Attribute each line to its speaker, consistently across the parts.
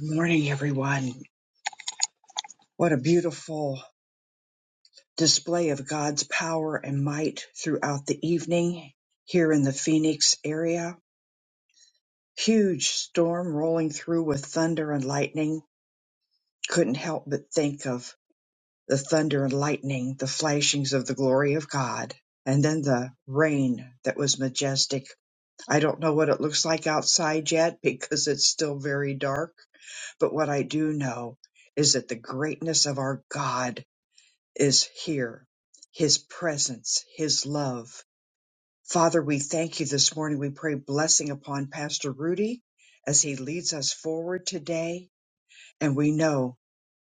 Speaker 1: Good morning, everyone. What a beautiful display of God's power and might throughout the evening here in the Phoenix area. Huge storm rolling through with thunder and lightning. Couldn't help but think of the thunder and lightning, the flashings of the glory of God, and then the rain that was majestic. I don't know what it looks like outside yet because it's still very dark, but what I do know is that the greatness of our God is here, His presence, His love. Father, we thank you this morning. We pray blessing upon Pastor Rudy as he leads us forward today. And we know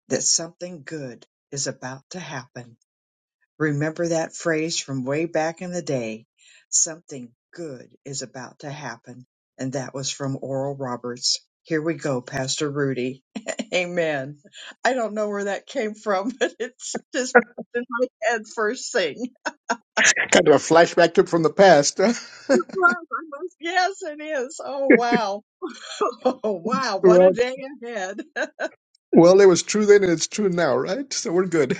Speaker 1: that something good is about to happen. Remember that phrase from way back in the day. Something good is about to happen. And that was from Oral Roberts. Here we go, Pastor Rudy. Amen. I don't know where that came from, but it's just in my head first thing.
Speaker 2: kind of a flashback trip from the past.
Speaker 1: Yes, it is. Oh, wow. Oh, wow.
Speaker 2: Huh?
Speaker 1: What a
Speaker 2: well,
Speaker 1: day ahead.
Speaker 2: well, it was true then and it's true now, right? So we're good.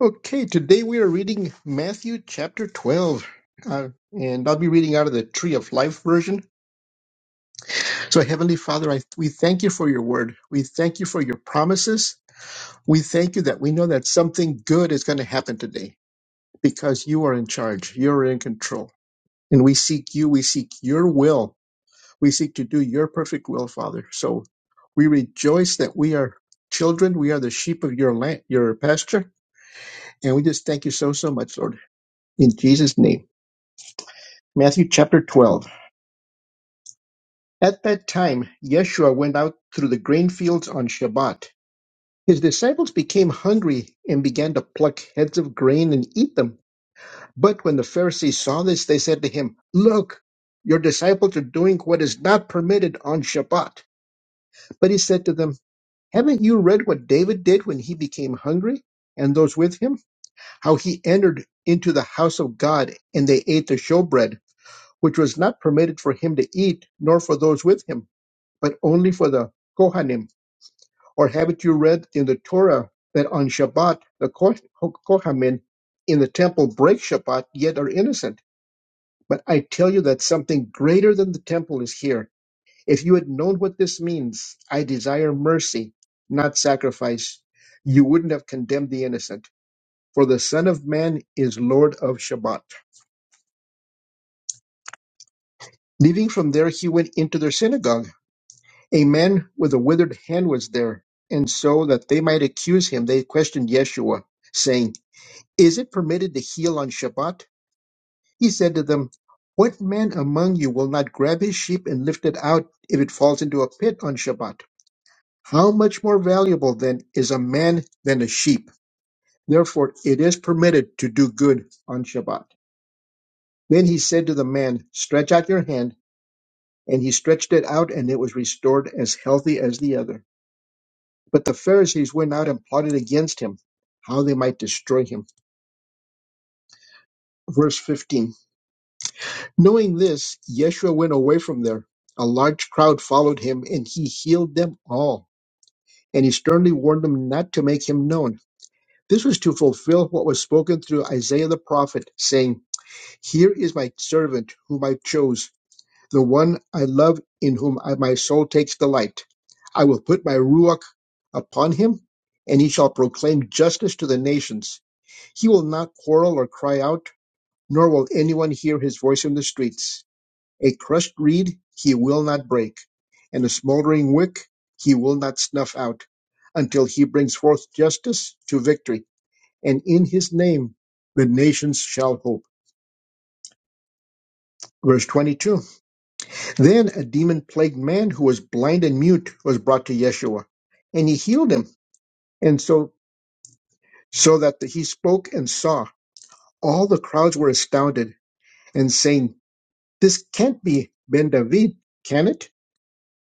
Speaker 2: Okay, today we are reading Matthew chapter 12. Uh, and I'll be reading out of the Tree of Life version. So, Heavenly Father, I, we thank you for your word. We thank you for your promises. We thank you that we know that something good is going to happen today because you are in charge, you're in control. And we seek you, we seek your will We seek to do your perfect will, Father. So we rejoice that we are children. We are the sheep of your land, your pasture. And we just thank you so, so much, Lord. In Jesus' name. Matthew chapter 12. At that time, Yeshua went out through the grain fields on Shabbat. His disciples became hungry and began to pluck heads of grain and eat them. But when the Pharisees saw this, they said to him, Look, your disciples are doing what is not permitted on Shabbat. But he said to them, Haven't you read what David did when he became hungry, and those with him? How he entered into the house of God, and they ate the showbread, which was not permitted for him to eat, nor for those with him, but only for the Kohanim. Or haven't you read in the Torah that on Shabbat the Koh- Kohanim in the temple break Shabbat, yet are innocent? But I tell you that something greater than the temple is here. If you had known what this means, I desire mercy, not sacrifice, you wouldn't have condemned the innocent. For the Son of Man is Lord of Shabbat. Leaving from there, he went into their synagogue. A man with a withered hand was there, and so that they might accuse him, they questioned Yeshua, saying, Is it permitted to heal on Shabbat? He said to them, What man among you will not grab his sheep and lift it out if it falls into a pit on Shabbat? How much more valuable then is a man than a sheep? Therefore it is permitted to do good on Shabbat. Then he said to the man, Stretch out your hand. And he stretched it out, and it was restored as healthy as the other. But the Pharisees went out and plotted against him, how they might destroy him. Verse 15 Knowing this, Yeshua went away from there. A large crowd followed him, and he healed them all. And he sternly warned them not to make him known This was to fulfill what was spoken through Isaiah the prophet, saying, Here is my servant whom I chose, the one I love, in whom I, my soul takes delight. I will put my ruach upon him, and he shall proclaim justice to the nations. He will not quarrel or cry out, nor will anyone hear his voice in the streets. A crushed reed he will not break, and a smoldering wick he will not snuff out, until he brings forth justice to victory and in his name the nations shall hope. Verse 22 Then a demon plagued man who was blind and mute was brought to Yeshua, and he healed him, and so, so that he spoke and saw. All the crowds were astounded and saying, This can't be Ben David, can it?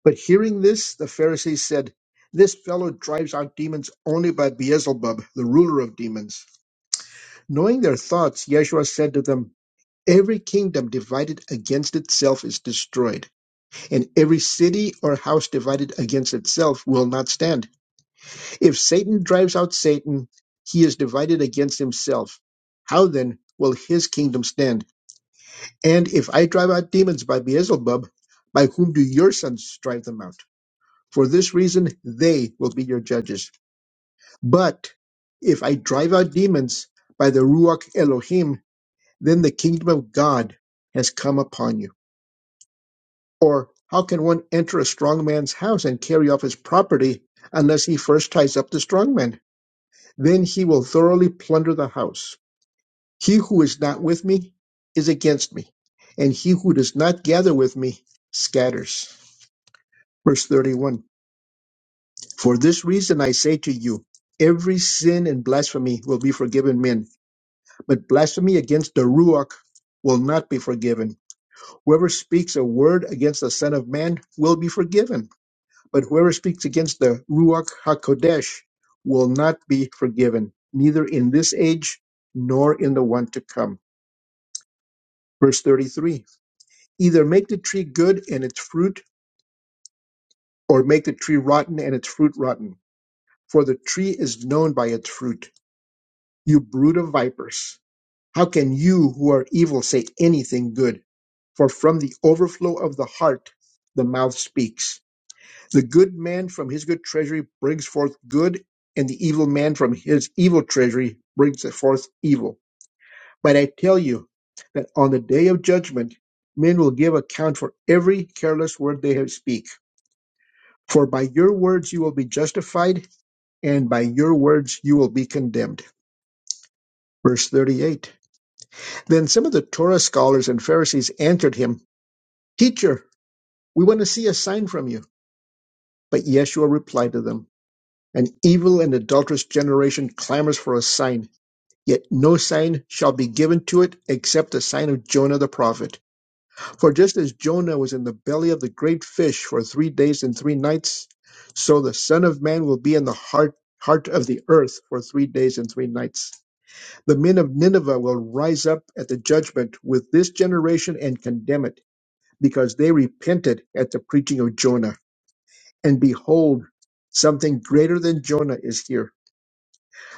Speaker 2: But hearing this, the Pharisees said, This fellow drives out demons only by Beelzebub, the ruler of demons. Knowing their thoughts, Yeshua said to them, Every kingdom divided against itself is destroyed, and every city or house divided against itself will not stand. If Satan drives out Satan, he is divided against himself. How then will his kingdom stand? And if I drive out demons by Beelzebub, by whom do your sons drive them out? For this reason, they will be your judges. But if I drive out demons by the Ruach Elohim, then the kingdom of God has come upon you. Or how can one enter a strong man's house and carry off his property unless he first ties up the strong man? Then he will thoroughly plunder the house. He who is not with me is against me, and he who does not gather with me scatters. Verse 31 For this reason I say to you, every sin and blasphemy will be forgiven men, but blasphemy against the Ruach will not be forgiven. Whoever speaks a word against the Son of Man will be forgiven But whoever speaks against the Ruach HaKodesh will not be forgiven, neither in this age nor in the one to come. Verse 33 Either make the tree good and its fruit, or make the tree rotten and its fruit rotten. For the tree is known by its fruit. You brood of vipers, how can you who are evil say anything good? For from the overflow of the heart, the mouth speaks. The good man from his good treasury brings forth good, and the evil man from his evil treasury brings forth evil. But I tell you that on the day of judgment, men will give account for every careless word they have speak. For by your words you will be justified, and by your words you will be condemned. Verse 38. Then some of the Torah scholars and Pharisees answered him, Teacher, we want to see a sign from you. But Yeshua replied to them, An evil and adulterous generation clamors for a sign, yet no sign shall be given to it except the sign of Jonah the prophet. For just as Jonah was in the belly of the great fish for three days and three nights, so the Son of Man will be in the heart, heart of the earth for three days and three nights. The men of Nineveh will rise up at the judgment with this generation and condemn it, because they repented at the preaching of Jonah. And behold, something greater than Jonah is here.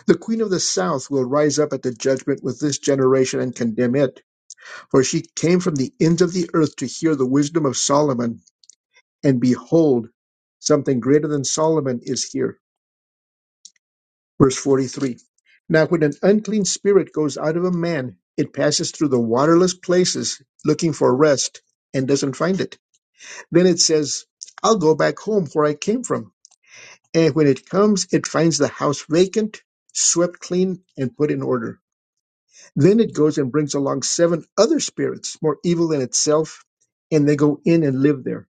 Speaker 2: The queen of the south will rise up at the judgment with this generation and condemn it. For she came from the ends of the earth to hear the wisdom of Solomon, and behold, something greater than Solomon is here. Verse 43 Now, when an unclean spirit goes out of a man, it passes through the waterless places looking for rest and doesn't find it. Then it says, I'll go back home where I came from. And when it comes, it finds the house vacant, swept clean, and put in order. Then it goes and brings along seven other spirits, more evil than itself, and they go in and live there.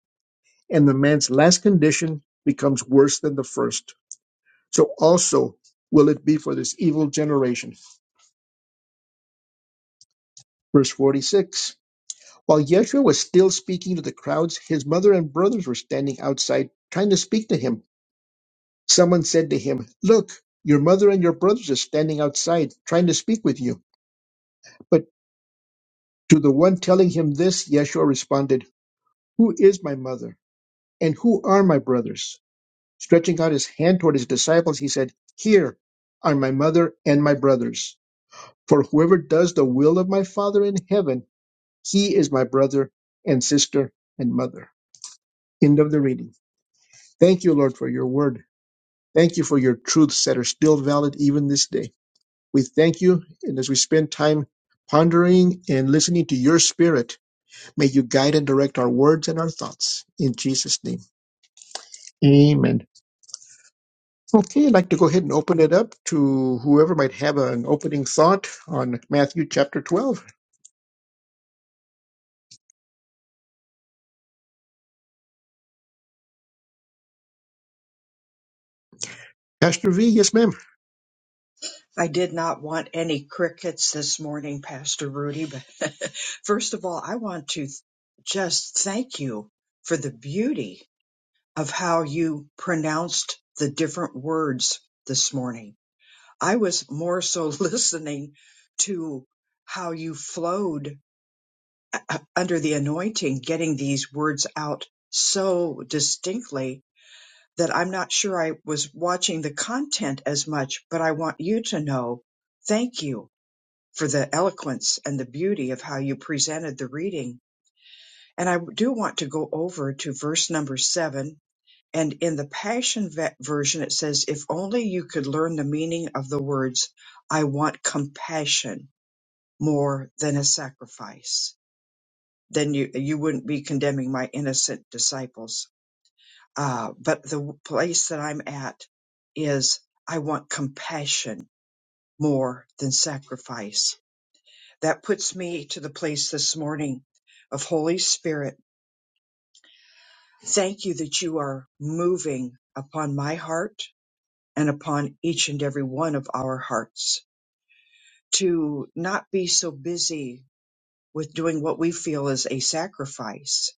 Speaker 2: And the man's last condition becomes worse than the first. So also will it be for this evil generation. Verse 46 While Yeshua was still speaking to the crowds, his mother and brothers were standing outside trying to speak to him. Someone said to him, Look, your mother and your brothers are standing outside trying to speak with you. But to the one telling him this, Yeshua responded, Who is my mother? And who are my brothers? Stretching out his hand toward his disciples, he said, Here are my mother and my brothers. For whoever does the will of my Father in heaven, he is my brother and sister and mother. End of the reading. Thank you, Lord, for your word. Thank you for your truths that are still valid even this day. We thank you, and as we spend time pondering and listening to your spirit, may you guide and direct our words and our thoughts. In Jesus' name, amen. Okay, I'd like to go ahead and open it up to whoever might have an opening thought on Matthew chapter 12. Pastor V, yes, ma'am.
Speaker 1: I did not want any crickets this morning, Pastor Rudy. But first of all, I want to th- just thank you for the beauty of how you pronounced the different words this morning. I was more so listening to how you flowed uh, uh, under the anointing, getting these words out so distinctly that I'm not sure I was watching the content as much, but I want you to know thank you for the eloquence and the beauty of how you presented the reading. And I do want to go over to verse number seven. And in the Passion Ve- Version, it says, If only you could learn the meaning of the words, I want compassion more than a sacrifice, then you, you wouldn't be condemning my innocent disciples. Uh, but the place that I'm at is, I want compassion more than sacrifice That puts me to the place this morning of Holy Spirit. Thank you that you are moving upon my heart and upon each and every one of our hearts to not be so busy with doing what we feel is a sacrifice,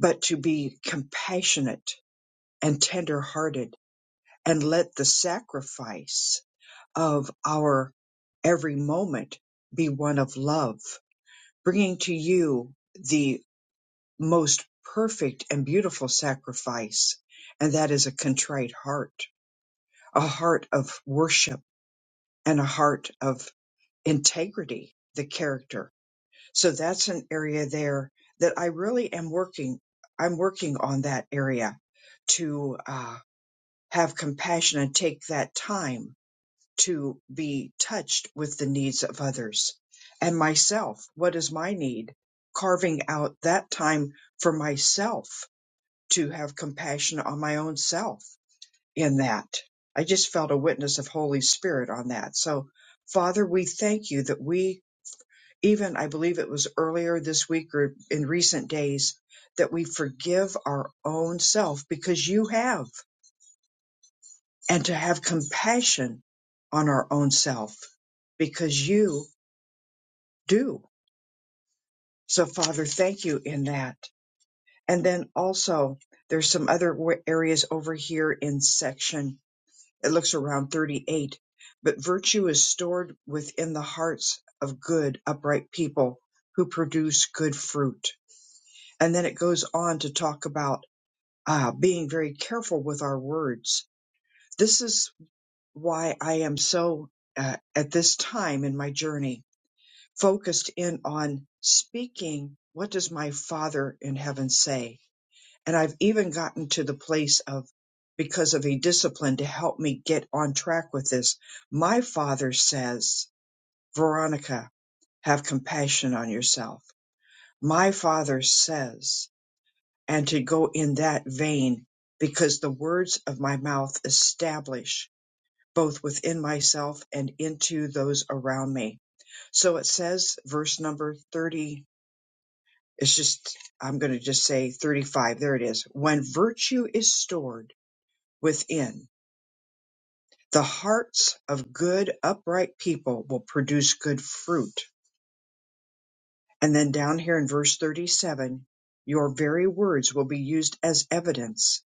Speaker 1: but to be compassionate and tender hearted and let the sacrifice of our every moment be one of love, bringing to you the. most perfect and beautiful sacrifice, and that is a contrite heart, a heart of worship, and a heart of integrity, the character. So that's an area there that I really am working. I'm working on that area to uh, have compassion and take that time to be touched with the needs of others and myself. What is my need? Carving out that time for myself to have compassion on my own self in that. I just felt a witness of Holy Spirit on that. So, Father, we thank you that we, even I believe it was earlier this week or in recent days, that we forgive our own self because you have, and to have compassion on our own self because you do. So, Father, thank you in that. And then also, there's some other wa- areas over here in section It looks around 38. But virtue is stored within the hearts of good, upright people who produce good fruit. And then it goes on to talk about uh, being very careful with our words. This is why I am so, uh, at this time in my journey, focused in on speaking. What does my Father in heaven say? And I've even gotten to the place of, because of a discipline to help me get on track with this, my father says, Veronica, have compassion on yourself. My father says, and to go in that vein, because the words of my mouth establish both within myself and into those around me. So it says, verse number 30, it's just, I'm going to just say 35, there it is. When virtue is stored, within. The hearts of good, upright people will produce good fruit. And then down here in verse 37, your very words will be used as evidence,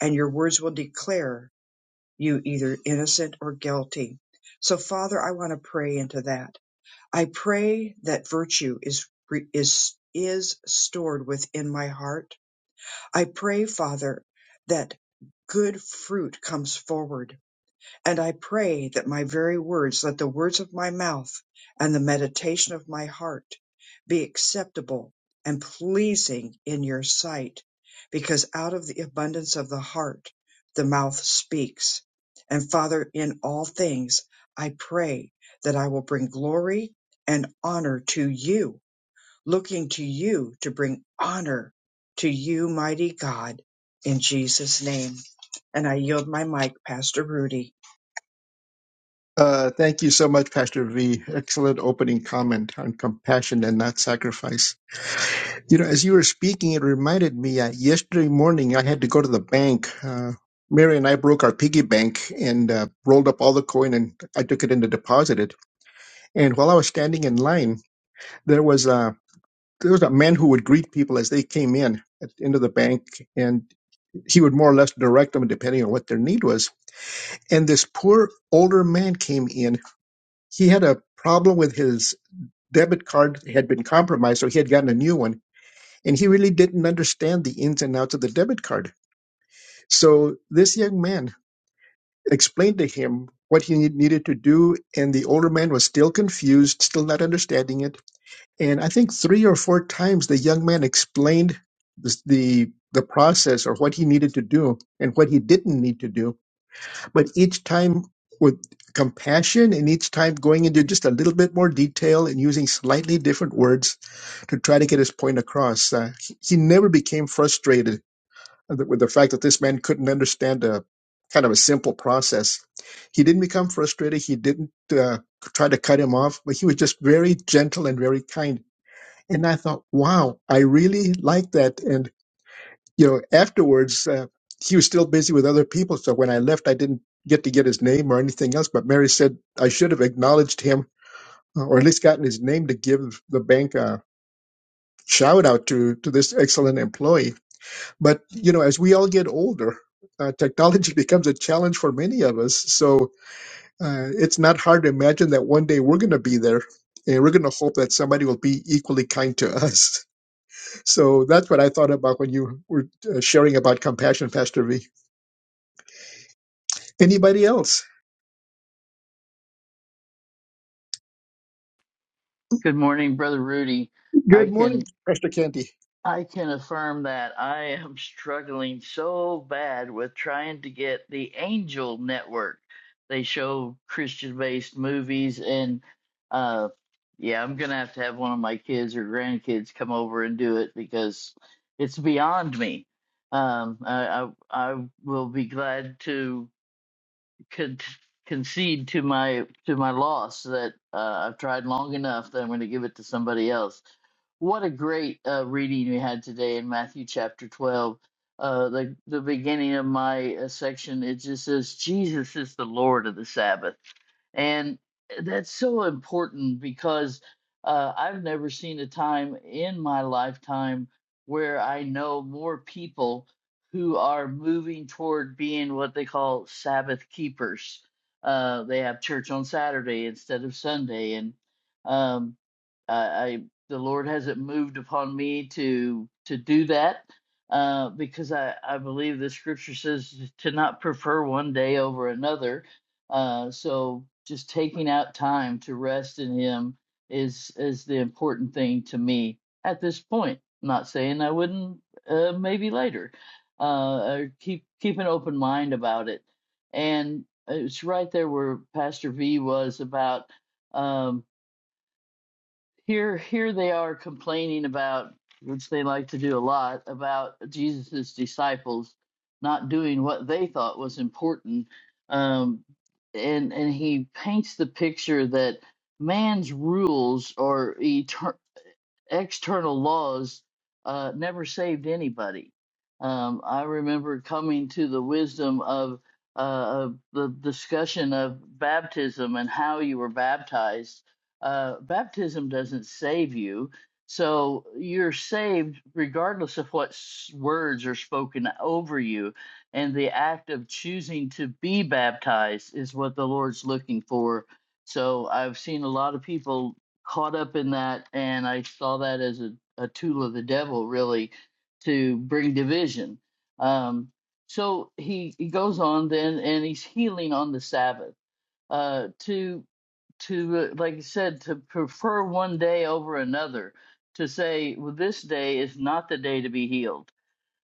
Speaker 1: and your words will declare you either innocent or guilty. So, Father, I want to pray into that. I pray that virtue is is is stored within my heart. I pray, Father, that good fruit comes forward And I pray that my very words, let the words of my mouth and the meditation of my heart be acceptable and pleasing in your sight, because out of the abundance of the heart, the mouth speaks. And Father, in all things, I pray that I will bring glory and honor to you, looking to you to bring honor to you, mighty God, in Jesus' name. And I yield my mic, Pastor Rudy.
Speaker 2: Uh, thank you so much, Pastor V. Excellent opening comment on compassion and not sacrifice. You know, as you were speaking, it reminded me uh, yesterday morning I had to go to the bank. Uh, Mary and I broke our piggy bank and uh, rolled up all the coin, and I took it in to deposit it. And while I was standing in line, there was a there was a man who would greet people as they came in at the end of the bank, and he would more or less direct them depending on what their need was. And this poor older man came in. He had a problem with his debit card had been compromised, so he had gotten a new one, and he really didn't understand the ins and outs of the debit card. So this young man explained to him what he need- needed to do, and the older man was still confused, still not understanding it. And I think three or four times the young man explained this, the the process or what he needed to do and what he didn't need to do but each time with compassion and each time going into just a little bit more detail and using slightly different words to try to get his point across. Uh, he, he never became frustrated with the fact that this man couldn't understand a kind of a simple process. He didn't become frustrated. He didn't uh, try to cut him off, but he was just very gentle and very kind. And I thought, wow, I really like that. And you know, afterwards, uh, he was still busy with other people. So when I left, I didn't get to get his name or anything else. But Mary said I should have acknowledged him uh, or at least gotten his name to give the bank a shout out to, to this excellent employee. But, you know, as we all get older, uh, technology becomes a challenge for many of us. So uh, it's not hard to imagine that one day we're going to be there and we're going to hope that somebody will be equally kind to us. So that's what I thought about when you were uh, sharing about compassion, Pastor V. Anybody else?
Speaker 3: Good morning, Brother Rudy.
Speaker 2: Good
Speaker 3: I can
Speaker 2: morning, Pastor Candy.
Speaker 3: I can affirm that I am struggling so bad with trying to get the Angel Network. They show Christian-based movies and uh yeah, I'm gonna have to have one of my kids or grandkids come over and do it because it's beyond me. Um, I, I I will be glad to con- concede to my to my loss that uh, I've tried long enough that I'm going to give it to somebody else. What a great uh, reading we had today in Matthew chapter 12. Uh, the the beginning of my uh, section it just says Jesus is the Lord of the Sabbath, and that's so important because uh, I've never seen a time in my lifetime where I know more people who are moving toward being what they call Sabbath keepers. Uh, they have church on Saturday instead of Sunday, and um, I, I the Lord hasn't moved upon me to to do that uh, because I I believe the Scripture says to not prefer one day over another. Uh, so just taking out time to rest in Him is is the important thing to me at this point. I'm not saying I wouldn't uh, maybe later uh, or keep keep an open mind about it. And it's right there where Pastor V was about um, here. Here they are complaining about, which they like to do a lot, about Jesus's disciples not doing what they thought was important. Um, and and he paints the picture that man's rules are eternal external laws uh, never saved anybody. Um, I remember coming to the wisdom of, uh, of the discussion of baptism and how you were baptized. Uh, baptism doesn't save you. So you're saved regardless of what s- words are spoken over you. And the act of choosing to be baptized is what the Lord's looking for. So I've seen a lot of people caught up in that and I saw that as a, a tool of the devil really to bring division. Um, so he, he goes on then and he's healing on the Sabbath uh, to to uh, like I said to prefer one day over another to say well, this day is not the day to be healed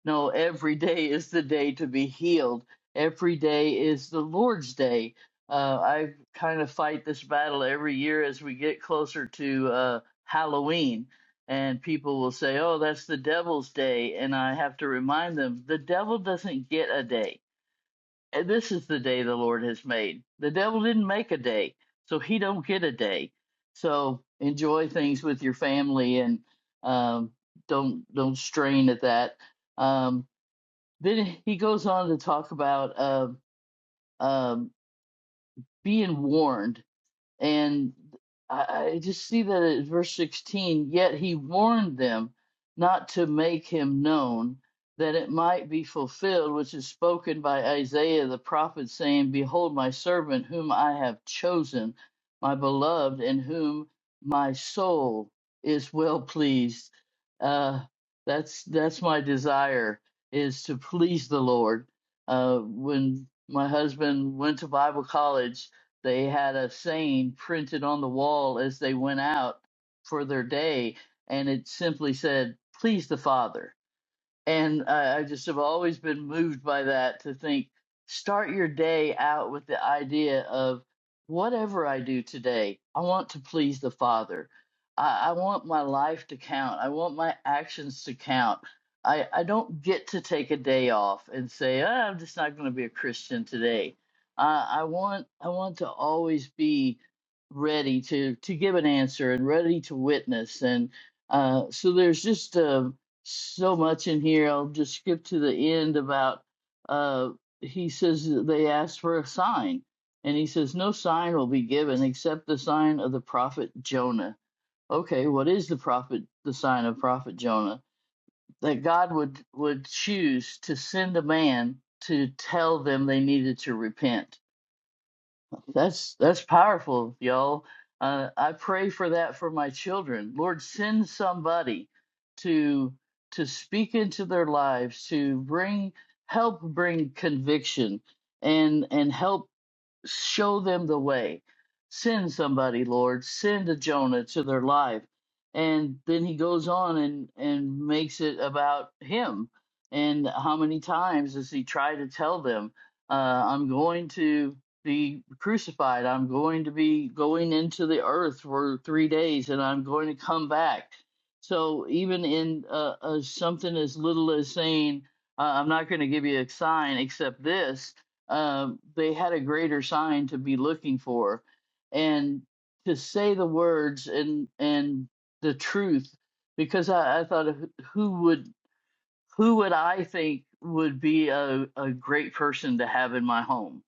Speaker 3: no, every day is the day to be healed. Every day is the Lord's day. Uh, I kind of fight this battle every year as we get closer to uh, Halloween, and people will say, "Oh, that's the devil's day," and I have to remind them, the devil doesn't get a day. And This is the day the Lord has made. The devil didn't make a day, so he don't get a day. So enjoy things with your family and um, don't don't strain at that. Um, then he goes on to talk about um um, being warned and I, I just see that at verse 16, yet he warned them not to make him known, that it might be fulfilled, which is spoken by Isaiah the prophet, saying, Behold, my servant, whom I have chosen, my beloved, in whom my soul is well pleased. Uh, that's that's my desire is to please the Lord. Uh, when my husband went to Bible college, they had a saying printed on the wall as they went out for their day, and it simply said, Please the Father and I, I just have always been moved by that to think start your day out with the idea of whatever I do today, I want to please the Father. I, I want my life to count. I want my actions to count. I, I don't get to take a day off and say, "Ah, I'm just not going to be a Christian today. Uh, I want I want to always be ready to to give an answer and ready to witness and uh, so there's just uh, so much in here. I'll just skip to the end about uh, he says that they asked for a sign, and he says, No sign will be given except the sign of the prophet Jonah. Okay, what is the prophet the sign of prophet Jonah? That God would would choose to send a man to tell them they needed to repent that's that's powerful, y'all. Uh, I pray for that for my children. Lord, send somebody to to speak into their lives, to bring help, bring conviction, and and help show them the way. Send somebody, Lord. Send a Jonah to their life. And then he goes on and, and makes it about him. And how many times does he try to tell them, uh, I'm going to be crucified. I'm going to be going into the earth for three days and I'm going to come back. So even in uh, uh, something as little as saying, uh, I'm not going to give you a sign except this, um, they had a greater sign to be looking for and to say the words and and the truth because I, I thought who would who would I think would be a, a great person to have in my home?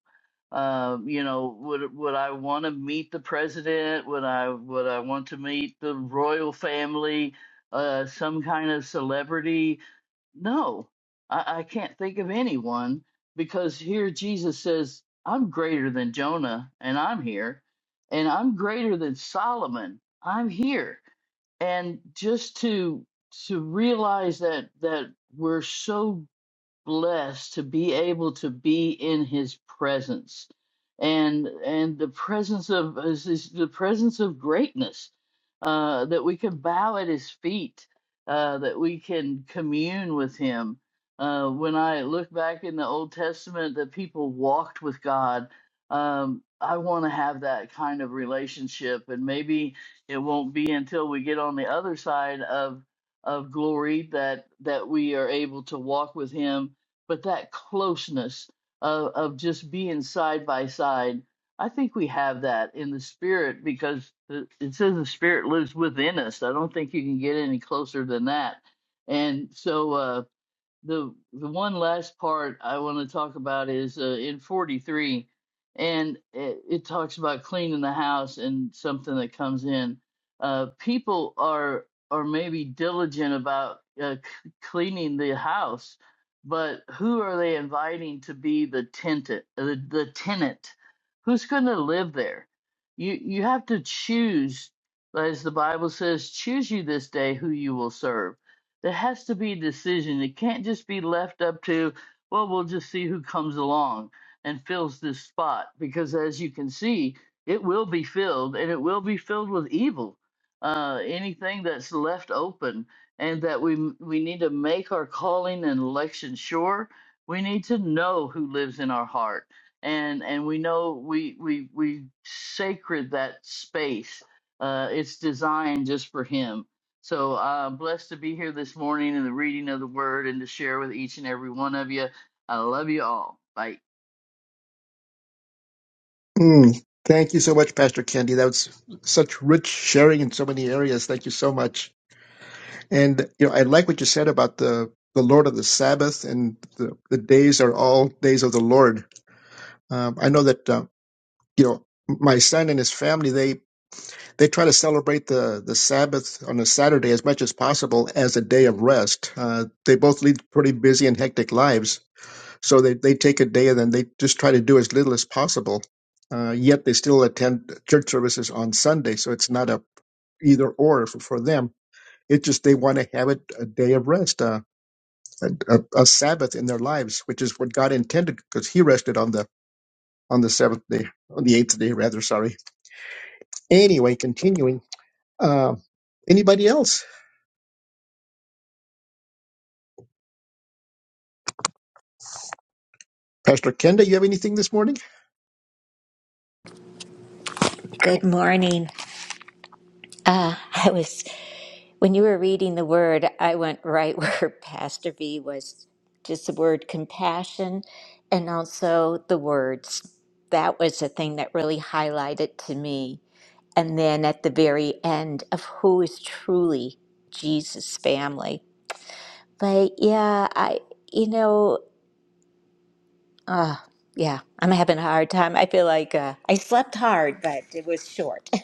Speaker 3: Um, you know, would would I want to meet the president? Would I would I want to meet the royal family? Uh, some kind of celebrity? No, I, I can't think of anyone because here Jesus says, I'm greater than Jonah and I'm here, and I'm greater than Solomon. I'm here. And just to to realize that that we're so blessed to be able to be in his presence and and the presence of is- is the presence of greatness uh that we can bow at his feet uh that we can commune with him uh when i look back in the old testament that people walked with god um i want to have that kind of relationship and maybe it won't be until we get on the other side of of glory that that we are able to walk with him but that closeness of, of just being side by side i think we have that in the spirit because the, it says the spirit lives within us i don't think you can get any closer than that and so uh, the the one last part I want to talk about is uh, in 43, and it, it talks about cleaning the house and something that comes in. Uh, people are are maybe diligent about uh, c- cleaning the house, but who are they inviting to be the tenant? uh, The, the tenant, who's going to live there? You you have to choose, as the Bible says, choose you this day who you will serve there has to be a decision. It can't just be left up to, well, we'll just see who comes along and fills this spot. Because as you can see, it will be filled and it will be filled with evil. Uh, anything that's left open, and that we we need to make our calling and election sure. We need to know who lives in our heart, and and we know we we we sacred that space. Uh, it's designed just for Him so I'm uh, blessed to be here this morning in the reading of the word and to share with each and every one of you. I love you all. Bye.
Speaker 2: Mm, thank you so much, Pastor Candy. That was such rich sharing in so many areas. Thank you so much. And you know, I like what you said about the the Lord of the Sabbath and the, the days are all days of the Lord. Um, I know that uh, you know my son and his family they they try to celebrate the the Sabbath on a Saturday as much as possible as a day of rest. Uh, they both lead pretty busy and hectic lives So they, they take a day and then they just try to do as little as possible. Uh, yet they still attend church services on Sunday. So it's not a either or for, for them. It just they want to have it a day of rest, uh, a, a, a Sabbath in their lives, which is what God intended because He rested on the on the seventh day, on the eighth day rather. Sorry. Anyway, continuing. Uh, anybody else? Pastor Kenda, you have anything this morning?
Speaker 4: Good morning. Uh, I was when you were reading the word, I went right where Pastor V was, just the word compassion, and also the words. That was the thing that really highlighted to me. And then at the very end of who is truly Jesus' family. But yeah, I you know, uh, yeah, I'm having a hard time. I feel like uh, I slept hard, but it was short.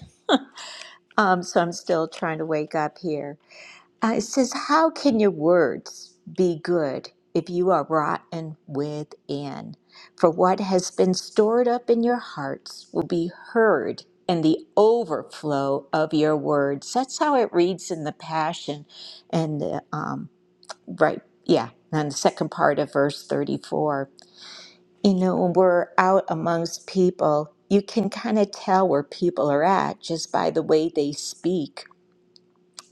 Speaker 4: Um, so I'm still trying to wake up here. Uh, it says, How can your words be good if you are rotten within? For what has been stored up in your hearts will be heard in the overflow of your words. That's how it reads in the Passion. And, the, um, right, yeah, and the second part of verse 34. You know, when we're out amongst people, you can kind of tell where people are at just by the way they speak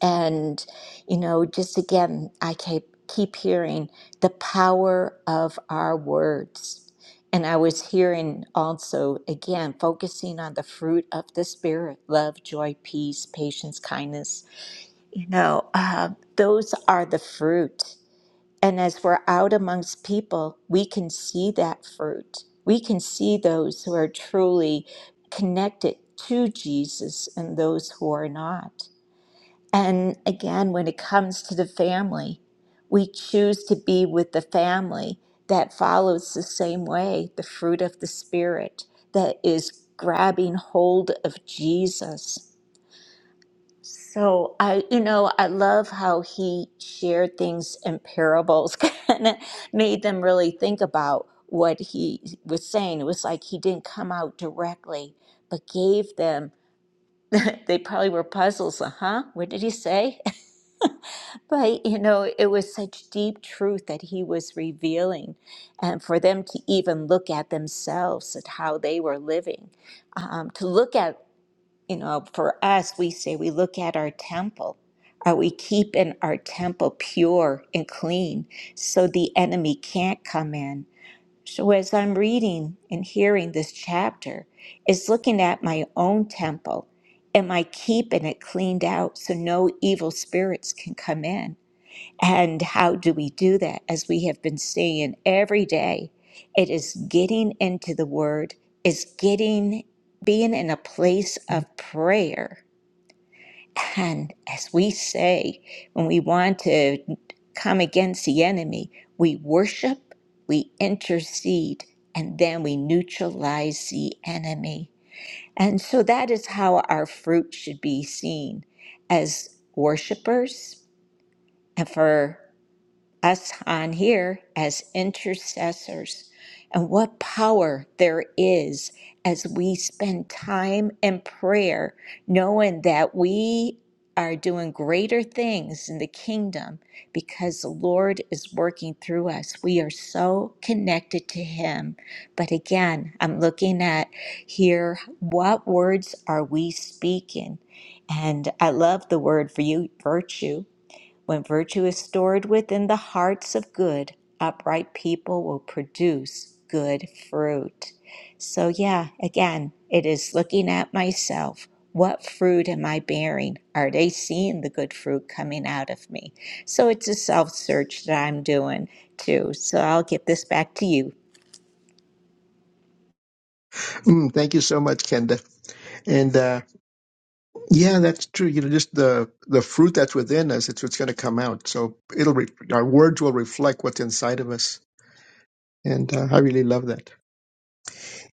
Speaker 4: and, you know, just again, I keep, keep hearing the power of our words. And I was hearing also, again, focusing on the fruit of the Spirit love, joy, peace, patience, kindness. You know, uh, those are the fruit. And as we're out amongst people, we can see that fruit. We can see those who are truly connected to Jesus and those who are not. And again, when it comes to the family, we choose to be with the family that follows the same way, the fruit of the Spirit that is grabbing hold of Jesus. So I, you know, I love how he shared things in parables, kind of made them really think about what he was saying. It was like he didn't come out directly, but gave them they probably were puzzles, uh huh. What did he say? but you know, it was such deep truth that he was revealing, and for them to even look at themselves at how they were living, um, to look at you know, for us, we say we look at our temple. Are we keeping our temple pure and clean so the enemy can't come in? So as I'm reading and hearing this chapter, is looking at my own temple. Am I keeping it cleaned out so no evil spirits can come in? And how do we do that? As we have been saying every day, it is getting into the word, is getting being in a place of prayer and as we say, when we want to come against the enemy, we worship, we intercede, and then we neutralize the enemy. And so that is how our fruit should be seen as worshipers. And for us on here as intercessors and what power there is as we spend time in prayer, knowing that we are doing greater things in the kingdom because the Lord is working through us. We are so connected to Him. But again, I'm looking at here what words are we speaking? And I love the word for you, virtue when virtue is stored within the hearts of good, upright people will produce good fruit. So, yeah, again, it is looking at myself. What fruit am I bearing? Are they seeing the good fruit coming out of me? So, it's a self search that I'm doing too. So, I'll give this back to you.
Speaker 2: Mm, thank you so much, Kenda. And uh, yeah, that's true. You know, just the the fruit that's within us, it's what's going to come out. So it'll re- our words will reflect what's inside of us. And uh, I really love that.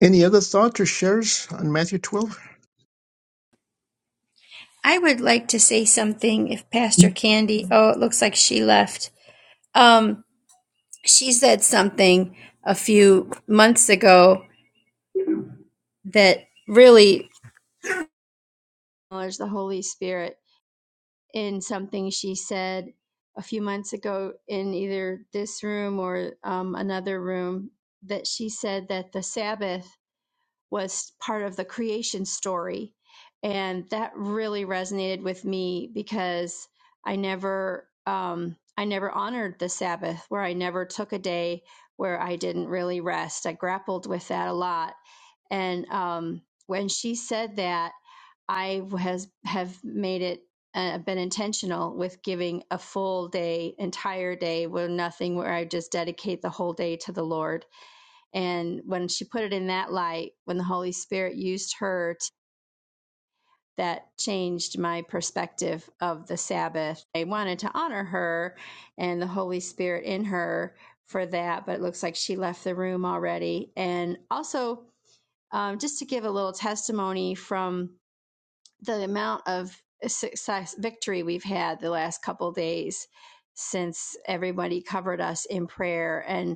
Speaker 2: Any other thoughts or shares on Matthew 12?
Speaker 5: I would like to say something if Pastor Candy, oh, it looks like she left. Um, she said something a few months ago that really acknowledged the Holy Spirit in something she said a few months ago in either this room or um, another room that she said that the Sabbath was part of the creation story. And that really resonated with me because I never, um, I never honored the Sabbath, where I never took a day where I didn't really rest. I grappled with that a lot. And um, when she said that, I has have made it uh, been intentional with giving a full day, entire day, with nothing, where I just dedicate the whole day to the Lord and when she put it in that light, when the Holy Spirit used her, t- that changed my perspective of the Sabbath. I wanted to honor her and the Holy Spirit in her for that, but it looks like she left the room already. And also, um, just to give a little testimony from the amount of success, victory we've had the last couple of days since everybody covered us in prayer. And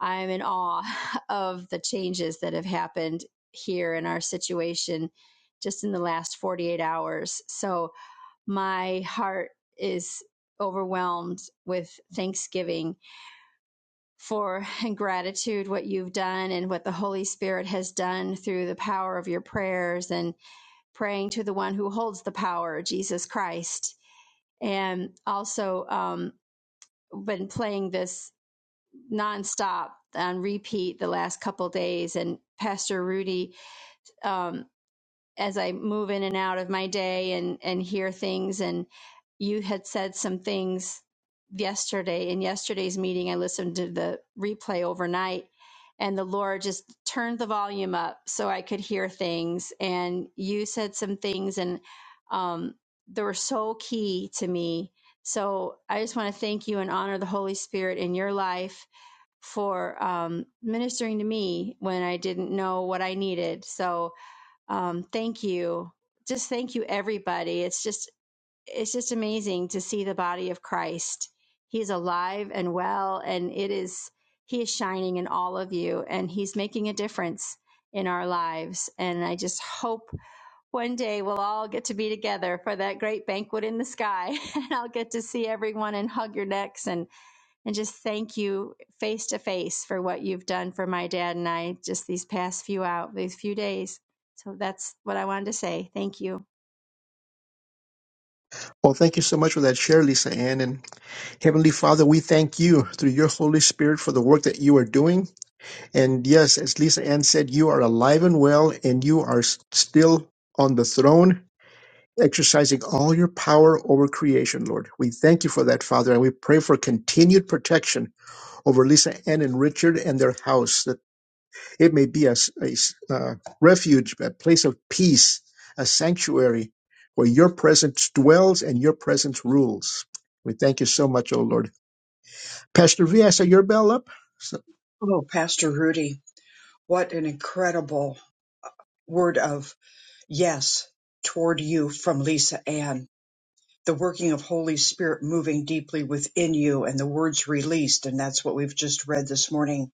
Speaker 5: I'm in awe of the changes that have happened here in our situation just in the last 48 hours. So my heart is overwhelmed with thanksgiving for and gratitude what you've done and what the Holy Spirit has done through the power of your prayers and praying to the one who holds the power, Jesus Christ. And also um, been playing this nonstop on repeat the last couple days. And Pastor Rudy, um, as I move in and out of my day and and hear things, and you had said some things yesterday in yesterday's meeting. I listened to the replay overnight, and the Lord just turned the volume up so I could hear things. And you said some things, and um, they were so key to me. So I just want to thank you and honor the Holy Spirit in your life for um, ministering to me when I didn't know what I needed. So um, thank you, just thank you, everybody. It's just it's just amazing to see the body of Christ. He is alive and well, and it is he is shining in all of you, and he's making a difference in our lives. And I just hope one day we'll all get to be together for that great banquet in the sky, and I'll get to see everyone and hug your necks and and just thank you face to face for what you've done for my dad and I just these past few out these few days. So that's what I wanted to say. Thank you.
Speaker 2: Well, thank you so much for that share, Lisa Ann. And Heavenly Father, we thank you through your Holy Spirit for the work that you are doing. And yes, as Lisa Ann said, you are alive and well, and you are s- still on the throne, exercising all your power over creation, Lord. We thank you for that, Father, and we pray for continued protection over Lisa Ann and Richard and their house. It may be a, s- a s- uh, refuge, a place of peace, a sanctuary where your presence dwells and your presence rules. We thank you so much, O Lord. Pastor V, I saw your bell up. So,
Speaker 1: Oh, Pastor Rudy, what an incredible word of yes toward you from Lisa Ann. The working of Holy Spirit moving deeply within you and the words released. And that's what we've just read this morning.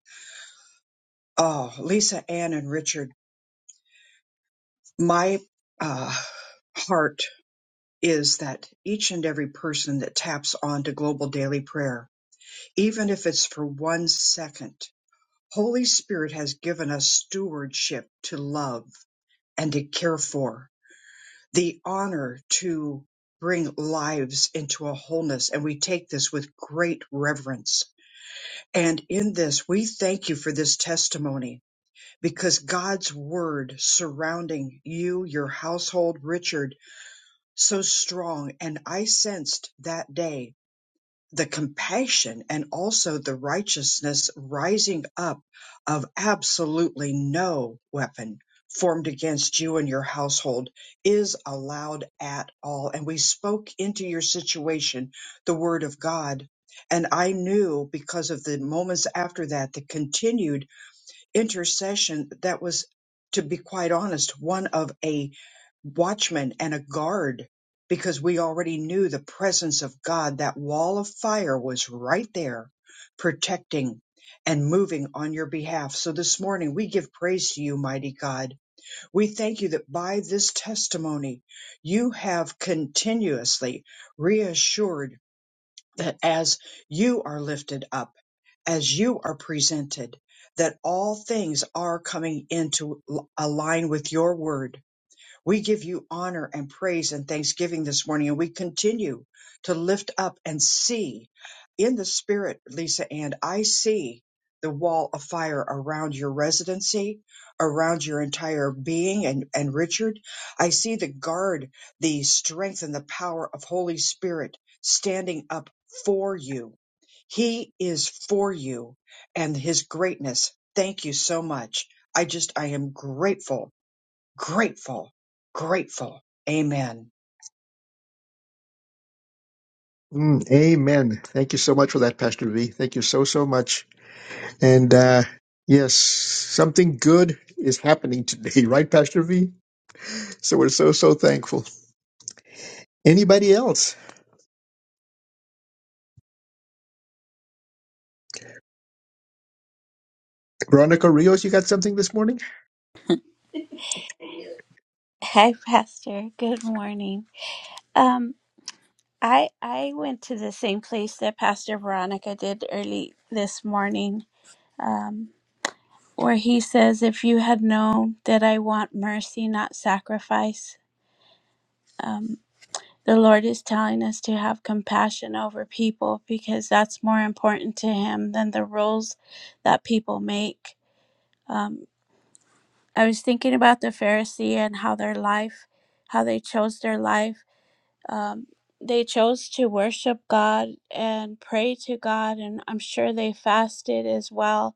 Speaker 1: Oh, Lisa Ann and Richard, my uh, heart is that each and every person that taps on to global daily prayer, even if it's for one second, Holy Spirit has given us stewardship to love and to care for the honor to bring lives into a wholeness. And we take this with great reverence. And in this, we thank you for this testimony because God's word surrounding you, your household, Richard, so strong. And I sensed that day the compassion and also the righteousness rising up of absolutely no weapon formed against you and your household is allowed at all. And we spoke into your situation the word of God. And I knew because of the moments after that, the continued intercession that was, to be quite honest, one of a watchman and a guard because we already knew the presence of God. That wall of fire was right there protecting and moving on your behalf. So this morning we give praise to you, mighty God. We thank you that by this testimony you have continuously reassured that as you are lifted up, as you are presented, that all things are coming into l- align with your word we give you honor and praise and thanksgiving this morning, and we continue to lift up and see in the spirit, Lisa and I see the wall of fire around your residency, around your entire being and, and Richard. I see the guard, the strength and the power of Holy Spirit standing up for you. He is for you and his greatness. Thank you so much. I just, I am grateful Grateful, grateful. Amen.
Speaker 2: mm, amen. Thank you so much for that, Pastor V. Thank you so, so much. And uh, yes, something good is happening today, right, Pastor V? So we're so, so thankful. Anybody else? Veronica Rios, you got something this morning?
Speaker 6: Hi, Pastor. Good morning. Um, I I went to the same place that Pastor Veronica did early this morning, um, where he says, "If you had known that I want mercy, not sacrifice." Um, the Lord is telling us to have compassion over people because that's more important to Him than the rules that people make. Um, I was thinking about the Pharisee and how their life, how they chose their life. um, they chose to worship God and pray to God, and I'm sure they fasted as well.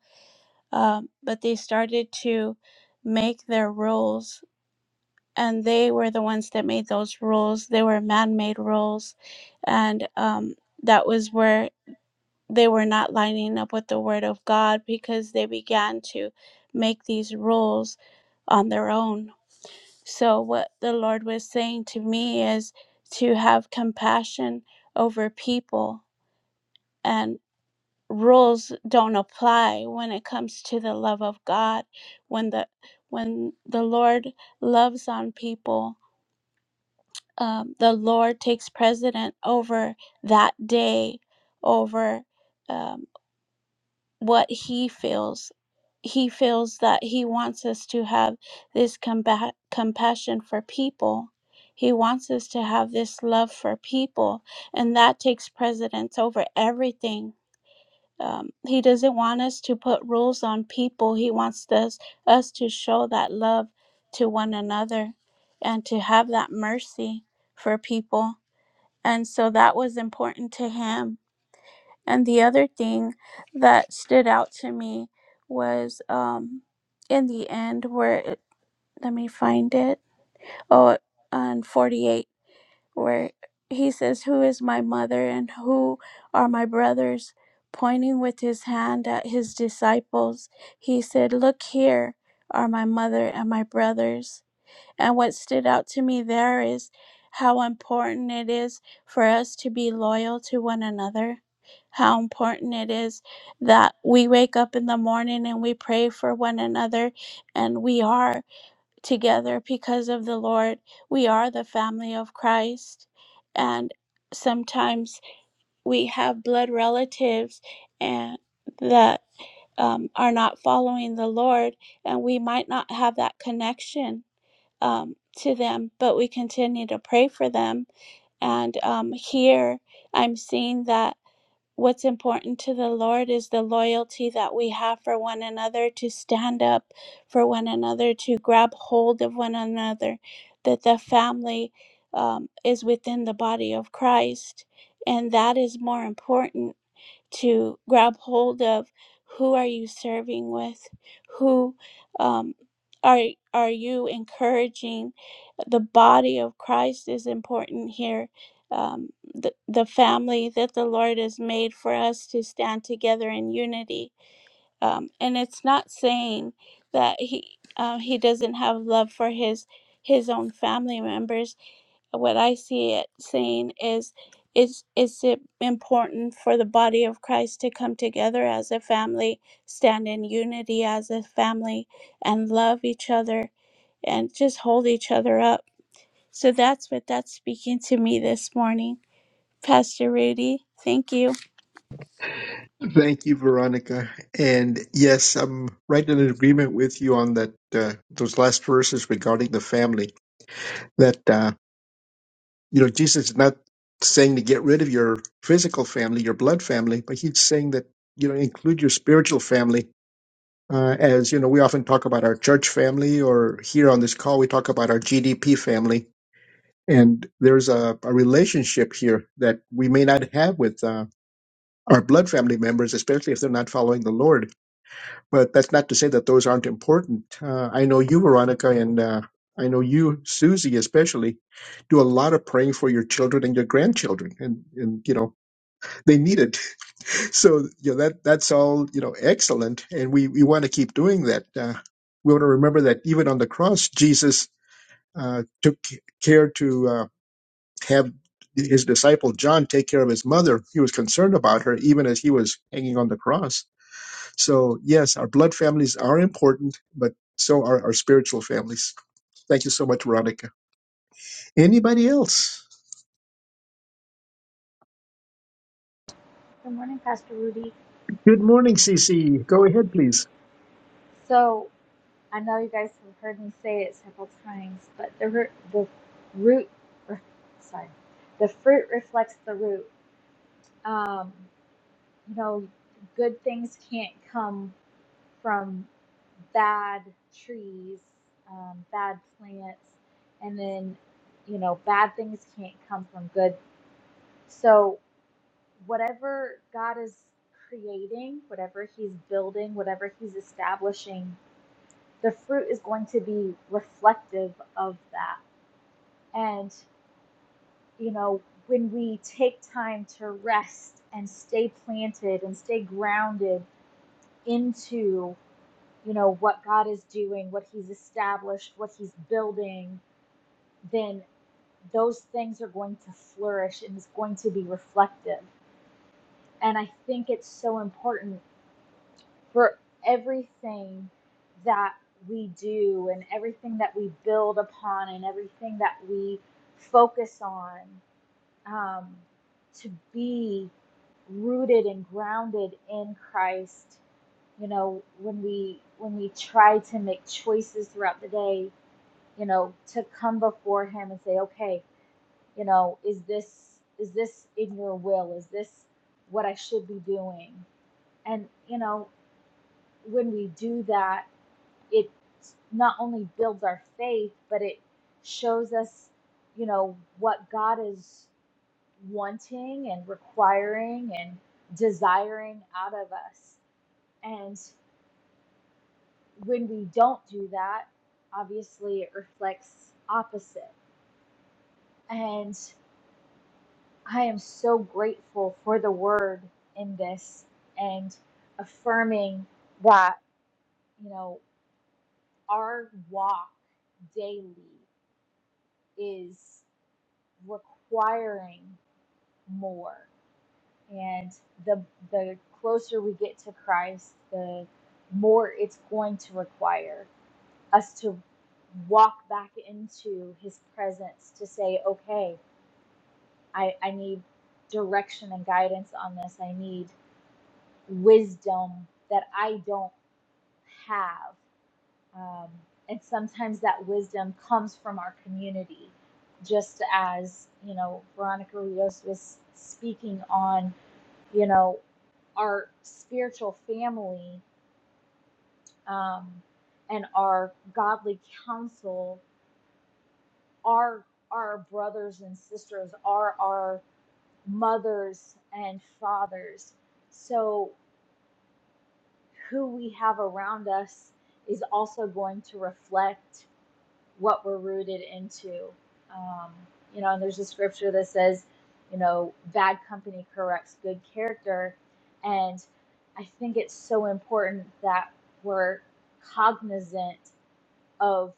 Speaker 6: Um, but they started to make their rules, and they were the ones that made those rules. They were man made rules, and um, that was where they were not lining up with the Word of God because they began to make these rules on their own so, what the Lord was saying to me is to have compassion over people, and rules don't apply when it comes to the love of God. When the when the Lord loves on people, um, the Lord takes precedent over that day, over um, what He feels he feels that he wants us to have this compa- compassion for people. He wants us to have this love for people, and that takes precedence over everything. Um, he doesn't want us to put rules on people. He wants us us to show that love to one another, and to have that mercy for people. And so that was important to him and the other thing that stood out to me was um, in the end, where it, let me find it. Oh, on 48, where he says, Who is my mother and who are my brothers? Pointing with his hand at his disciples, he said, Look here are my mother and my brothers. And what stood out to me there is how important it is for us to be loyal to one another. How important it is that we wake up in the morning and we pray for one another and we are together because of the Lord. We are the family of Christ. And sometimes we have blood relatives and that um, are not following the Lord, and we might not have that connection um, to them, but we continue to pray for them. And um, here I'm seeing that what's important to the Lord is the loyalty that we have for one another, to stand up for one another, to grab hold of one another, that the family um, is within the body of Christ. And that is more important to grab hold of who are you serving with who um, are are you encouraging the body of christ is important here um, the, the family that the lord has made for us to stand together in unity um, and it's not saying that he uh, he doesn't have love for his his own family members what I see it saying is is is it important for the body of Christ to come together as a family, stand in unity as a family and love each other and just hold each other up. So that's what that's speaking to me this morning. Pastor Rudy, thank you.
Speaker 2: Thank you, Veronica. And yes, I'm right in agreement with you on that. Uh, those last verses regarding the family. That uh, you know, Jesus is not saying to get rid of your physical family, your blood family, but he's saying that you know include your spiritual family. Uh, as you know, we often talk about our church family, or here on this call, we talk about our GDP family. And there's a, a relationship here that we may not have with uh, our blood family members, especially if they're not following the Lord but that's not to say that those aren't important. Uh, I know you, Veronica, and uh, I know you, Susie, especially, do a lot of praying for your children and your grandchildren, and and you know they need it. So you know that that's all you know excellent, and we we want to keep doing that. Uh, we want to remember that even on the cross, Jesus uh, took care to uh, have his disciple John take care of his mother. He was concerned about her even as he was hanging on the cross so, yes, our blood families are important, but so are our spiritual families. Thank you so much, Veronica. Anybody else?
Speaker 7: Good morning, Pastor Rudy.
Speaker 2: Good morning, CC. Go ahead, please.
Speaker 7: So I know you guys have heard me say it several times, but the root, the root, er, sorry, the fruit reflects the root. Um, you know, good things can't come from bad trees, um, bad plants, and then you know, bad things can't come from good. So whatever God is creating, whatever He's building, whatever He's establishing the fruit is going to be reflective of that. And, you know, when we take time to rest and stay planted and stay grounded into, you know, what God is doing, what He's established, what He's building, then those things are going to flourish and it's going to be reflective. And I think it's so important for everything that we do and everything that we build upon and everything that we focus on um, to be rooted and grounded in Christ. You know, when we when we try to make choices throughout the day, you know, to come before Him and say, okay, you know, is this is this in Your will? Is this what I should be doing? And you know, when we do that it not only builds our faith, but it shows us, you know, what God is wanting and requiring and desiring out of us. And when we don't do that, obviously it reflects opposite. And I am so grateful for the word in this and affirming that, you know, our walk daily is requiring more. And the the closer we get to Christ, the more it's going to require us to walk back into his presence to say, okay, I, I need direction and guidance on this. I need wisdom that I don't have. Um, and sometimes that wisdom comes from our community, just as, you know, Veronica Rios was speaking on, you know, our spiritual family um, and our godly counsel are our brothers and sisters, are our mothers and fathers. So, who we have around us is also going to reflect what we're rooted into. Um, you know, and there's a scripture that says, you know, bad company corrupts good character. And I think it's so important that we're cognizant of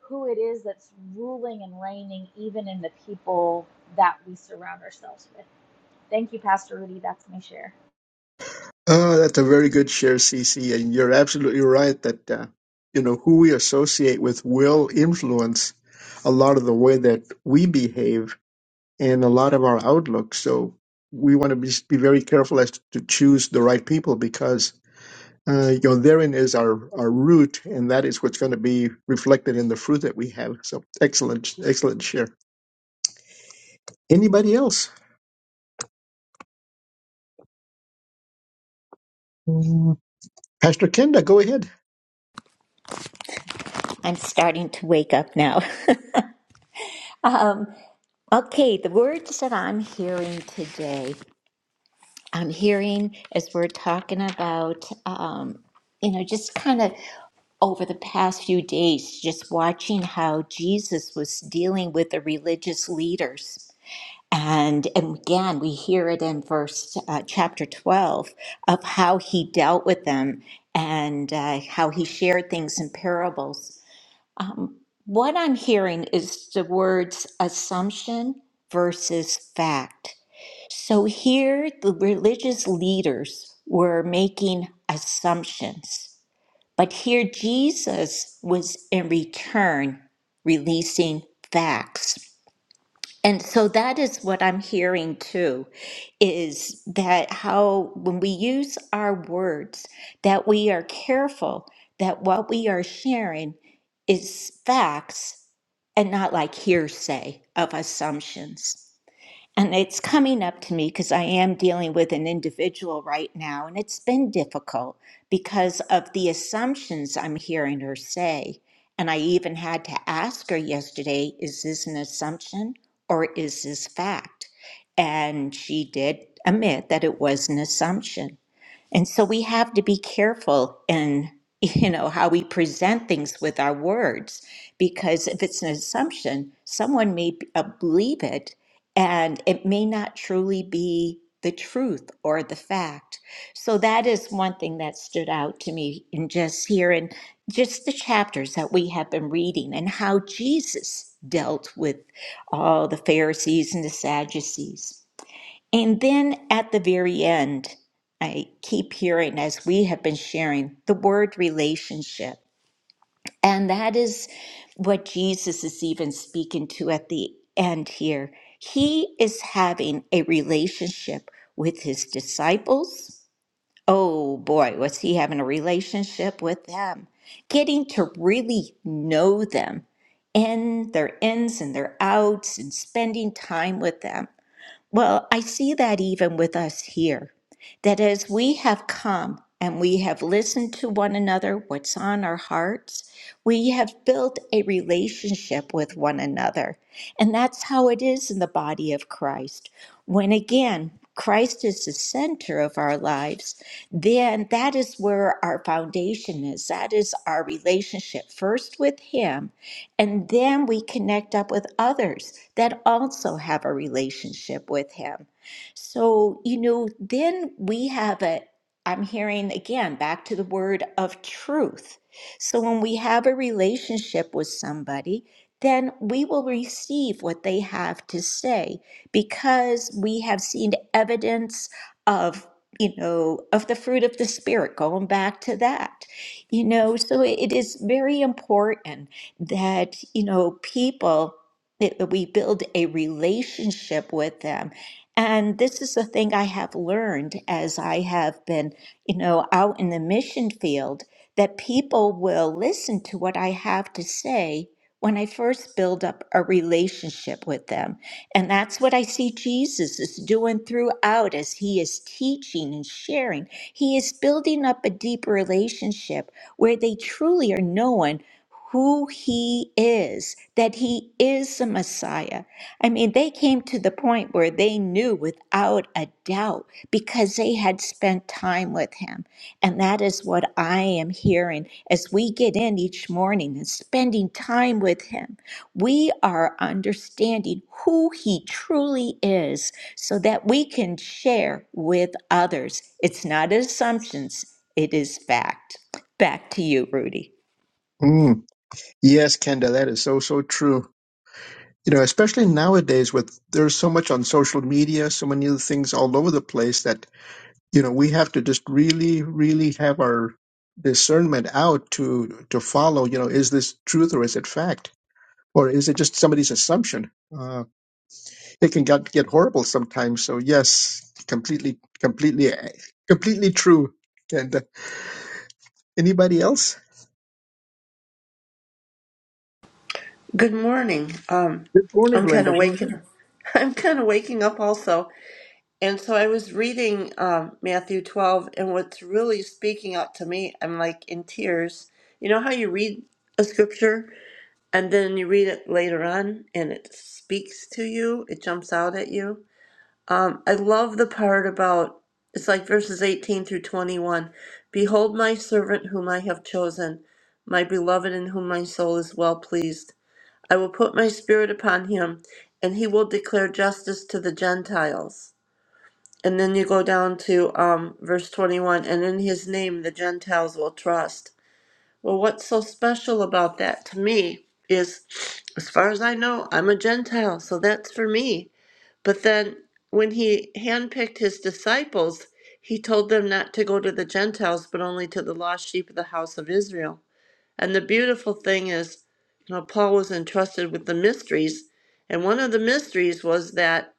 Speaker 7: who it is that's ruling and reigning, even in the people that we surround ourselves with. Thank you, Pastor Rudy. That's my share.
Speaker 2: Oh, that's a very good share, CC. And you're absolutely right that, uh, you know, who we associate with will influence a lot of the way that we behave and a lot of our outlook. So we want to be, be very careful as to choose the right people because uh, you know, therein is our, our root, and that is what's going to be reflected in the fruit that we have. So excellent, excellent share. Anybody else? Mm, Pastor Kenda, go ahead.
Speaker 4: I'm starting to wake up now. Um, okay, the words that I'm hearing today I'm hearing as we're talking about, um, you know, just kind of over the past few days, just watching how Jesus was dealing with the religious leaders. And, and again, we hear it in verse uh, chapter 12 of how he dealt with them and uh, how he shared things in parables. Um, what I'm hearing is the words assumption versus fact so here the religious leaders were making assumptions, but here Jesus was in return releasing facts. And so that is what I'm hearing too is that how when we use our words that we are careful that what we are sharing is facts and not like hearsay of assumptions. And it's coming up to me because I am dealing with an individual right now, and it's been difficult because of the assumptions I'm hearing her say. And I even had to ask her yesterday is this an assumption or is this fact? And she did admit that it was an assumption. And so we have to be careful in you know how we present things with our words because if it's an assumption, someone may b- uh, believe it and it may not truly be the truth or the fact. So that is one thing that stood out to me in just hearing just the chapters that we have been reading and how Jesus dealt with all the Pharisees and the Sadducees. And then at the very end, I keep hearing, as we have been sharing, the word relationship. And that is what Jesus is even speaking to at the end here. He is having a relationship with his disciples. Oh boy, was he having a relationship with them? Getting to really know them in their ins and their outs and spending time with them. Well, I see that even with us here, that as we have come and we have listened to one another, what's on our hearts, we have built a relationship with one another. And that's how it is in the body of Christ. When again, Christ is the center of our lives, then that is where our foundation is. That is our relationship first with Him and then we connect up with others that also have a relationship with Him. So, you know, then we have a, I'm hearing again back to the word of truth. So when we have a relationship with somebody, then we will receive what they have to say because we have seen evidence of you know of the fruit of the spirit going back to that you know so it is very important that, you know, people, that we build a relationship with them. And this is the thing I have learned as I have been, you know, out in the mission field that people will listen to what I have to say when I first build up a relationship with them. And that's what I see Jesus is doing throughout as he is teaching and sharing. He is building up a deep relationship where they truly are known who he is, that he is the Messiah. I mean, they came to the point where they knew without a doubt because they had spent time with him. And that is what I am hearing as we get in each morning and spending time with him. We are understanding who he truly is so that we can share with others. It's not assumptions, it is fact. Back to you, Rudy.
Speaker 2: Mm, yes, Kenda, that is so, so true. You know, especially nowadays with there's so much on social media, so many other things all over the place that, you know, we have to just really, really have our discernment out to to follow, you know, is this truth or is it fact? Or is it just somebody's assumption? Uh, they can get, get horrible sometimes. So yes, completely, completely, completely true. And uh, anybody else?
Speaker 8: Good morning. Um,
Speaker 2: Good morning,
Speaker 8: I'm kind of
Speaker 2: Glenda. Go ahead.
Speaker 8: waking. I'm kind of waking up also, and so I was reading um, Matthew 12, and what's really speaking out to me, I'm like in tears. You know how you read a scripture and then you read it later on, and it speaks to you. It jumps out at you. Um, I love the part about it's like verses 18 through 21. Behold, my servant whom I have chosen, my beloved in whom my soul is well pleased. I will put my spirit upon him, and he will declare justice to the Gentiles. And then you go down to um, verse 21 and in his name the Gentiles will trust. Well, what's so special about that to me is, as far as I know, I'm a Gentile, so that's for me. But then when he handpicked his disciples, he told them not to go to the Gentiles, but only to the lost sheep of the house of Israel. And the beautiful thing is, you know, Paul was entrusted with the mysteries, and one of the mysteries was that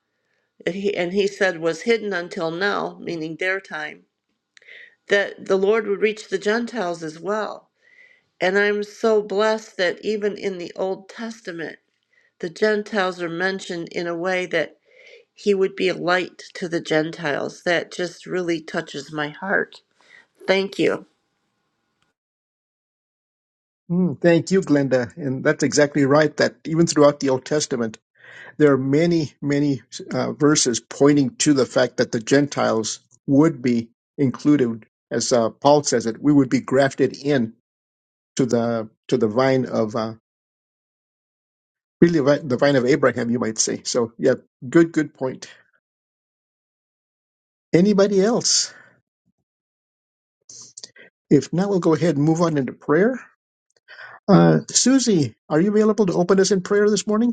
Speaker 8: he and he said was hidden until now, meaning their time, that the Lord would reach the Gentiles as well. And I'm so blessed that even in the Old Testament, the Gentiles are mentioned in a way that he would be a light to the Gentiles. That just really touches my heart. Thank you.
Speaker 2: Mm, thank you, Glenda. And that's exactly right. That even throughout the Old Testament, There are many, many uh, verses pointing to the fact that the Gentiles would be included, as uh, Paul says it, we would be grafted in to the to the vine of uh, really the vi- the vine of Abraham, you might say. So, yeah, good, good point. Anybody else? If not, we'll go ahead and move on into prayer. Uh, Susie, are you available to open us in prayer this morning?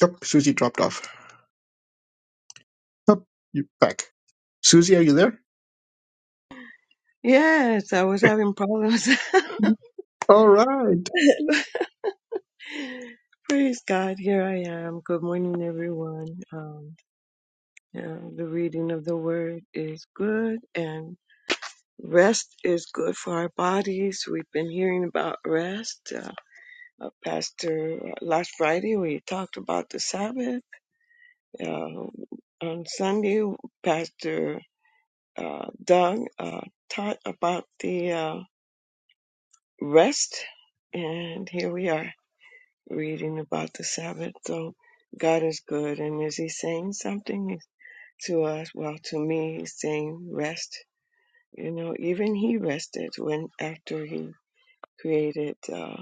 Speaker 2: Yep, Susie dropped off. Up, you back. Susie, are you there?
Speaker 9: Yes, I was having problems.
Speaker 2: All right.
Speaker 9: Praise God, here I am. Good morning, everyone. Um, yeah, the reading of the word is good, and rest is good for our bodies. We've been hearing about rest. Uh, uh, Pastor, uh, last Friday we talked about the Sabbath. Uh, on Sunday, Pastor uh, Doug uh, taught about the uh, rest, and here we are. reading about the Sabbath. So God is good. And is He saying something to us? Well, to me, He's saying rest. You know, even He rested when after He created uh,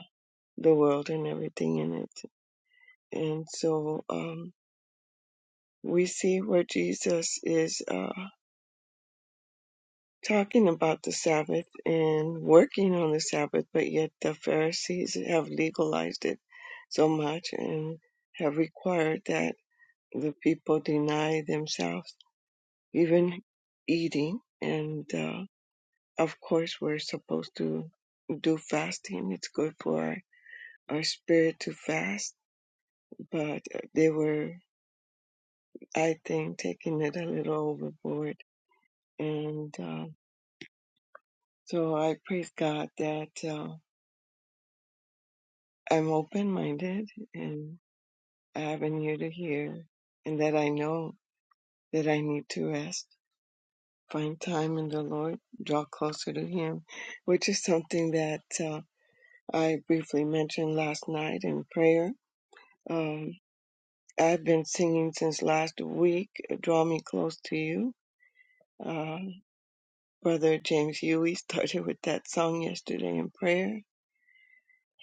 Speaker 9: the world and everything in it. And so um, we see where Jesus is uh, talking about the Sabbath and working on the Sabbath, but yet the Pharisees have legalized it so much and have required that. the people deny themselves even eating and uh, of course we're supposed to do fasting it's good for our, our spirit to fast but they were i think taking it a little overboard and uh, so i praise god that uh, i'm open-minded and i have an ear to hear and that i know that i need to rest find time in the Lord, draw closer to Him, which is something that uh, I briefly mentioned last night in prayer. Um, I've been singing since last week, Draw Me Close to You. Uh, Brother James Huey started with that song yesterday in prayer.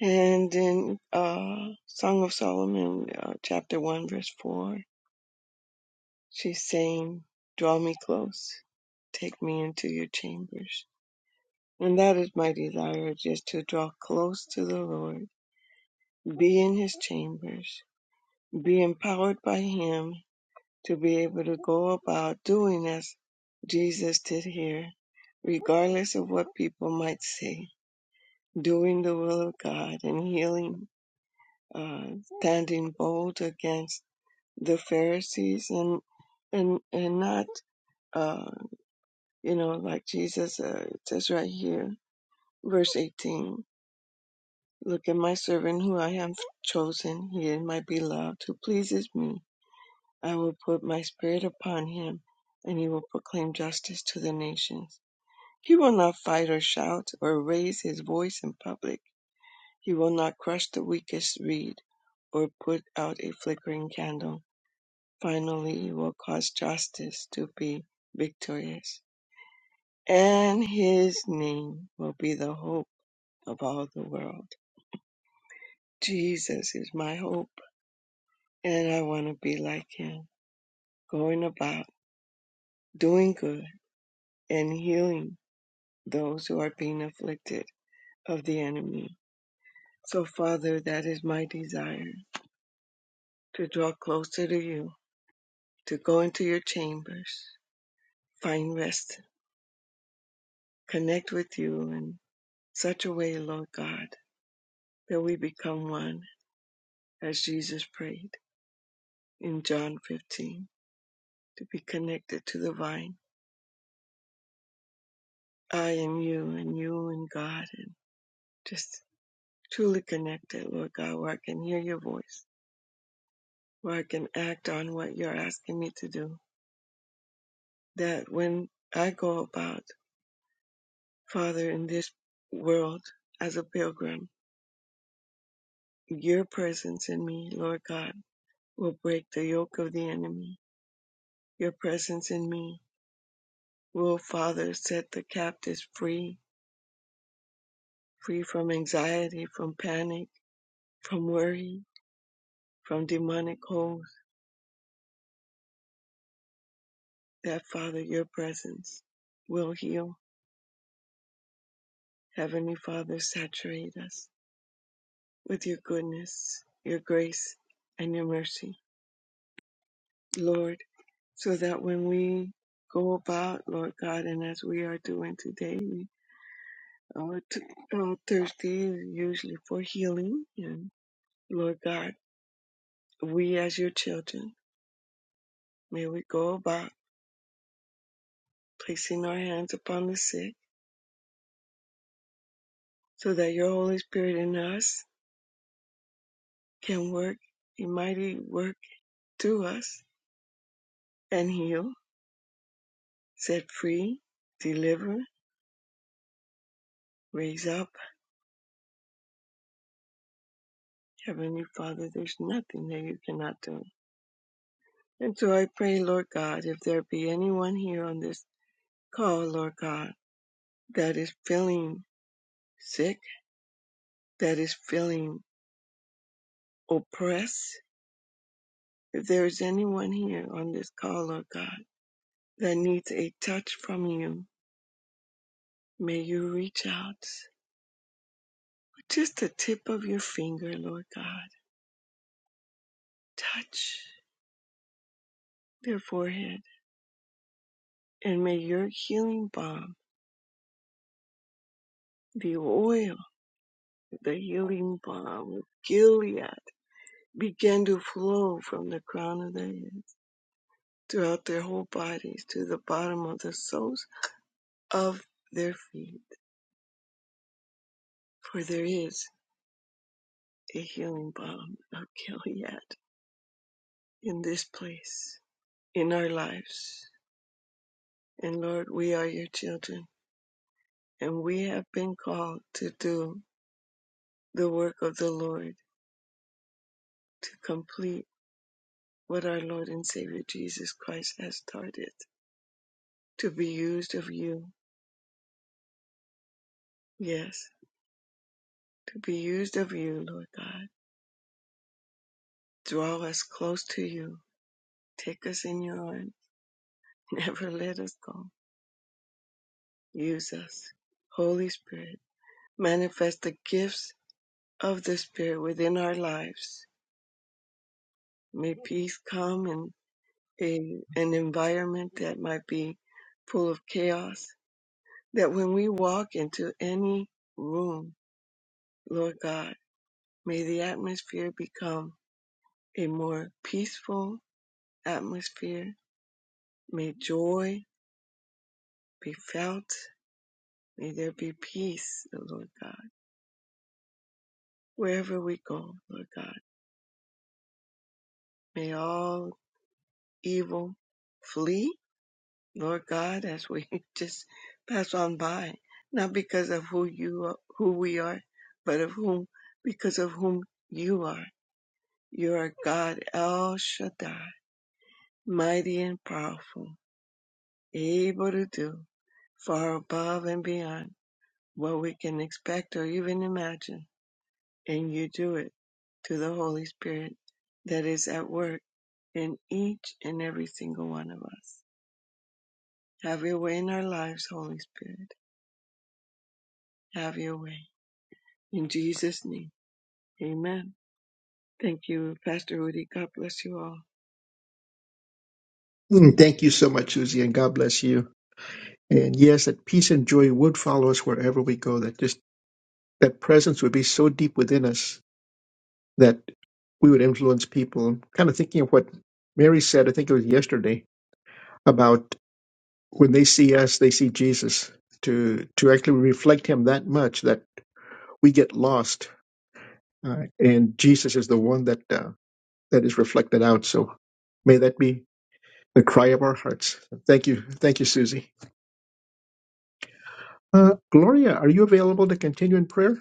Speaker 9: And in uh, Song of Solomon, uh, chapter 1, verse 4, she's saying, Draw me close, take me into your chambers. And that is my desire, just to draw close to the Lord, be in his chambers, be empowered by him to be able to go about doing as Jesus did here, regardless of what people might say, doing the will of God and healing, uh, standing bold against the Pharisees and, and, and not, uh, you know, like Jesus, uh, it says right here, verse 18. Look at my servant who I have chosen, he is my beloved, who pleases me. I will put my spirit upon him, and he will proclaim justice to the nations. He will not fight or shout or raise his voice in public. He will not crush the weakest reed or put out a flickering candle. Finally, he will cause justice to be victorious, and his name will be the hope of all the world. Jesus is my hope. And I want to be like him, going about doing good and healing those who are being afflicted of the enemy. So, Father, that is my desire to draw closer to you, to go into your chambers, find rest, connect with you in such a way, Lord God, that we become one as Jesus prayed in John 15 to be connected to the vine. I am you and you and God. And just truly connected, Lord God, where I can hear your voice, where I can act on what you're asking me to do. That when I go about, Father, in this world as a pilgrim, your presence in me, Lord God, will break the yoke of the enemy. Your presence in me will, Father, set the captives free, free from anxiety, from panic, from worry, from demonic holds. That, Father, your presence will heal Heavenly Father, saturate us with your goodness, your grace, and your mercy, Lord, so that when we go about, Lord God, and as we are doing today, we are t- uh, thirsty usually for healing. And Lord God, we as your children, may we go about placing our hands upon the sick so that your Holy Spirit in us can work a mighty work through us and heal, set free, deliver, Raise up, Heavenly Father, there's nothing that you cannot do. And so I pray, Lord God, if there be anyone here on this call, Lord God, that is feeling sick, that is feeling oppressed, if there is anyone here on this call, Lord God, that needs a touch from you, may you reach out with just the tip of your finger, Lord God. Touch their forehead, and may your healing balm, the oil, The healing balm of Gilead began to flow from the crown of their heads throughout their whole bodies to the bottom of the soles of their feet. For there is a healing balm of Gilead in this place, in our lives. And Lord, we are your children, and we have been called to do the work of the Lord, to complete what our Lord and Savior Jesus Christ has started, to be used of you. Yes to be used of you, Lord God. Draw us close to you. Take us in your arms. Never let us go. Use us. Holy Spirit, manifest the gifts of the Spirit within our lives. May peace come in a, an environment that might be full of chaos. That when we walk into any room, Lord God, may the atmosphere become a more peaceful atmosphere. May joy be felt. May there be peace, O Lord God, wherever we go, Lord God. May all evil flee, Lord God, as we just pass on by, not because of who you are, who we are, but of whom, because of whom you are. You are God El Shaddai, mighty and powerful, able to do far above and beyond what we can expect or even imagine. and you do it to the Holy Spirit that is at work in each and every single one of us. Have your way in our lives, Holy Spirit. Have your way. In Jesus' name, amen. Thank you, Pastor Rudy. God bless you all.
Speaker 2: Mm, Thank you so much, Susie, and God bless you. And yes, that peace and joy would follow us wherever we go. That just that presence would be so deep within us that we would influence people. I'm kind of thinking of what Mary said. I think it was yesterday about when they see us, they see Jesus. To to actually reflect Him that much that we get lost, uh, and Jesus is the one that uh, that is reflected out. So may that be the cry of our hearts. Thank you, thank you, Susie. Uh, Gloria, are you available to continue in prayer?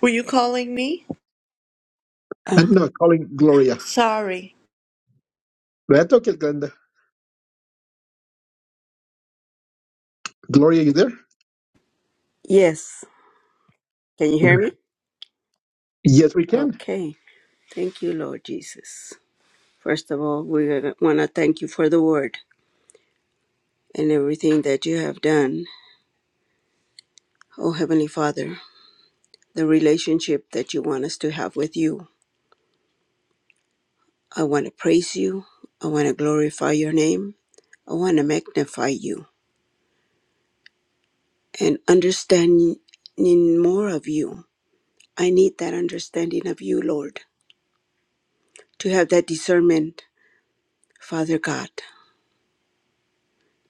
Speaker 8: Were you calling me?
Speaker 2: Uh,
Speaker 6: Oh,
Speaker 2: no, calling Gloria.
Speaker 8: Sorry.
Speaker 2: That's okay, Glenda. Gloria, you there?
Speaker 6: yes. Can you hear me?
Speaker 2: Yes, we can.
Speaker 6: Okay. Thank you, Lord Jesus. First of all, we want to thank you for the word and everything that you have done. Oh, Heavenly Father, the relationship that you want us to have with you. I want to praise you. I want to glorify your name. I want to magnify you and understanding more of you. I need that understanding of you, Lord, to have that discernment, Father God,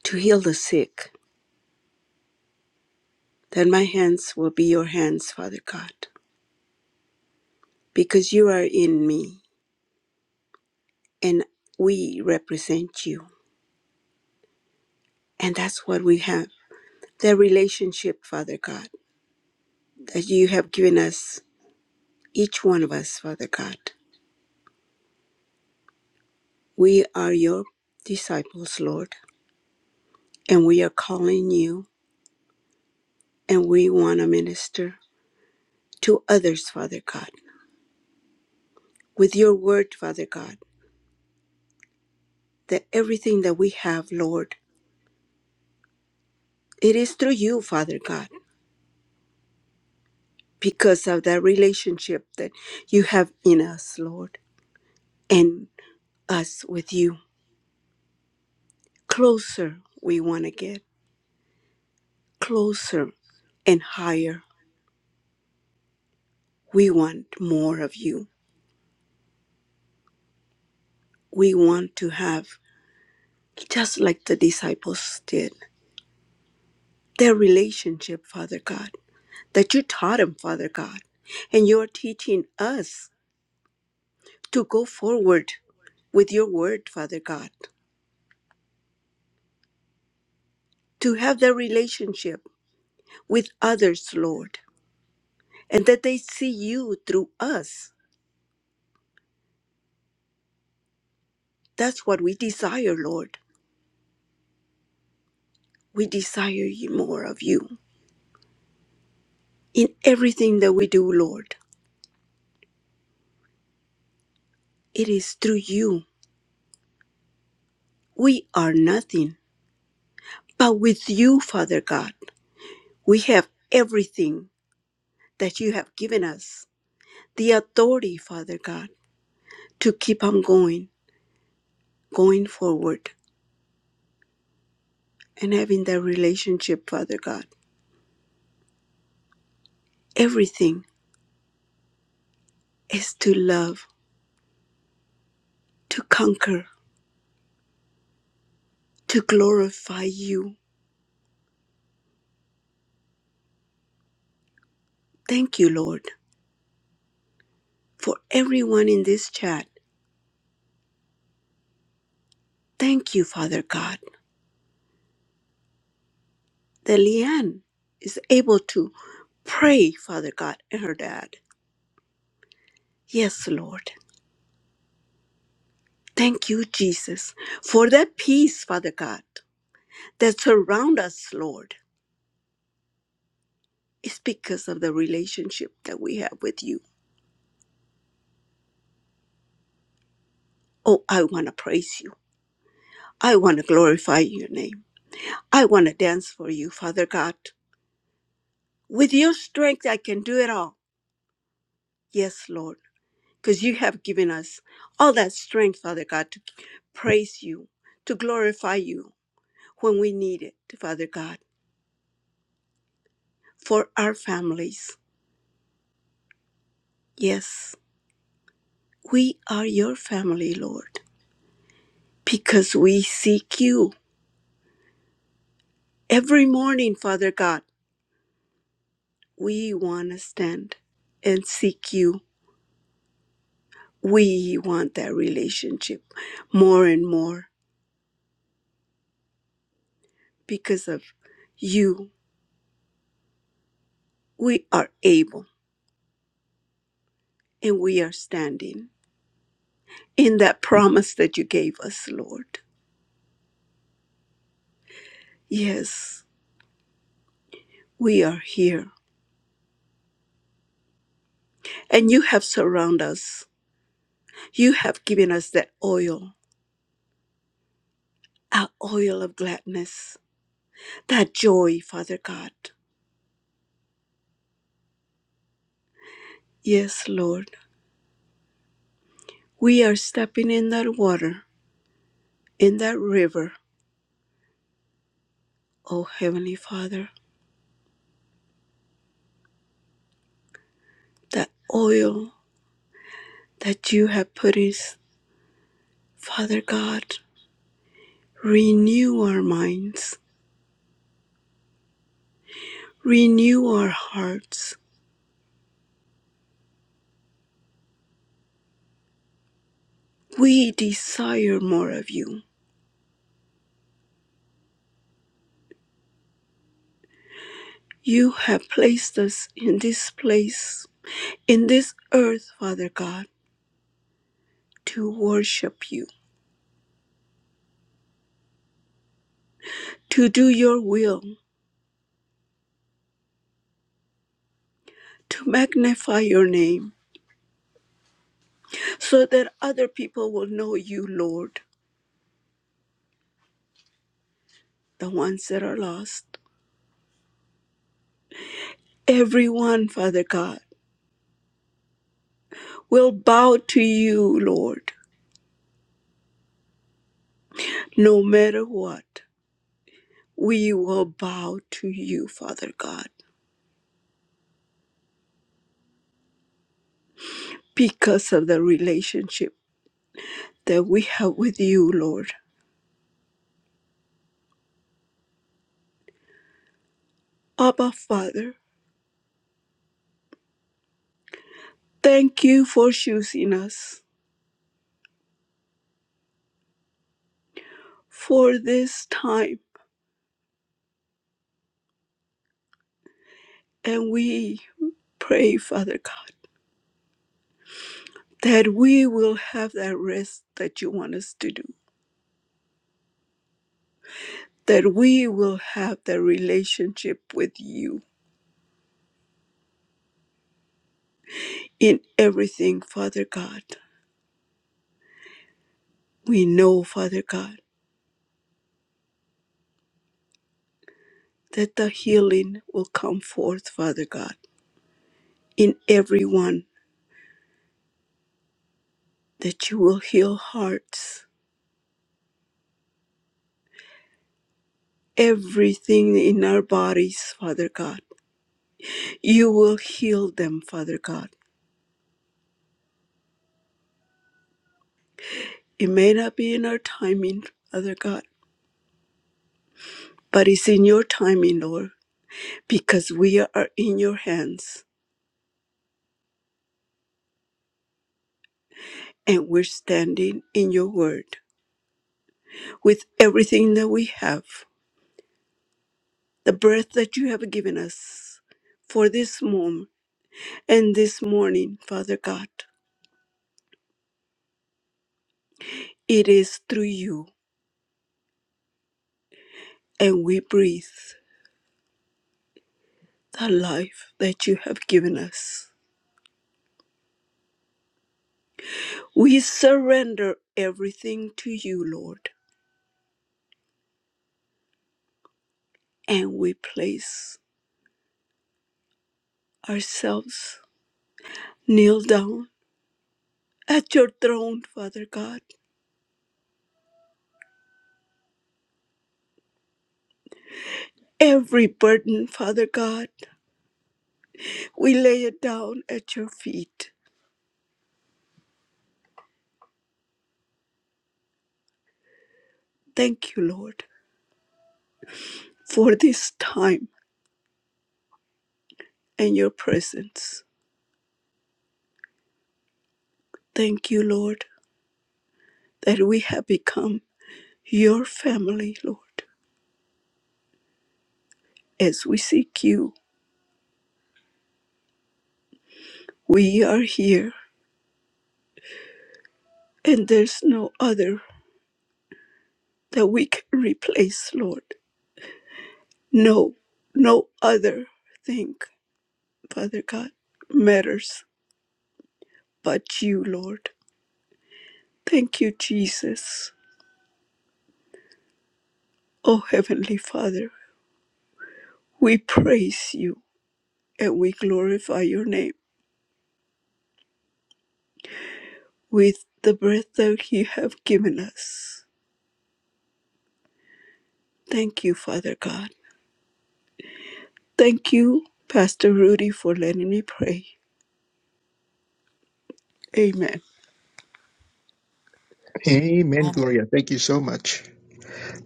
Speaker 6: to heal the sick, that my hands will be your hands, Father God, because you are in me and we represent you. And that's what we have that relationship, Father God, that you have given us each one of us, Father God. We are your disciples, Lord, and we are calling you and we want to minister to others, Father God, with your word, Father God, that everything that we have, Lord, it is through you, Father God, because of that relationship that you have in us, Lord, and us with you. Closer we want to get, closer and higher. We want more of you. We want to have just like the disciples did. Their relationship, Father God, that you taught them, Father God, and you are teaching us to go forward with your word, Father God, to have that relationship with others, Lord, and that they see you through us. That's what we desire, Lord. We desire you more of you in everything that we do, Lord. It is through you. We are nothing, but with you, Father God. We have everything that you have given us the authority, Father God, to keep on going, going forward, and having that relationship, Father God. Everything is to love, to conquer, to glorify you. Thank you, Lord, for everyone in this chat. Thank you, Father God, that Leanne is able to pray, Father God, and her dad. Yes, Lord. Thank you, Jesus, for that peace, Father God. that surround us, Lord, is because of the relationship that we have with you. Oh, I want to praise you. I want to glorify your name. I want to dance for you, Father God. With your strength, I can do it all. Yes, Lord, because you have given us all that strength, Father God, to praise you, to glorify you when we need it, Father God, for our families. Yes, we are your family, Lord, because we seek you Every morning, Father God, we want to stand and seek you. We want that relationship more and more because of you. We are able and we are standing in that promise that you gave us, Lord. Yes, we are here. And you have surrounded us. You have given us that oil, our oil of gladness, that joy, Father God. Yes, Lord. We are stepping in that water in that river, O Heavenly Father, that oil that you have put in, Father God, renew our minds, renew our hearts. We desire more of you. You have placed us in this place, in this earth, Father God, to worship you, to do your will, to magnify your name, so that other people will know you, Lord, the ones that are lost Everyone, Father God, will bow to you, Lord, no matter what. We will bow to you, Father God, because of the relationship that we have with you, Lord. Abba, Father, thank you for choosing us for this time. And we pray, Father God, that we will have that rest that you want us to do, that we will have that relationship with you in everything, Father God. We know, Father God, that the healing will come forth, Father God, in everyone, that you will heal hearts, everything in our bodies, Father God. You will heal them, Father God. It may not be in our timing, Father God, but it's in your timing, Lord, because we are in your hands and we're standing in your word with everything that we have, the breath that you have given us for this moment And this morning, Father God, it is through you and we breathe the life that you have given us. We surrender everything to you, Lord, and we place ourselves, kneel down at your throne, Father God. Every burden, Father God, we lay it down at your feet. Thank you, Lord, for this time and your presence. Thank you, Lord, that we have become your family, Lord. As we seek you, we are here, and there's no other that we can replace, Lord. No, no other thing, Father God, matters but you, Lord. Thank you, Jesus. Oh, Heavenly Father, we praise you and we glorify your name with the breath that you have given us. Thank you, Father God. Thank you, Pastor Rudy, for letting me pray. Amen.
Speaker 2: Amen, Gloria. Thank you so much.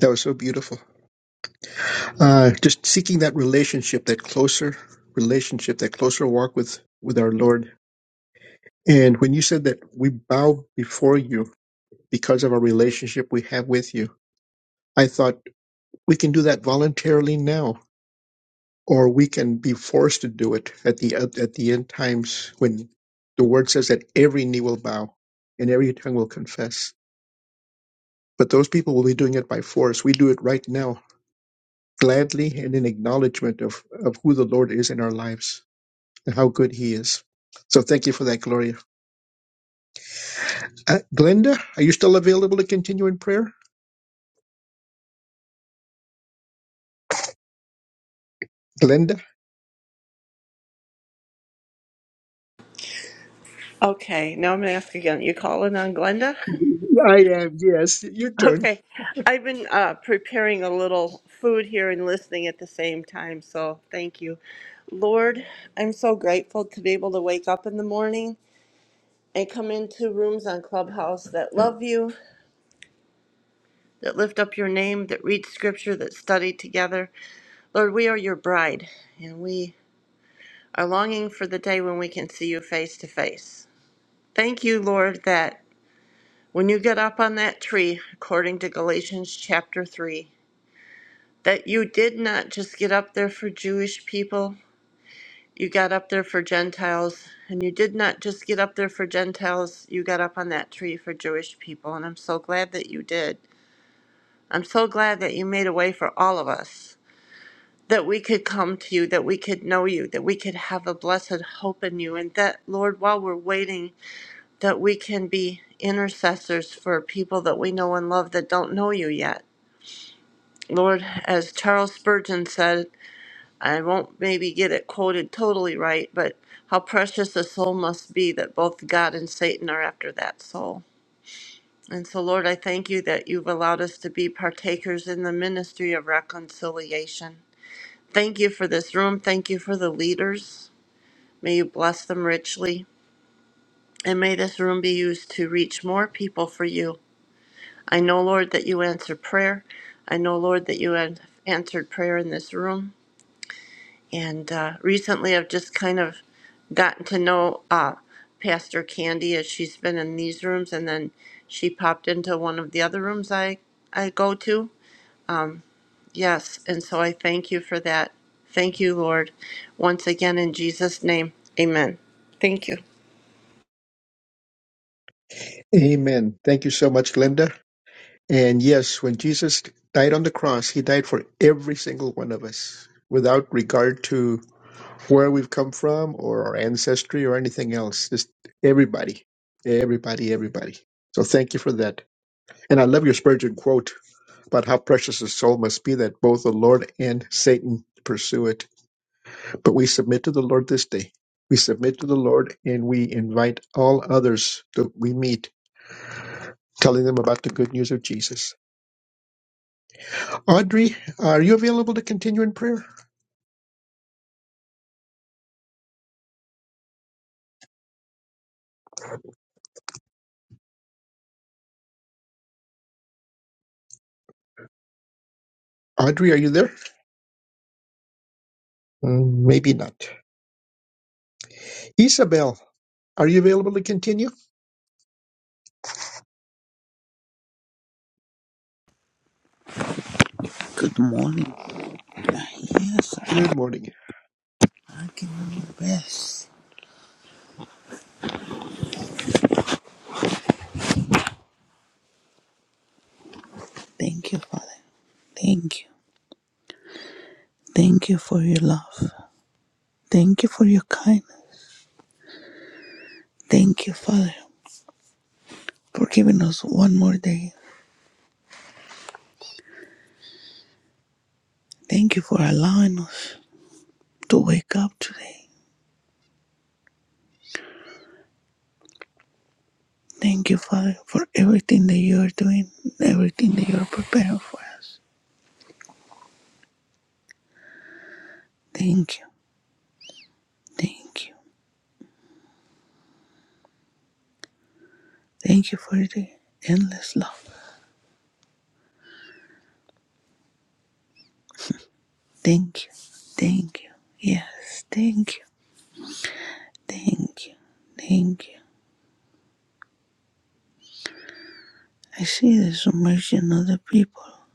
Speaker 2: That was so beautiful. Uh, just seeking that relationship, that closer relationship, that closer walk with with our Lord. And when you said that we bow before you because of our relationship we have with you, I thought we can do that voluntarily now, or we can be forced to do it at the at the end times when the word says that every knee will bow and every tongue will confess. But those people will be doing it by force. We do it right now, gladly and in acknowledgement of, of who the Lord is in our lives. and how good He is. So thank you for that, Gloria. Uh, Glenda, are you still available to continue in prayer? Glenda?
Speaker 8: Okay, now I'm going to ask again. You calling on Glenda?
Speaker 2: I am, yes. Your turn.
Speaker 8: Okay, I've been uh, preparing a little food here and listening at the same time, so thank you. Lord, I'm so grateful to be able to wake up in the morning and come into rooms on Clubhouse that love you, that lift up your name, that read scripture, that study together. Lord, we are your bride, and we are longing for the day when we can see you face to face. Thank you, Lord, that. When you get up on that tree, according to Galatians chapter 3, that you did not just get up there for Jewish people, you got up there for Gentiles, and you did not just get up there for Gentiles, you got up on that tree for Jewish people, and I'm so glad that you did. I'm so glad that you made a way for all of us, that we could come to you, that we could know you, that we could have a blessed hope in you, and that, Lord, while we're waiting, that we can be intercessors for people that we know and love that don't know you yet. Lord, as Charles Spurgeon said, I won't maybe get it quoted totally right, but how precious a soul must be that both God and Satan are after that soul. And so, Lord, I thank you that you've allowed us to be partakers in the ministry of reconciliation. Thank you for this room. Thank you for the leaders. May you bless them richly. And may this room be used to reach more people for you. I know, Lord, that you answer prayer. I know, Lord, that you have answered prayer in this room. And uh, recently, I've just kind of gotten to know uh, Pastor Candy as she's been in these rooms, and then she popped into one of the other rooms I I go to. Um, yes, and so I thank you for that. Thank you, Lord, once again in Jesus' name. Amen. Thank you.
Speaker 2: Amen. Thank you so much, Glenda. And yes, when Jesus died on the cross, He died for every single one of us without regard to where we've come from or our ancestry or anything else. Just everybody, everybody, everybody. So thank you for that. And I love your Spurgeon quote But how precious a soul must be that both the Lord and Satan pursue it. But we submit to the Lord this day. We submit to the Lord and we invite all others that we meet, telling them about the good news of Jesus. Audrey, are you available to continue in prayer? Audrey, are you there? Mm, Maybe not. Isabel, are you available to continue?
Speaker 10: Good morning. Yes, I,
Speaker 2: Good morning.
Speaker 10: I can rest. Thank you, Father. Thank you. Thank you for your love. Thank you for your kindness. Thank you, Father, for giving us one more day. Thank you for allowing us to wake up today. Thank you, Father, for everything that you are doing, everything that you are preparing for us. Thank you. Thank you. Thank you for the endless love. Thank you. Thank you. Yes, thank you. Thank you. Thank you. I see the submersion of the people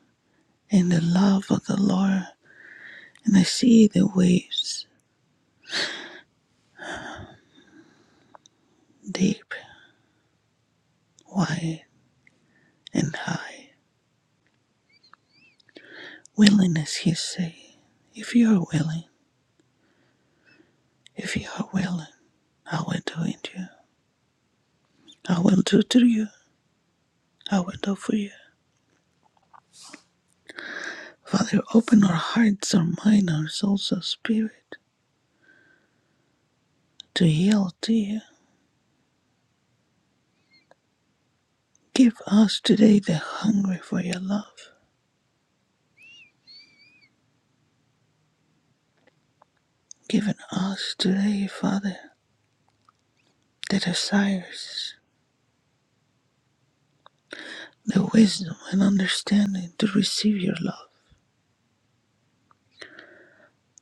Speaker 10: and the love of the Lord, and I see the waves deep, wide, and high. Willingness, he say, if you are willing, if you are willing, I will do it to you. I will do to you. I will do for you. Father, open our hearts, our mind, our souls, our spirit to yield to you. Give us today the hunger for your love. Give us today, Father, the desires the wisdom and understanding to receive your love,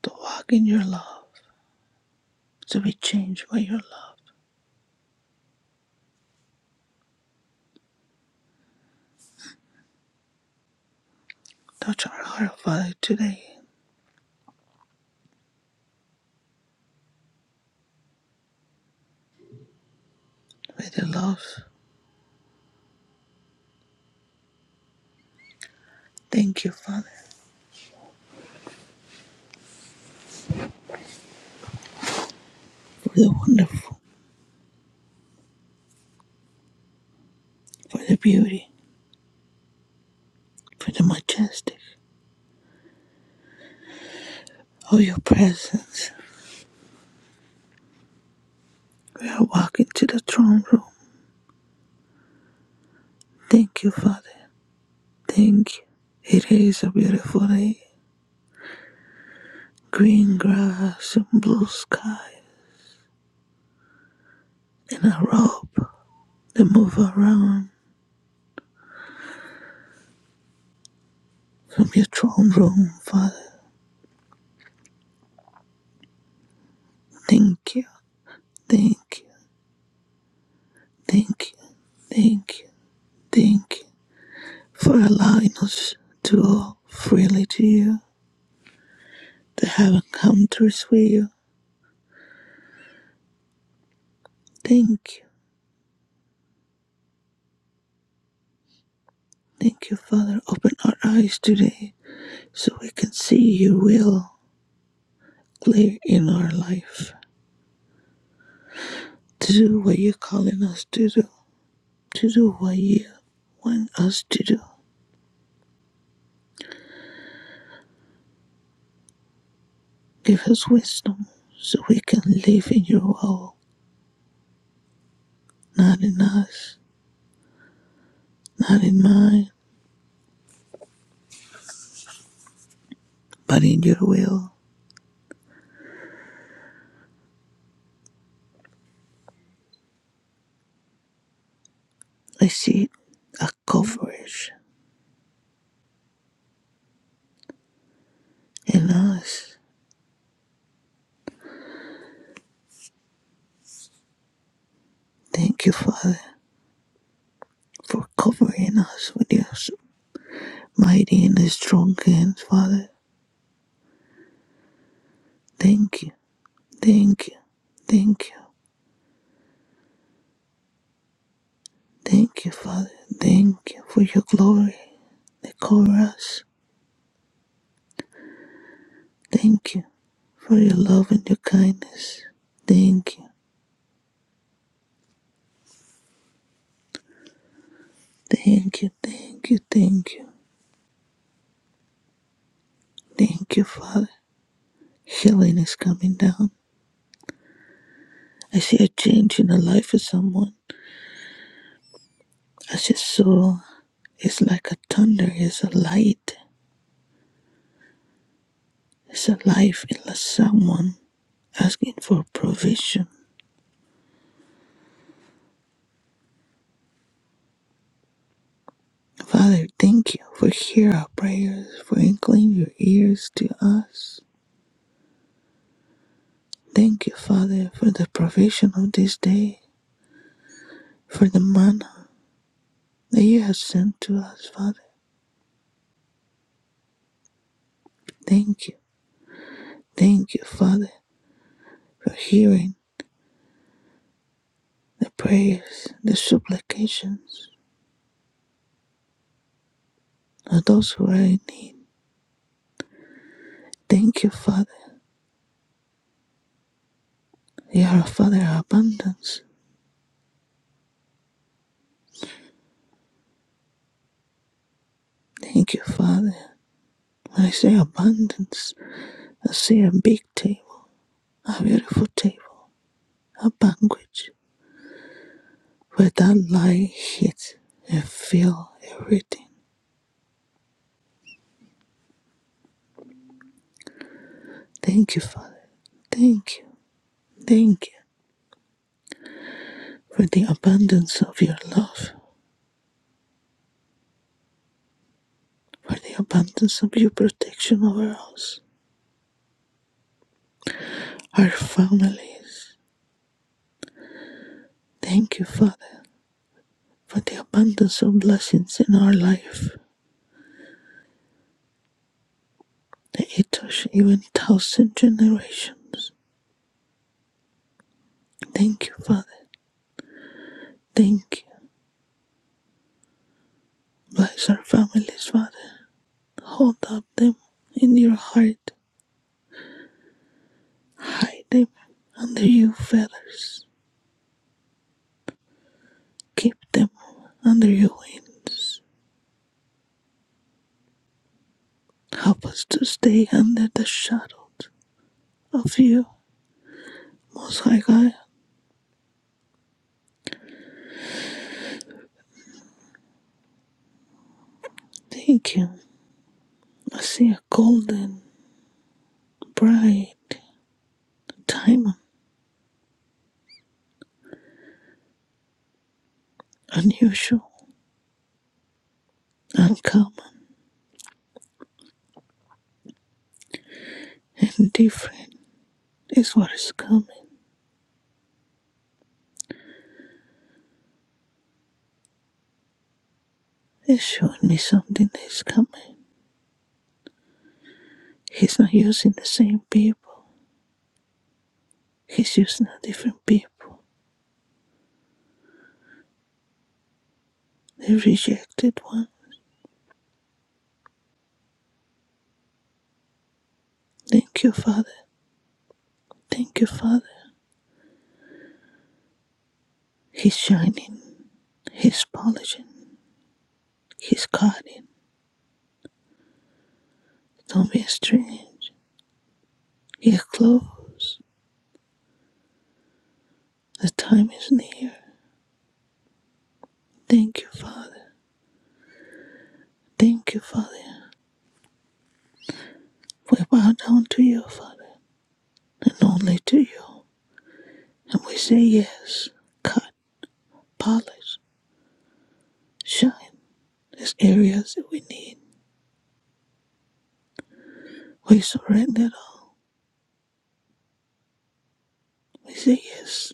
Speaker 10: to walk in your love, to be changed by your love. Touch our heart, Father, today with your love. Thank you, Father, for the wonderful, for the beauty, for the majestic of your presence. We are walking to the throne room. Thank you, Father. Thank you. It is a beautiful day. Green grass and blue sky and a robe that move around from your throne room, Father. Thank you, thank you, thank you, thank you, thank you for allowing us to go freely to you, to have encounters with you. Thank you, thank you, Father. Open our eyes today so we can see your will clear in our life, to do what you're calling us to do, to do what you want us to do. Give us wisdom so we can live in your will, not in us, not in mine, but in your will. I see a coverage in us. Thank you, Father, for covering us with your mighty and strong hands, Father. Thank you, thank you, thank you, thank you, Father. Thank you for your glory that cover us. Thank you for your love and your kindness. Thank you, thank you, thank you, thank you, thank you, Father. Healing is coming down. I see a change in the life of someone. I just saw. It's like a thunder, it's a light, it's a life, it's like someone asking for provision. Father, thank you for hearing our prayers, for inclining your ears to us. Thank you, Father, for the provision of this day, for the manna that you have sent to us, Father. Thank you, thank you, Father, for hearing the prayers, the supplications of those who are in need. Thank you, Father. You are a Father of abundance. Thank you, Father, I see abundance. I see a big table, a beautiful table, a banquet where that lion hit and feel everything. Thank you, Father. Thank you. Thank you for the abundance of your love, for the abundance of your protection over us, our families. Thank you, Father, for the abundance of blessings in our life, the etosh, even thousand generations. Thank you, Father. Thank you. Bless our families, Father. Hold up them in your heart. Hide them under your feathers. Keep them under your wings. Help us to stay under the shadow of you, Most High God. Thank you. I see a golden, bright diamond, unusual, uncommon, and different is what is coming. He's showing me something that is coming. He's not using the same people. He's using a different people. The rejected one. Thank you, Father. Thank you, Father. He's shining. He's polishing. He's cutting. Don't be strange. He's close. The time is near. Thank you, Father. Thank you, Father. We bow down to you, Father, and only to you. And we say yes. Cut, polish, shine. There's areas that we need. We surrender it all. We say yes.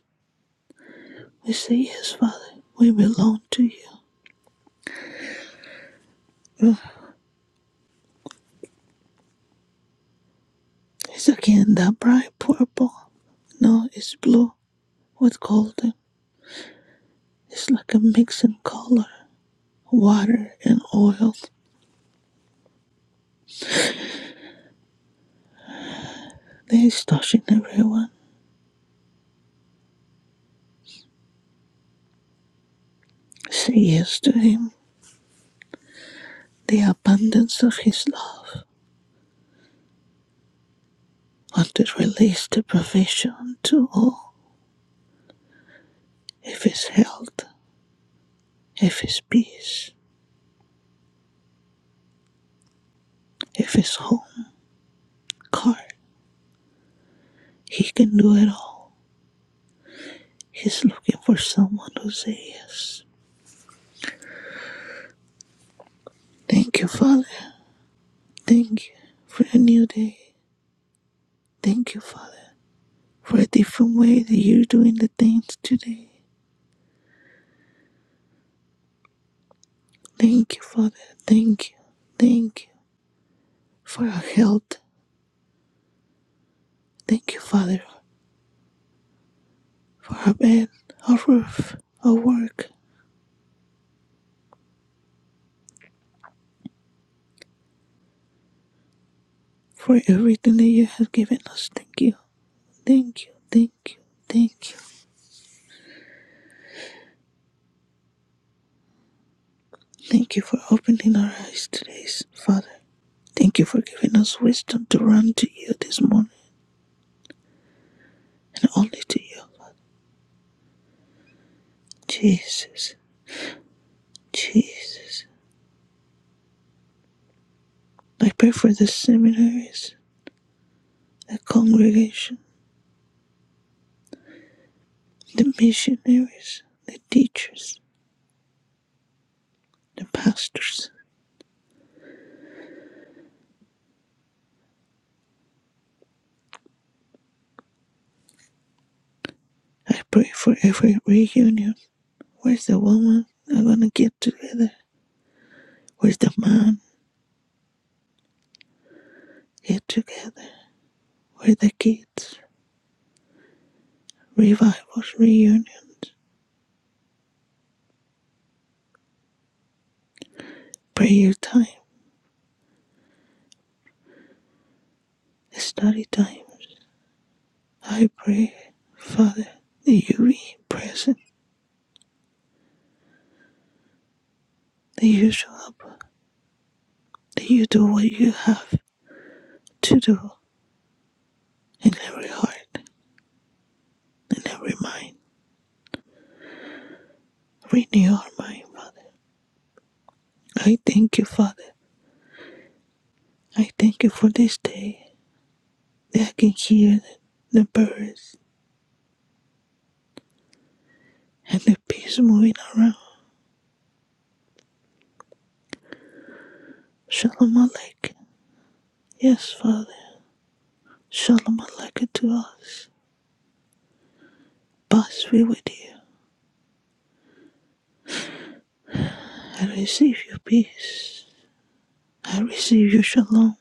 Speaker 10: We say yes, Father. We belong to you. Ugh, It's again that bright purple. No, it's blue with golden. It's like a mix in color, water and oil. They is touching everyone. Say yes to him. The abundance of his love. Want to release the provision to all. If it's health, if it's peace, if it's home, car, he can do it all. He's looking for someone who says yes. Thank you, Father. Thank you for a new day. Thank you, Father, for a different way that you're doing the things today. Thank you, Father. Thank you. Thank you for our health. Thank you, Father, for our bed, our roof, our work, for everything that you have given us. Thank you. Thank you. Thank you. Thank you. Thank you for opening our eyes today, Father. Thank you for giving us wisdom to run to you this morning and only to you. Jesus. Jesus. I pray for the seminaries. the congregation, the missionaries, the teachers, the pastors. I pray for every reunion. Where's the woman? I'm gonna get together. Where's the man? Get together. Where the kids? Revivals, reunions, prayer time, study times. I pray, Father, that you be present, that you show up, that you do what you have to do in every heart, in every mind. Renew our mind, Father. I thank you, Father. I thank you for this day that I can hear the, birds and the bees moving around. Shalom Aleichem. Yes, Father. Shalom Aleichem to us. Peace be with you. I receive your peace. I receive your shalom.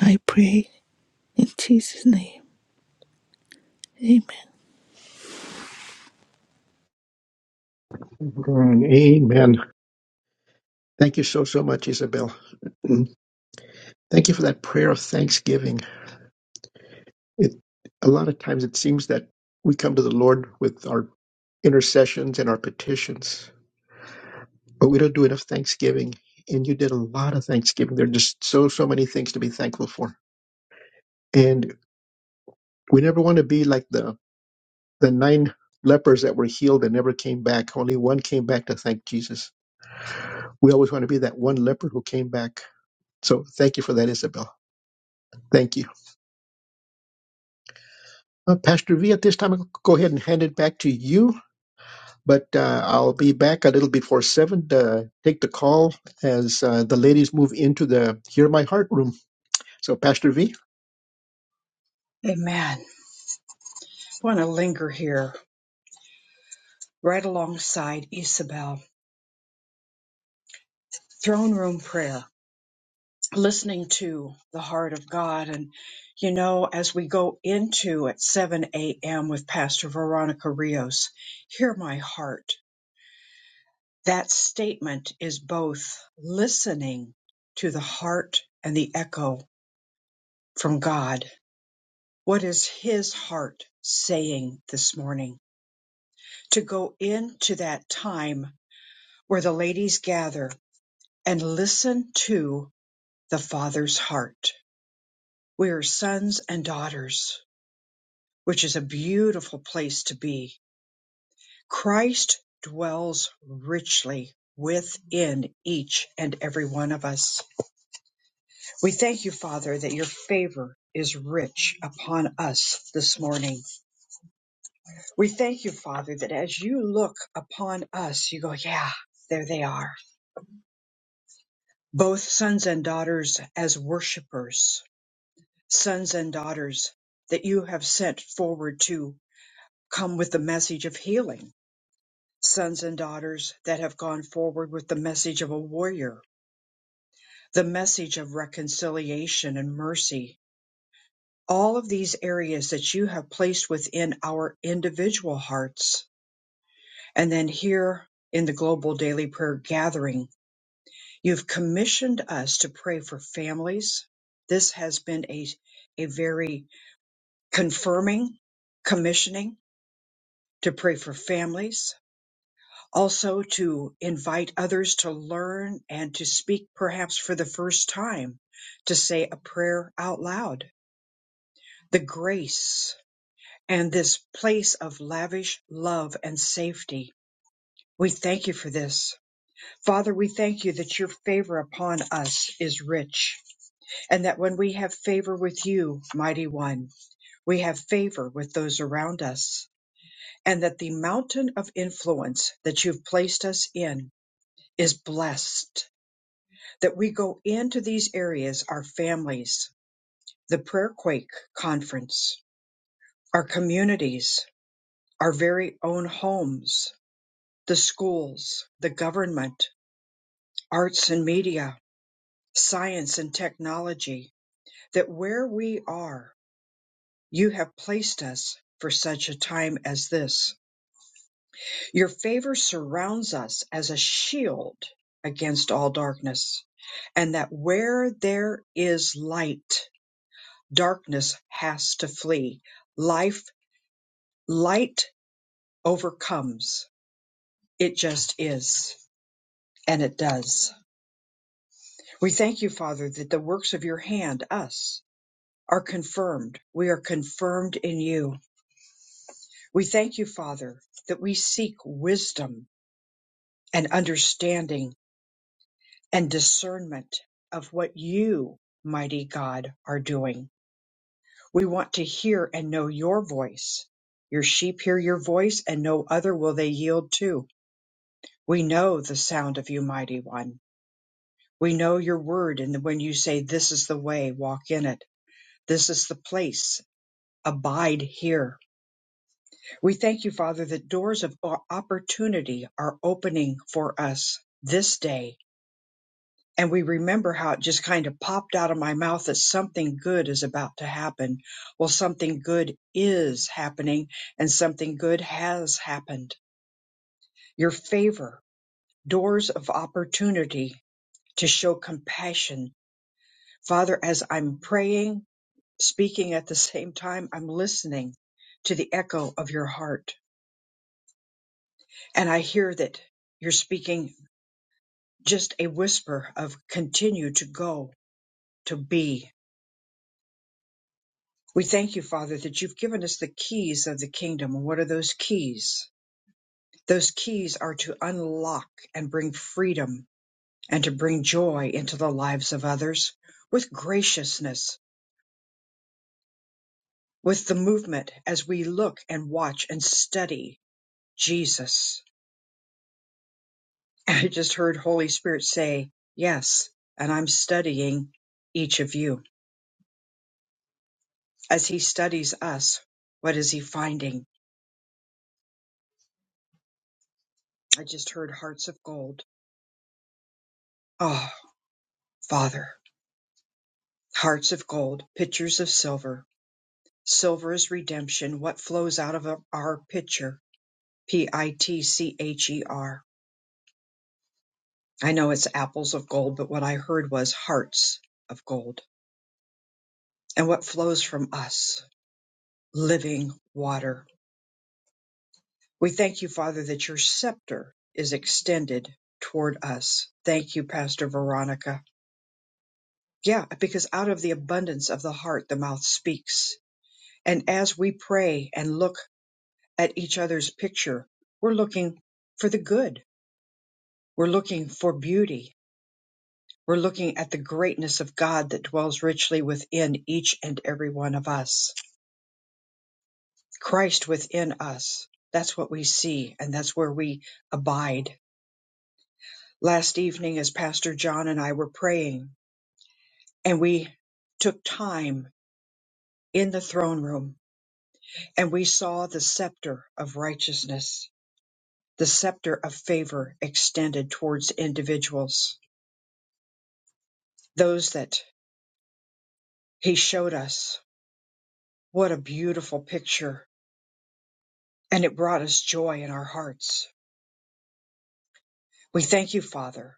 Speaker 10: I pray in Jesus' name. Amen.
Speaker 2: Amen. Thank you so, so much, Isabel. Thank you for that prayer of thanksgiving. It a lot of times it seems that we come to the Lord with our intercessions and our petitions, but we don't do enough thanksgiving. And you did a lot of thanksgiving. There are just so so many things to be thankful for. And we never want to be like the the nine lepers that were healed and never came back. Only one came back to thank Jesus. We always want to be that one leper who came back. So thank you for that, Isabel. Thank you. Uh, Pastor V, at this time, I'll go ahead and hand it back to you But uh, I'll be back a little before seven to take the call as uh, the ladies move into the Hear My Heart room. So, Pastor V.
Speaker 1: Amen. I want to linger here right alongside Isabel. Throne room prayer, listening to the heart of God. And, you know, as we go into at 7 a.m. with Pastor Veronica Rios, hear my heart. That statement is both listening to the heart and the echo from God. What is his heart saying this morning? to go into that time where the ladies gather and listen to the Father's heart. We are sons and daughters, which is a beautiful place to be. Christ dwells richly within each and every one of us. We thank you, Father, that your favor is rich upon us this morning. We thank you, Father, that as you look upon us, you go, yeah, there they are both sons and daughters as worshipers, sons and daughters that you have sent forward to come with the message of healing, sons and daughters that have gone forward with the message of a warrior, the message of reconciliation and mercy. All of these areas that you have placed within our individual hearts. And then here in the global daily prayer gathering, you've commissioned us to pray for families. This has been a, a very confirming, commissioning to pray for families, also to invite others to learn and to speak perhaps for the first time, to say a prayer out loud. The grace and this place of lavish love and safety. We thank you for this. Father, we thank you that your favor upon us is rich, and that when we have favor with you, mighty one, we have favor with those around us. and that the mountain of influence that you've placed us in is blessed. That we go into these areas, our families, the Prayer Quake Conference, our communities, our very own homes, the schools, the government, arts and media, science and technology, that where we are, you have placed us for such a time as this Your favor surrounds us as a shield against all darkness, and that where there is light, darkness has to flee. Life, light overcomes. It just is, and it does. We thank you, Father, that the works of your hand, us, are confirmed. We are confirmed in you. We thank you, Father, that we seek wisdom and understanding and discernment of what you, mighty God, are doing. We want to hear and know your voice. Your sheep hear your voice, and no other will they yield to. We know the sound of you, mighty one. We know your word, and when you say, This is the way, walk in it. This is the place, abide here. We thank you, Father, that doors of o- opportunity are opening for us this day and we remember how it just kind of popped out of my mouth that something good is about to happen. Well, something good is happening and something good has happened. Your favor, doors of opportunity to show compassion. Father, as I'm praying, speaking at the same time, I'm listening to the echo of your heart. And I hear that you're speaking just a whisper of continue to go, to be, We thank you, Father, that you've given us the keys of the kingdom. And what are those keys? Those keys are to unlock and bring freedom and to bring joy into the lives of others with graciousness, with the movement as we look and watch and study Jesus. And I just heard Holy Spirit say, Yes, and I'm studying each of you. As He studies us, what is He finding? I just heard hearts of gold. Oh, Father. Hearts of gold, pitchers of silver. Silver is redemption. What flows out of our pitcher? P I T C H E R. I know it's apples of gold, but what I heard was hearts of gold. And what flows from us? Living water. We thank you, Father, that your scepter is extended toward us. Thank you, Pastor Veronica. Yeah, because out of the abundance of the heart, the mouth speaks. And as we pray and look at each other's picture, we're looking for the good. We're looking for beauty. We're looking at the greatness of God that dwells richly within each and every one of us. Christ within us. That's what we see, and that's where we abide. Last evening, as Pastor John and I were praying, and we took time in the throne room, and we saw the scepter of righteousness, the scepter of favor extended towards individuals, those that He showed us what a beautiful picture, and it brought us joy in our hearts. We thank you, Father,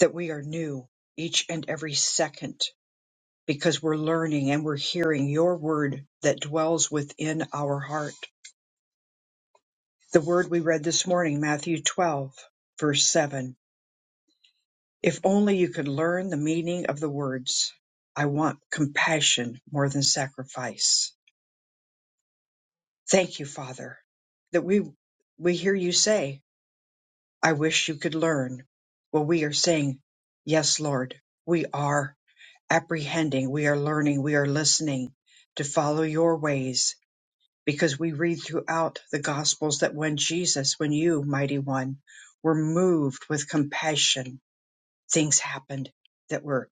Speaker 1: that we are new each and every second because we're learning and we're hearing your word that dwells within our heart. The word we read this morning, Matthew 12, verse 7. If only you could learn the meaning of the words, I want compassion more than sacrifice. Thank you, Father, that we we hear you say I wish you could learn. Well, we are saying, Yes, Lord, we are apprehending, we are learning, we are listening to follow your ways because we read throughout the Gospels that when Jesus, when you, Mighty One, were moved with compassion, things happened that were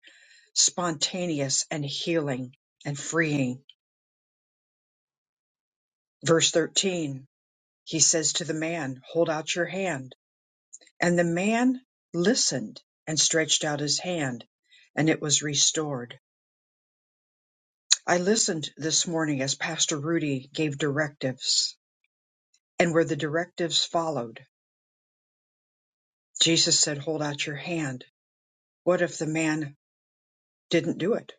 Speaker 1: spontaneous and healing and freeing. Verse 13, he says to the man, Hold out your hand And the man listened and stretched out his hand, and it was restored. I listened this morning as Pastor Rudy gave directives, and where the directives followed, Jesus said, Hold out your hand. What if the man didn't do it?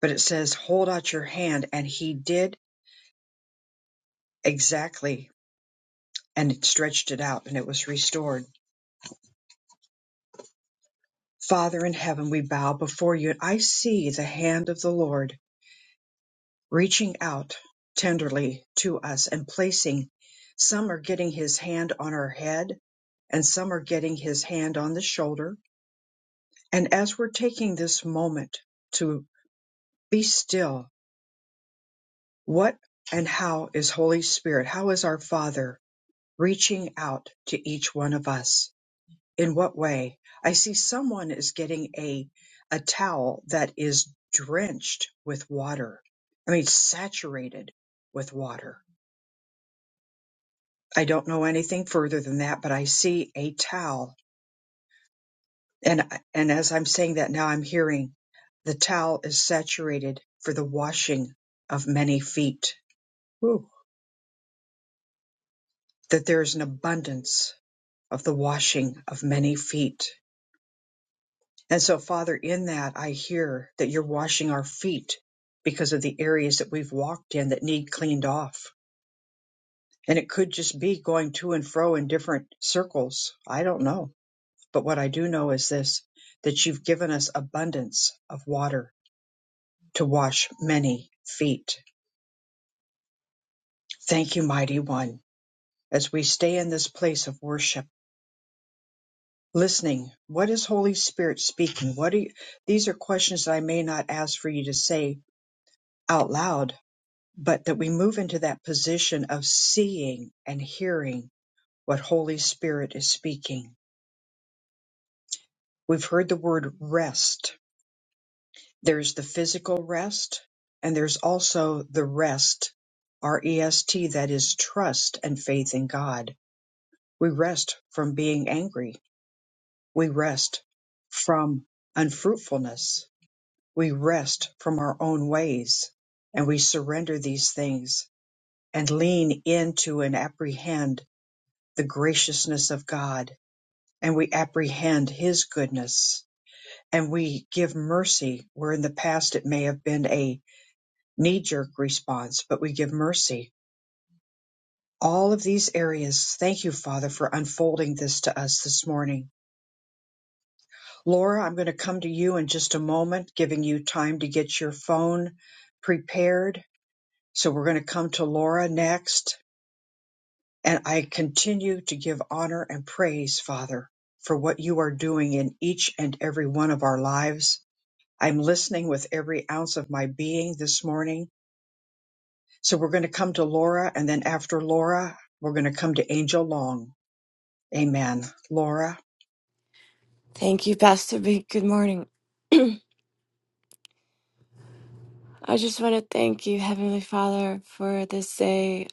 Speaker 1: But it says, Hold out your hand, and he did exactly and it stretched it out, and it was restored. Father in heaven, we bow before you, and I see the hand of the Lord reaching out tenderly to us and placing some are getting his hand on our head and some are getting his hand on the shoulder and as we're taking this moment to be still what and how is holy spirit how is our father reaching out to each one of us in what way i see someone is getting a a towel that is drenched with water i mean saturated with water I don't know anything further than that, but I see a towel. And, and as I'm saying that now, I'm hearing the towel is saturated for the washing of many feet. Whew. That there is an abundance of the washing of many feet. And so, Father, in that, I hear that you're washing our feet because of the areas that we've walked in that need cleaned off. And it could just be going to and fro in different circles. I don't know But what I do know is this that you've given us abundance of water to wash many feet. Thank you, mighty one, as we stay in this place of worship, listening. What is Holy Spirit speaking? What are you, these are questions that I may not ask for you to say out loud, but that we move into that position of seeing and hearing what Holy Spirit is speaking. We've heard the word rest There's the physical rest, and there's also the rest, R E S T, that is trust and faith in God. We rest from being angry. We rest from unfruitfulness. We rest from our own ways, and we surrender these things and lean into and apprehend the graciousness of God, and we apprehend His goodness, and we give mercy where in the past it may have been a knee jerk response, but we give mercy. All of these areas. Thank you, Father, for unfolding this to us this morning. Laura, I'm going to come to you in just a moment, giving you time to get your phone prepared. So we're going to come to Laura next. And I continue to give honor and praise, Father, for what you are doing in each and every one of our lives. I'm listening with every ounce of my being this morning So we're going to come to Laura, and then after Laura, we're going to come to Angel Long. Amen. Laura.
Speaker 11: Thank you, Pastor B. Good morning. I just want to thank you, Heavenly Father, for this day.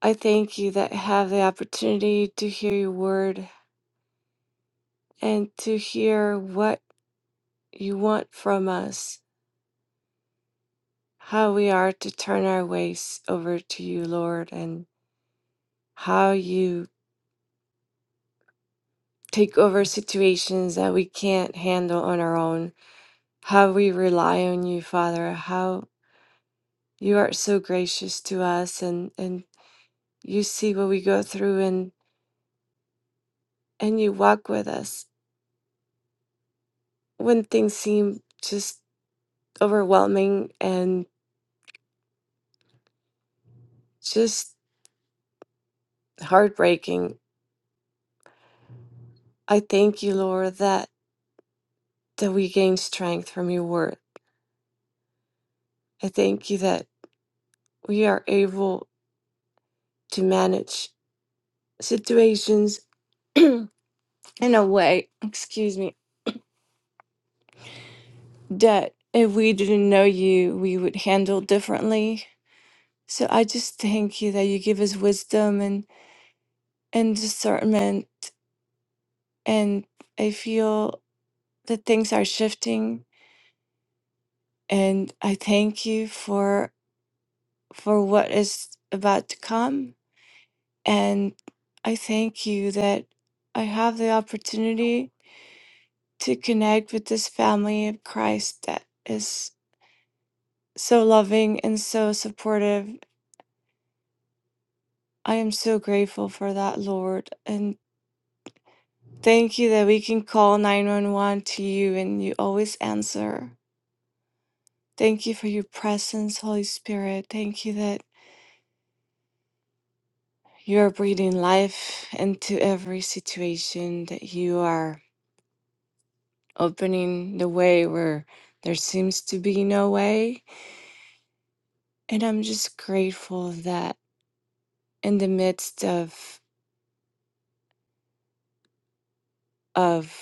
Speaker 11: I thank you that I have the opportunity to hear your word and to hear what you want from us, how we are to turn our ways over to you, Lord, and how you take over situations that we can't handle on our own, how we rely on you, Father, how you are so gracious to us and, and you see what we go through and you walk with us when things seem just overwhelming and just heartbreaking. I thank you, Lord, that that we gain strength from your word. I thank you that we are able to manage situations in a way, excuse me, that if we didn't know you, we would handle differently. So I just thank you that you give us wisdom and, and discernment and I feel that things are shifting and I thank you for for what is about to come and I thank you that I have the opportunity to connect with this family of Christ that is so loving and so supportive. I am so grateful for that, Lord, and thank you that we can call 911 to you and you always answer. Thank you for your presence, Holy Spirit. Thank you that You are breathing life into every situation that you are opening the way where there seems to be no way. And I'm just grateful that in the midst of of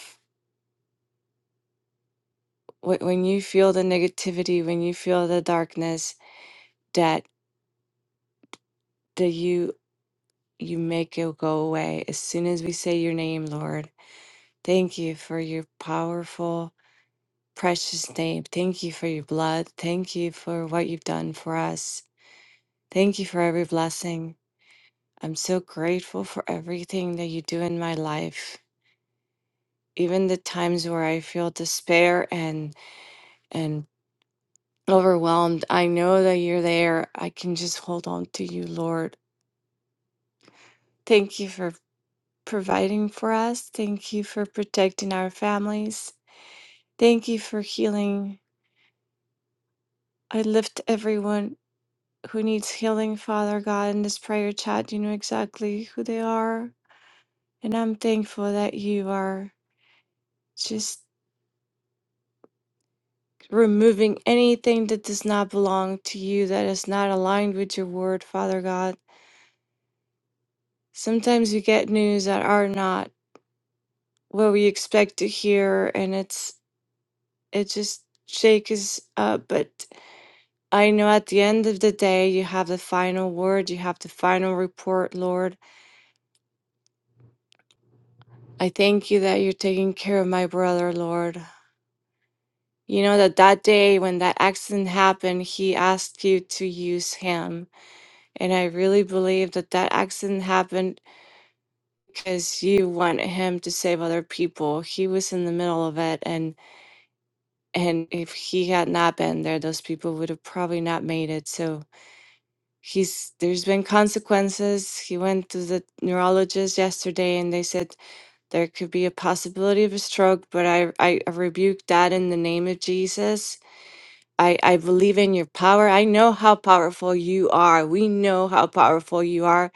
Speaker 11: wh- when you feel the negativity, when you feel the darkness, that that you you make it go away as soon as we say your name, Lord. Thank you for your powerful, precious name. Thank you for your blood. Thank you for what you've done for us. Thank you for every blessing. I'm so grateful for everything that you do in my life. Even the times where I feel despair and and overwhelmed, I know that you're there. I can just hold on to you, Lord. Thank you for providing for us. Thank you for protecting our families. Thank you for healing. I lift everyone who needs healing, Father God, in this prayer chat. You know exactly who they are. And I'm thankful that you are just removing anything that does not belong to you, that is not aligned with your word, Father God. Sometimes we get news that are not what we expect to hear, and it's it just shakes us up. But I know at the end of the day, you have the final word, you have the final report, Lord. I thank you that you're taking care of my brother, Lord. You know that that day when that accident happened, he asked you to use him. And I really believe that that accident happened because you want him to save other people. He was in the middle of it, and and if he had not been there, those people would have probably not made it. So he's there's been consequences. He went to the neurologist yesterday, and they said there could be a possibility of a stroke, but I I, I rebuked that in the name of Jesus I, I believe in your power. I know how powerful you are. We know how powerful you are.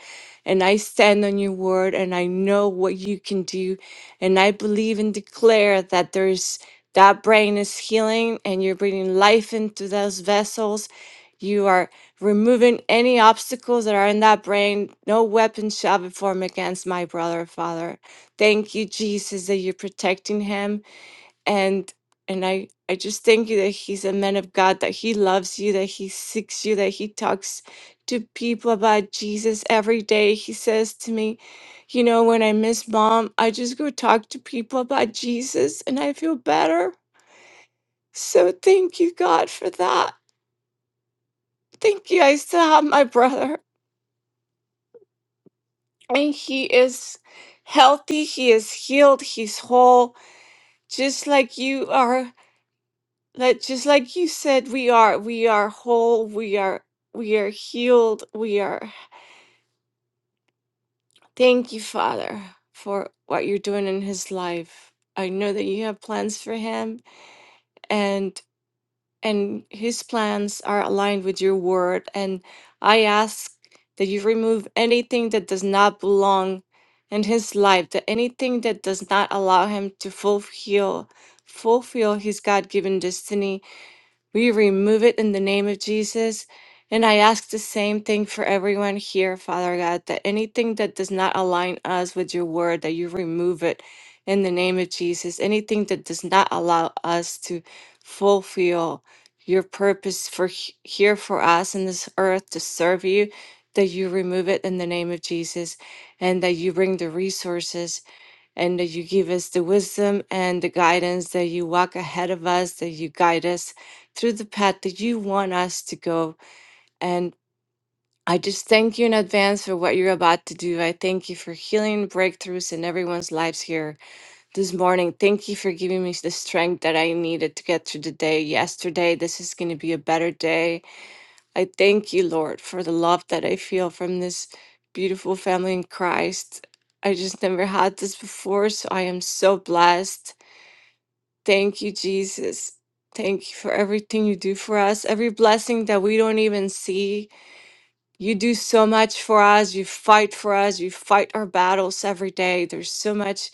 Speaker 11: And I stand on your word and I know what you can do. And I believe and declare that there's that brain is healing and you're bringing life into those vessels. You are removing any obstacles that are in that brain. No weapon shall be formed against my brother, Father. Thank you, Jesus, that you're protecting him and and i i just thank you that he's a man of god that he loves you that he seeks you that he talks to people about jesus every day he says to me you know when i miss mom i just go talk to people about jesus and i feel better so thank you god for that thank you i still have my brother and he is healthy he is healed he's whole just like you are That just like you said, we are we are whole, we are we are healed, we are thank you, Father, for what you're doing in his life. I know that you have plans for him and and his plans are aligned with your word. And I ask that you remove anything that does not belong in his life, that anything that does not allow him to fulfill fulfill his God-given destiny We remove it in the name of Jesus. And I ask the same thing for everyone here, Father God, that anything that does not align us with your word, that you remove it in the name of Jesus. Anything that does not allow us to fulfill your purpose for he- here for us in this earth to serve you, that you remove it in the name of Jesus and that you bring the resources and that you give us the wisdom and the guidance that you walk ahead of us, that you guide us through the path that you want us to go. And I just thank you in advance for what you're about to do. I thank you for healing breakthroughs in everyone's lives here this morning. Thank you for giving me the strength that I needed to get through the day yesterday. This is going to be a better day. I thank you, Lord, for the love that I feel from this beautiful family in Christ. I just never had this before, so I am so blessed. Thank you, Jesus. Thank you for everything you do for us, every blessing that we don't even see. You do so much for us. You fight for us. You fight our battles every day. There's so much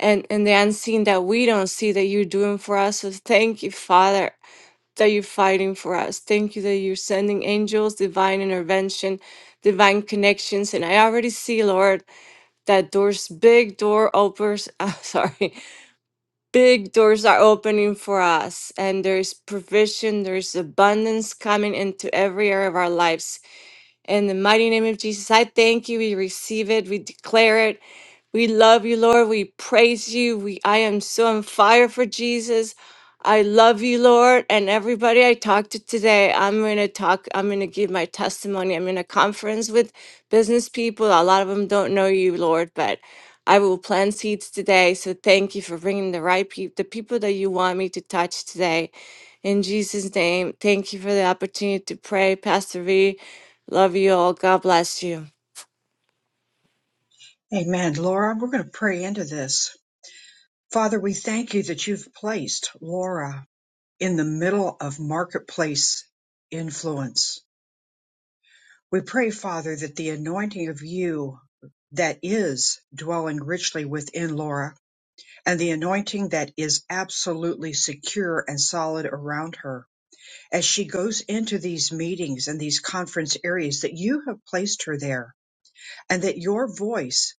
Speaker 11: and and the unseen that we don't see that you're doing for us. So thank you, Father that you're fighting for us. Thank you that you're sending angels, divine intervention, divine connections. And I already see, Lord, that doors, big door opens, uh, sorry, big doors are opening for us. And there is provision, there is abundance coming into every area of our lives. In the mighty name of Jesus, I thank you. We receive it. We declare it. We love you, Lord. We praise you. We I am so on fire for Jesus. I love you, Lord. And everybody I talked to today, I'm gonna talk, I'm gonna give my testimony. I'm in a conference with business people. A lot of them don't know you, Lord, but I will plant seeds today. So thank you for bringing the right people, the people that you want me to touch today. In Jesus' name, thank you for the opportunity to pray. Pastor V, love you all. God bless you.
Speaker 1: Amen. Laura, we're going to pray into this. Father, we thank you that you've placed Laura in the middle of marketplace influence. We pray, Father, that the anointing of you that is dwelling richly within Laura and the anointing that is absolutely secure and solid around her as she goes into these meetings and these conference areas that you have placed her there and that your voice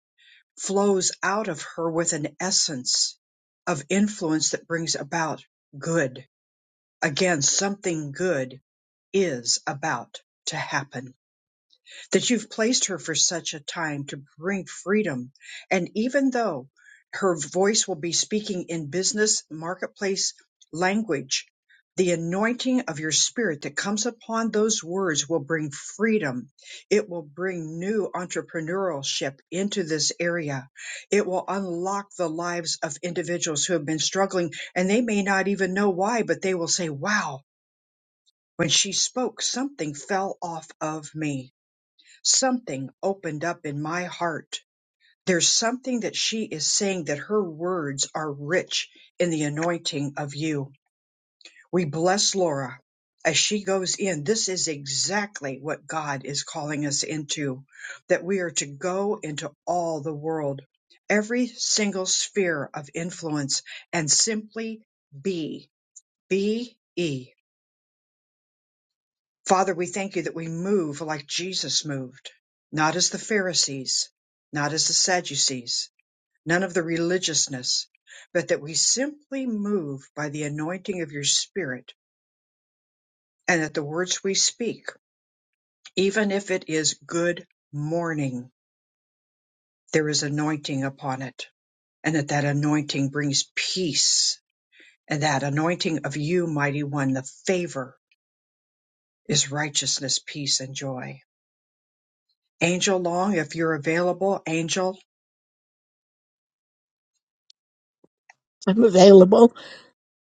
Speaker 1: flows out of her with an essence of influence that brings about good. Again, something good is about to happen that you've placed her for such a time to bring freedom. And even though her voice will be speaking in business marketplace language, the anointing of your spirit that comes upon those words will bring freedom. It will bring new entrepreneurship into this area. It will unlock the lives of individuals who have been struggling and they may not even know why, but they will say, wow, when she spoke, something fell off of me Something opened up in my heart. There's something that she is saying that her words are rich in the anointing of you. We bless Laura as she goes in. This is exactly what God is calling us into, that we are to go into all the world, every single sphere of influence, and simply be, be. E. Father, we thank you that we move like Jesus moved, not as the Pharisees, not as the Sadducees, none of the religiousness, but that we simply move by the anointing of your Spirit and that the words we speak, even if it is good morning, there is anointing upon it and that that anointing brings peace and that anointing of you, mighty one, the favor is righteousness, peace and joy. Angel Long, if you're available, Angel,
Speaker 12: I'm available.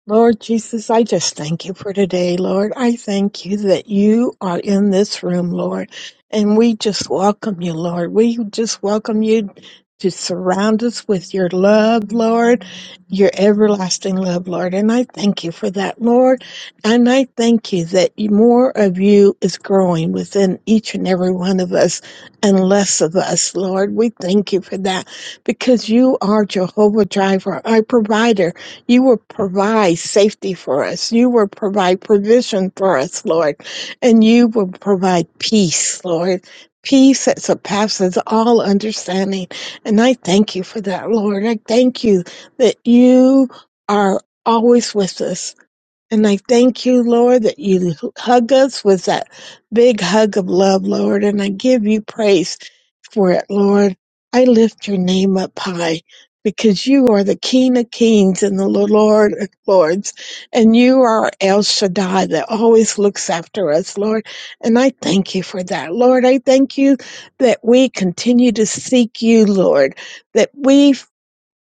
Speaker 12: Lord Jesus, I just thank you for today, Lord. I thank you that you are in this room, Lord. And we just welcome you, Lord. We just welcome you to surround us with your love, Lord, your everlasting love, Lord. And I thank you for that, Lord. And I thank you that you- more of you is growing within each and every one of us and less of us, Lord. We thank you for that because you are Jehovah Driver, our provider. You will provide safety for us. You will provide provision for us, Lord. And you will provide peace, Lord. Peace that surpasses all understanding. And I thank you for that, Lord. I thank you that you are always with us and I thank you, Lord, that you hug us with that big hug of love, Lord. And I give you praise for it, Lord. I lift your name up high because you are the King of Kings and the Lord of Lords. And you are El Shaddai that always looks after us, Lord. And I thank you for that, Lord. I thank you that we continue to seek you, Lord, that we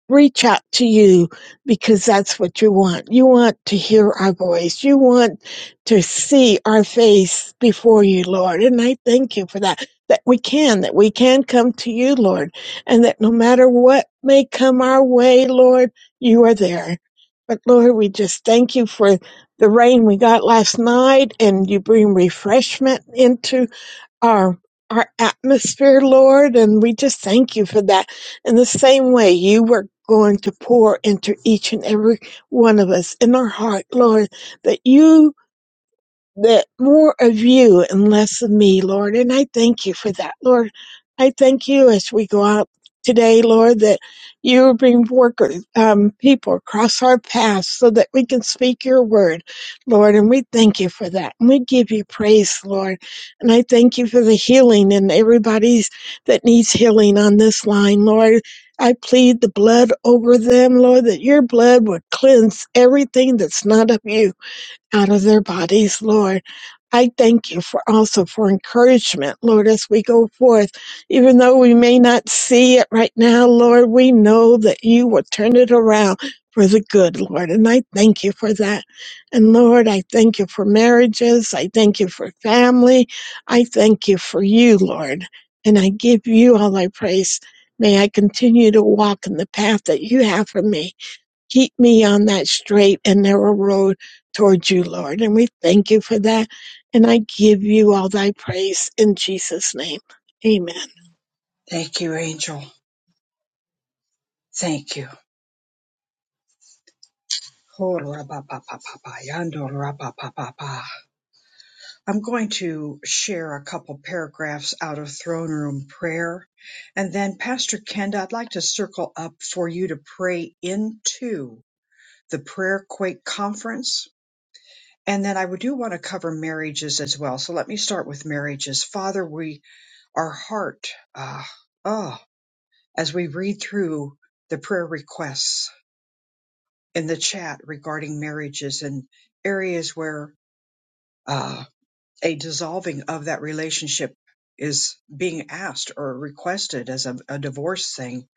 Speaker 12: reach out to you because that's what you want. You want to hear our voice. You want to see our face before you, Lord. And I thank you for that, that we can, that we can come to you, Lord, and that no matter what may come our way, Lord, you are there. But Lord, we just thank you for the rain we got last night and you bring refreshment into our our atmosphere, Lord, and we just thank you for that. In the same way, you were going to pour into each and every one of us in our heart, Lord, that you that more of you and less of me, Lord. And I thank you for that, Lord. I thank you as we go out today, Lord, that you bring workers, um, people across our path so that we can speak your word, Lord. And we thank you for that. And we give you praise, Lord. And I thank you for the healing and everybody's that needs healing on this line, Lord. I plead the blood over them, Lord, that your blood would cleanse everything that's not of you out of their bodies, Lord. I thank you for also for encouragement, Lord, as we go forth. Even though we may not see it right now, Lord, we know that you will turn it around for the good, Lord. And I thank you for that. And Lord, I thank you for marriages. I thank you for family. I thank you for you, Lord. And I give you all I praise. May I continue to walk in the path that you have for me. Keep me on that straight and narrow road towards you, Lord. And we thank you for that. And I give you all thy praise in Jesus' name. Amen.
Speaker 1: Thank you, Angel. Thank you. I'm going to share a couple paragraphs out of throne room prayer. And then, Pastor Kenda, I'd like to circle up for you to pray into the Prayer Quake Conference. And then I would do want to cover marriages as well. So let me start with marriages. Father, we, our heart, ah, oh, as we read through the prayer requests, in the chat regarding marriages and areas where uh, a dissolving of that relationship is being asked or requested as a, a divorce thing.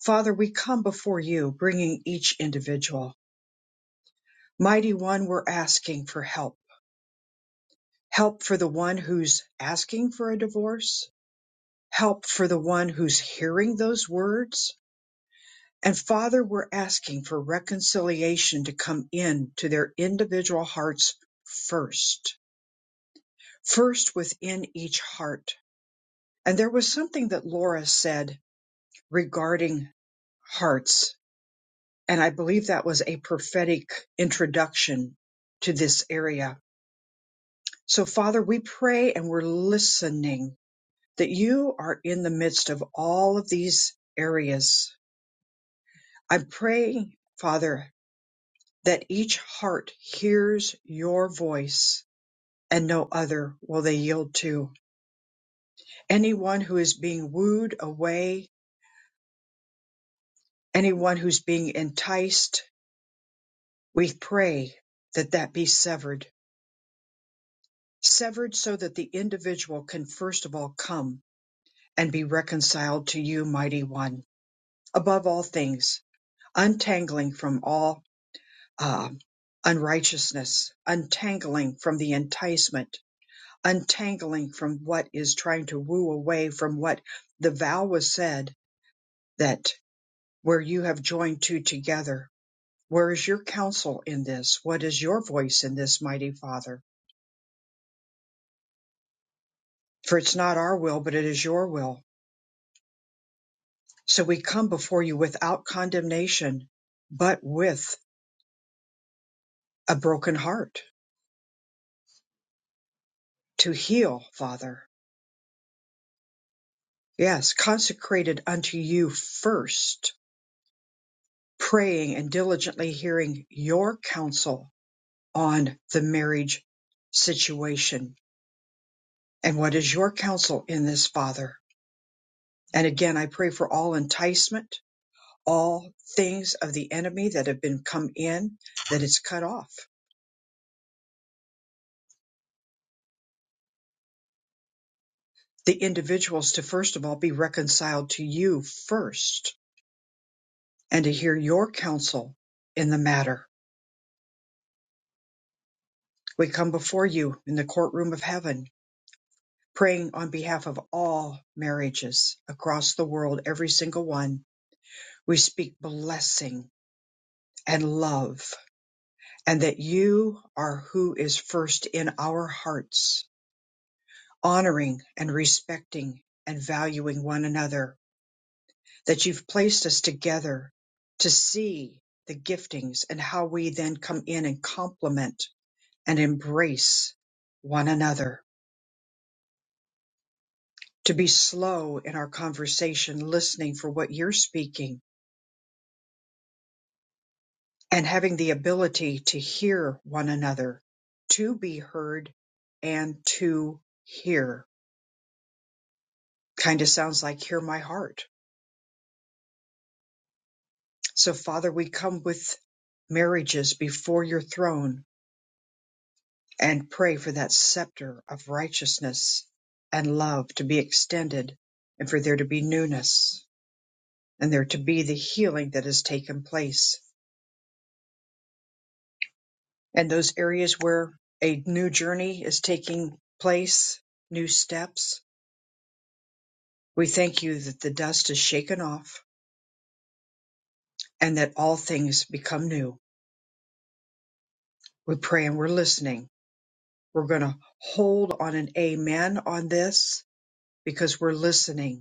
Speaker 1: Father, we come before you, bringing each individual. Mighty One, we're asking for help. Help for the one who's asking for a divorce, help for the one who's hearing those words. And Father, we're asking for reconciliation to come in to their individual hearts first first within each heart. And there was something that Laura said regarding hearts. And I believe that was a prophetic introduction to this area. So, Father, we pray and we're listening that you are in the midst of all of these areas. I pray, Father, that each heart hears your voice and no other will they yield to. Anyone who is being wooed away Anyone who's being enticed, we pray that that be severed. Severed so that the individual can first of all come and be reconciled to you, mighty one, above all things, untangling from all uh, unrighteousness, untangling from the enticement, untangling from what is trying to woo away from what the vow was said that where you have joined two together, Where is your counsel in this? What is your voice in this, mighty Father? For it's not our will, but it is your will. So we come before you without condemnation, but with a broken heart to heal, Father. Yes, consecrated unto you first, praying and diligently hearing your counsel on the marriage situation. And what is your counsel in this, Father? And again, I pray for all enticement all things of the enemy that have been come in, that it's cut off. The individuals to first of all be reconciled to you first and to hear your counsel in the matter. We come before you in the courtroom of heaven, praying on behalf of all marriages across the world, every single one. We speak blessing and love and that you are who is first in our hearts, honoring and respecting and valuing one another that you've placed us together to see the giftings and how we then come in and complement and embrace one another, to be slow in our conversation, listening for what you're speaking and having the ability to hear one another, to be heard and to hear. Kind of sounds like hear my heart. So Father, we come with marriages before your throne and pray for that scepter of righteousness and love to be extended and for there to be newness and there to be the healing that has taken place. And those areas where a new journey is taking place, new steps, we thank you that the dust is shaken off and that all things become new. We pray and we're listening. We're going to hold on an amen on this because we're listening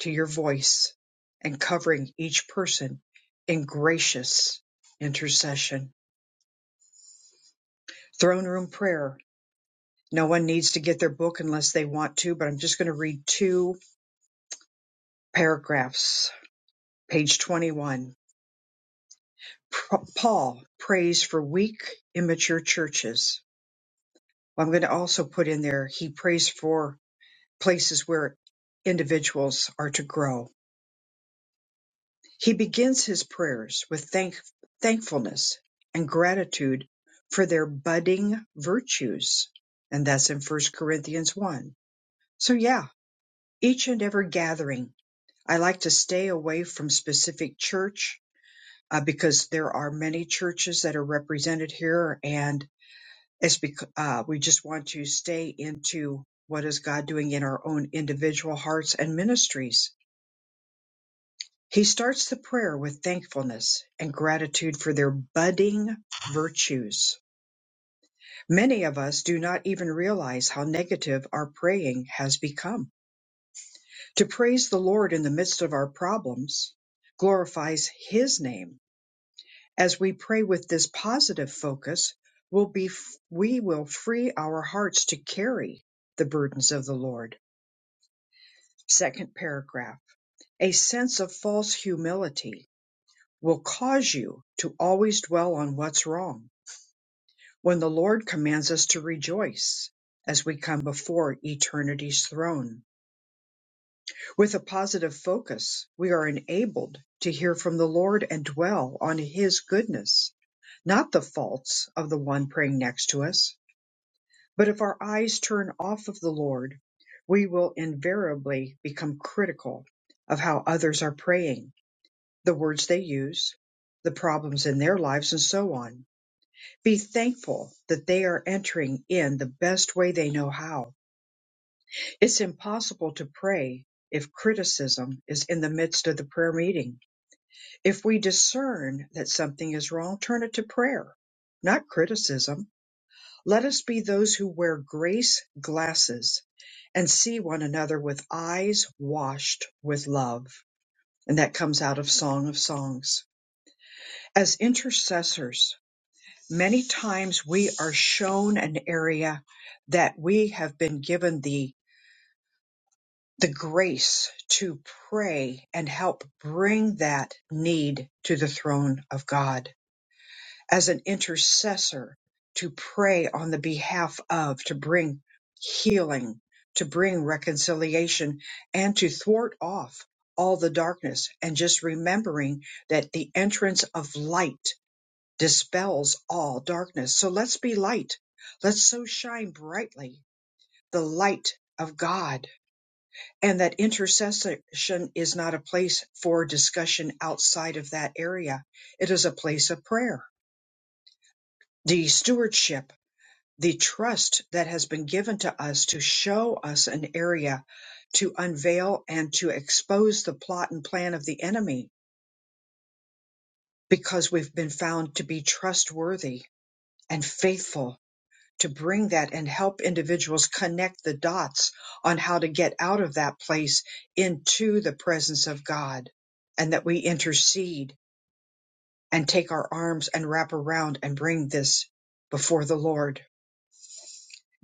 Speaker 1: to your voice and covering each person in gracious intercession. Throne room prayer. No one needs to get their book unless they want to, but I'm just going to read two paragraphs. Page 21. Paul prays for weak, immature churches. Well, I'm going to also put in there, he prays for places where individuals are to grow He begins his prayers with thank- thankfulness and gratitude for their budding virtues. And that's in First Corinthians 1. So, yeah, each and every gathering, I like to stay away from specific church uh, because there are many churches that are represented here. And it's because uh, we just want to stay into what is God doing in our own individual hearts and ministries He starts the prayer with thankfulness and gratitude for their budding virtues. Many of us do not even realize how negative our praying has become. To praise the Lord in the midst of our problems glorifies His name. As we pray with this positive focus, we'll be, we will free our hearts to carry the burdens of the Lord. Second paragraph. A sense of false humility will cause you to always dwell on what's wrong when the Lord commands us to rejoice as we come before eternity's throne. With a positive focus, we are enabled to hear from the Lord and dwell on His goodness, not the faults of the one praying next to us. But if our eyes turn off of the Lord, we will invariably become critical of how others are praying, the words they use, the problems in their lives, and so on Be thankful that they are entering in the best way they know how. It's impossible to pray if criticism is in the midst of the prayer meeting. If we discern that something is wrong, turn it to prayer, not criticism. Let us be those who wear grace glasses and see one another with eyes washed with love. And that comes out of Song of Songs. As intercessors, Many times we are shown an area that we have been given the the grace to pray and help bring that need to the throne of God as an intercessor to pray on the behalf of to bring healing to bring reconciliation and to thwart off all the darkness and just remembering that the entrance of light dispels all darkness. So let's be light. Let's so shine brightly the light of God. And that intercession is not a place for discussion outside of that area. It is a place of prayer. The stewardship, the trust that has been given to us to show us an area to unveil and to expose the plot and plan of the enemy because we've been found to be trustworthy and faithful to bring that and help individuals connect the dots on how to get out of that place into the presence of God and that we intercede and take our arms and wrap around and bring this before the Lord.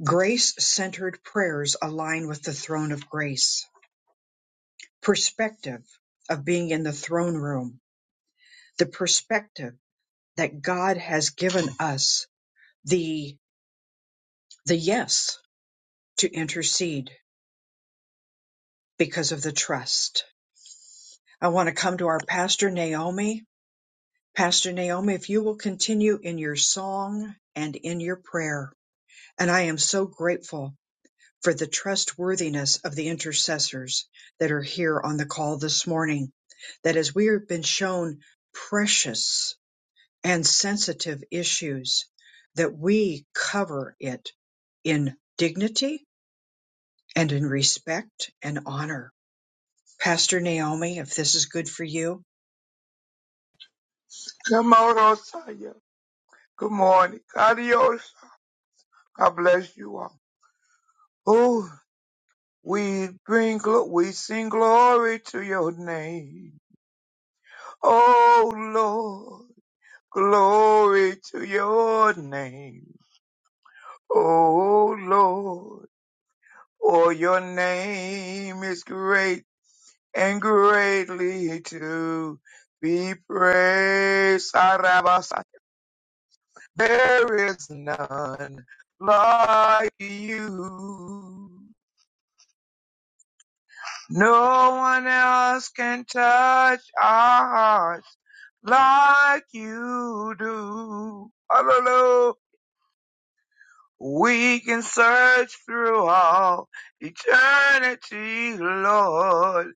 Speaker 1: Grace centered prayers align with the throne of grace. Perspective of being in the throne room, the perspective that God has given us the, the yes to intercede because of the trust I want to come to our pastor, Naomi. Pastor Naomi, if you will continue in your song and in your prayer. And I am so grateful for the trustworthiness of the intercessors that are here on the call this morning. That as we have been shown precious and sensitive issues, that we cover it in dignity and in respect and honor. Pastor Naomi, if this is good for you,
Speaker 13: Kamodo-saya. Good morning. Adios. God bless you all. Oh, we bring glo- we sing glory to your name. Oh Lord, glory to your name. Oh Lord, for your name is great and greatly to be praised. There is none like you. No one else can touch our hearts like you do. Hallelujah. We can search through all eternity, Lord,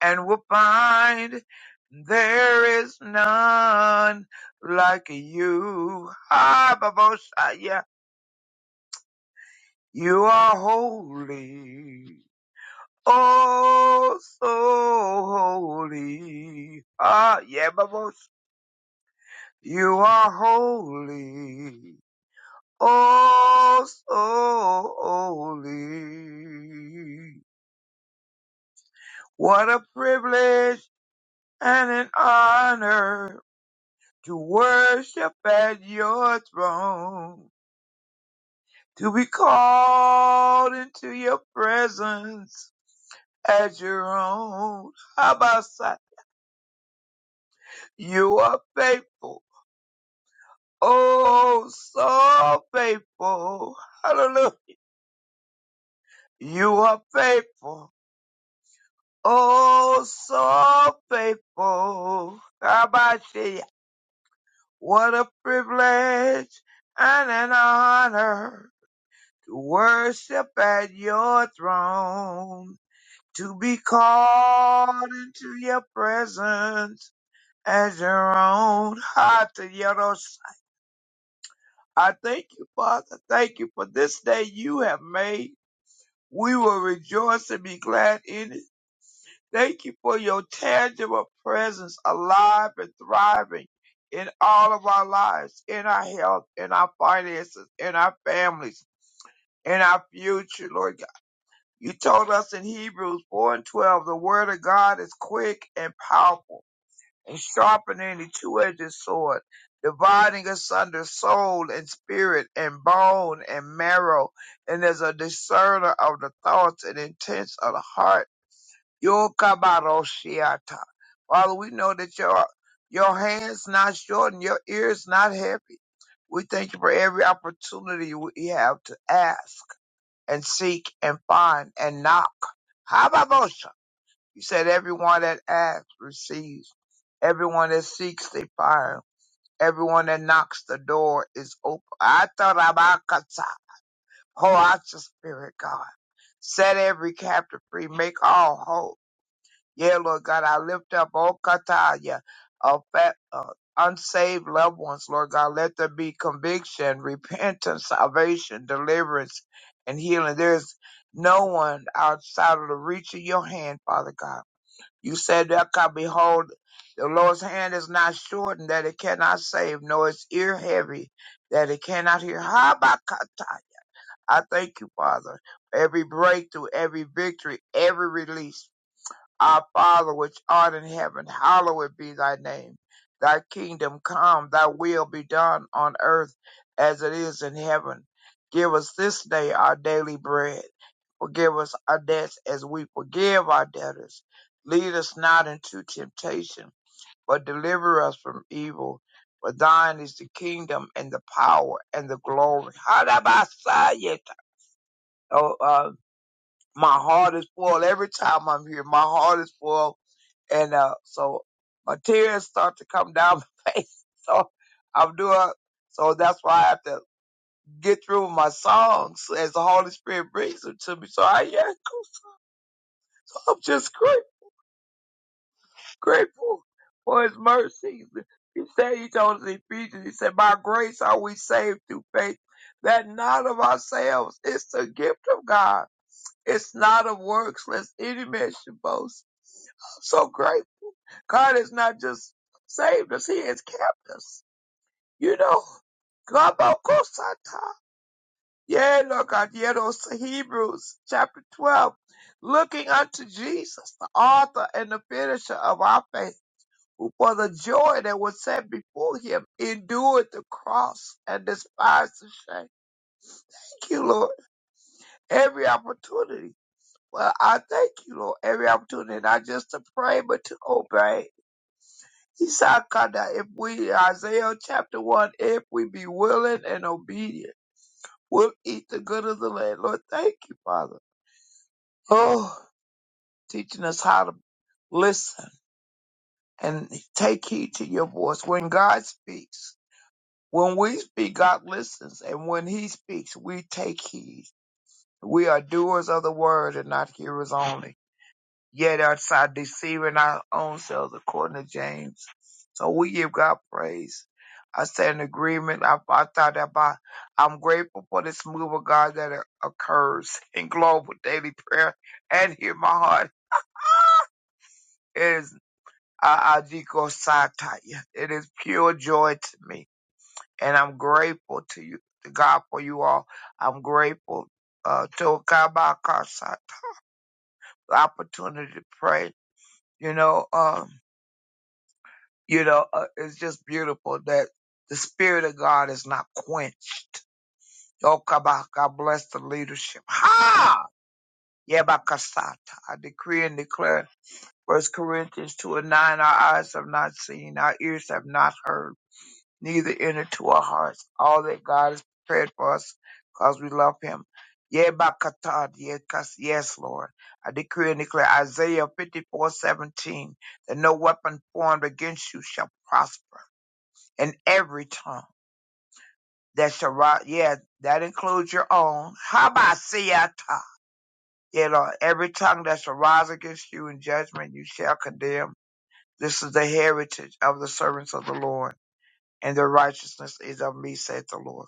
Speaker 13: and we'll find there is none like you. Ah, Babosha, yeah. You are holy. Oh, so holy. Ah, yeah, bubbles. You are holy. Oh, so holy. What a privilege and an honor to worship at your throne, to be called into your presence as your own. How about that? You are faithful. Oh, so faithful. Hallelujah. You are faithful. Oh, so faithful. How about you? What a privilege and an honor to worship at your throne, to be called into your presence as your own heart. to your- I thank you, Father. Thank you for this day you have made. We will rejoice and be glad in it. Thank you for your tangible presence alive and thriving in all of our lives, in our health, in our finances, in our families, in our future, Lord God. You told us in Hebrews 4 and 12, the word of God is quick and powerful and sharpening the two-edged sword, dividing asunder soul and spirit and bone and marrow, and as a discerner of the thoughts and intents of the heart. Yokabaroshiata. Father, we know that your your hands not short and your ears not heavy. We thank you for every opportunity we have to ask and seek and find and knock. Hababosha. You said everyone that asks receives Everyone that seeks, they find. Everyone that knocks, the door is open. I thought about Kata. Oh, I just spirit, God. Set every captive free. Make all whole. Yeah, Lord God, I lift up all Kataya, uh, fa- uh, unsaved loved ones, Lord God. Let there be conviction, repentance, salvation, deliverance, and healing. There is no one outside of the reach of your hand, Father God. You said that could behold the Lord's hand is not shortened that it cannot save, nor its ear heavy that it cannot hear. Habakata. I thank you, Father, for every breakthrough, every victory, every release. Our Father which art in heaven, hallowed be thy name. Thy kingdom come, thy will be done on earth as it is in heaven. Give us this day our daily bread Forgive us our debts as we forgive our debtors. Lead us not into temptation, but deliver us from evil. For thine is the kingdom and the power and the glory. Harabasayet. Oh, uh, my heart is full. Every time I'm here, my heart is full. And uh, so my tears start to come down my face. So I'm doing, so that's why I have to get through my songs as the Holy Spirit brings them to me. So I, yeah, cool. so I'm just crying. grateful for his mercies. He said, he told us in Ephesians, he said, by grace are we saved through faith, that not of ourselves. It's the gift of God. It's not of works, lest any man should boast. So great. God has not just saved us, he has kept us. You know, Rabakosata. Yeah, Lord God, yeah, those Hebrews chapter 12, looking unto Jesus, the author and the finisher of our faith who for the joy that was set before him endured the cross and despised the shame. Thank you, Lord, every opportunity. Well, I thank you, Lord, every opportunity, not just to pray, but to obey. He said, God, that if we, Isaiah chapter 1, if we be willing and obedient, we'll eat the good of the land. Lord, thank you, Father. Oh, teaching us how to listen and take heed to your voice when God speaks When we speak, God listens, and when He speaks, we take heed. We are doers of the word and not hearers only. Yet are deceiving our own selves, according to James. So we give God praise. I stand in agreement. I, I thought about. I'm grateful for this move of God that occurs in global daily prayer and hear my heart. It is I- I- It is pure joy to me and I'm grateful to you, to God for you all. I'm grateful uh, to God by Kasai, the opportunity to pray. You know, um, you know, uh, it's just beautiful that the Spirit of God is not quenched. Oh, God God bless the leadership. Ha! Yeah, by Kasata. I decree and declare. First Corinthians 2 and 9, our eyes have not seen, our ears have not heard neither enter to our hearts. All that God has prepared for us, because we love Him. Yea, by Katad, yeah, 'cause- Yes, Lord. I decree and declare Isaiah fifty-four seventeen that no weapon formed against you shall prosper, and every tongue that shall rise, yeah, that includes your own. Habasiata. Yeah, Lord, every tongue that shall rise against you in judgment, you shall condemn. This is the heritage of the servants of the Lord, and their righteousness is of me, saith the Lord.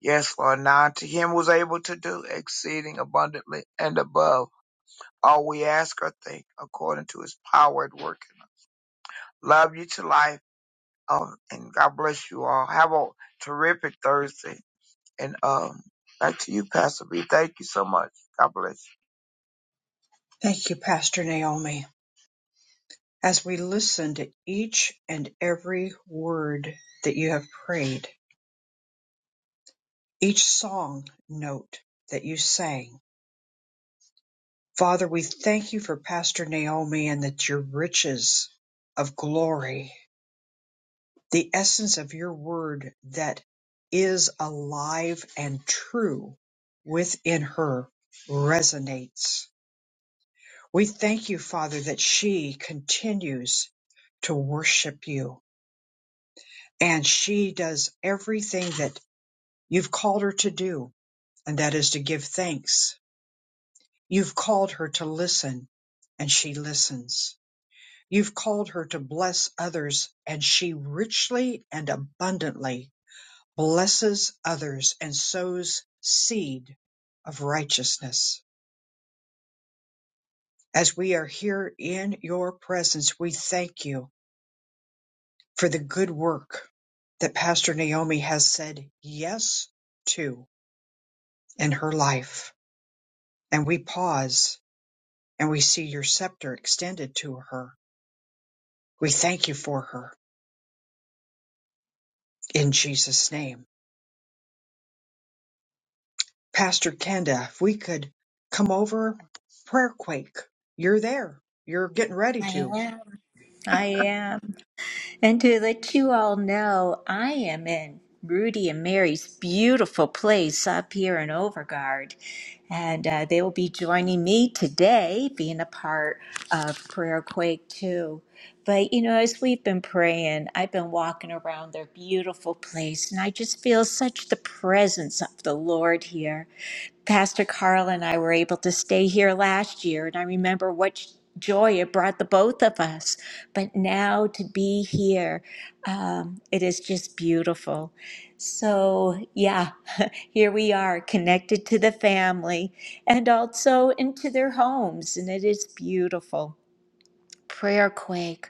Speaker 13: Yes, Lord. Now to him was able to do exceeding abundantly and above all we ask or think, according to his power at work. Love you to life. Um, and God bless you all. Have a terrific Thursday. And um, back to you, Pastor B. Thank you so much. God bless you.
Speaker 1: thank you, Pastor Naomi. as we listen to each and every word that you have prayed, each song note that you sang. Father, we thank you for Pastor Naomi and that your riches of glory, the essence of your word that is alive and true within her resonates. We thank you, Father, that she continues to worship you and she does everything that you've called her to do, and that is to give thanks. You've called her to listen, and she listens. You've called her to bless others, and she richly and abundantly blesses others and sows seed of righteousness. As we are here in your presence, we thank you for the good work that Pastor Naomi has said yes to in her life. And we pause and we see your scepter extended to her. We thank you for her in Jesus' name. Pastor Kenda, if we could come over, prayer quake. You're there. You're getting ready to.
Speaker 4: I I am. And to let you all know, I am in Rudy and Mary's beautiful place up here in Overguard. And uh, they will be joining me today, being a part of Prayer Quake too. But you know, as we've been praying, I've been walking around their beautiful place, and I just feel such the presence of the Lord here. Pastor Carl and I were able to stay here last year, and I remember what joy it brought the both of us. But now to be here, um, it is just beautiful. So, yeah, here we are connected to the family and also into their homes, and it is beautiful. Prayer quake.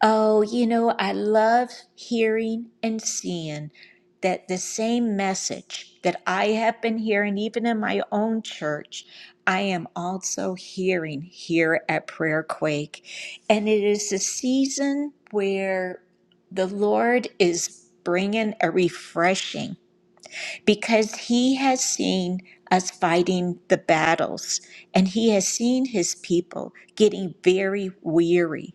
Speaker 4: Oh, you know, I love hearing and seeing that the same message that I have been hearing, even in my own church, I am also hearing here at Prayer Quake. And it is a season where the Lord is bringing a refreshing because he has seen us fighting the battles and he has seen his people getting very weary.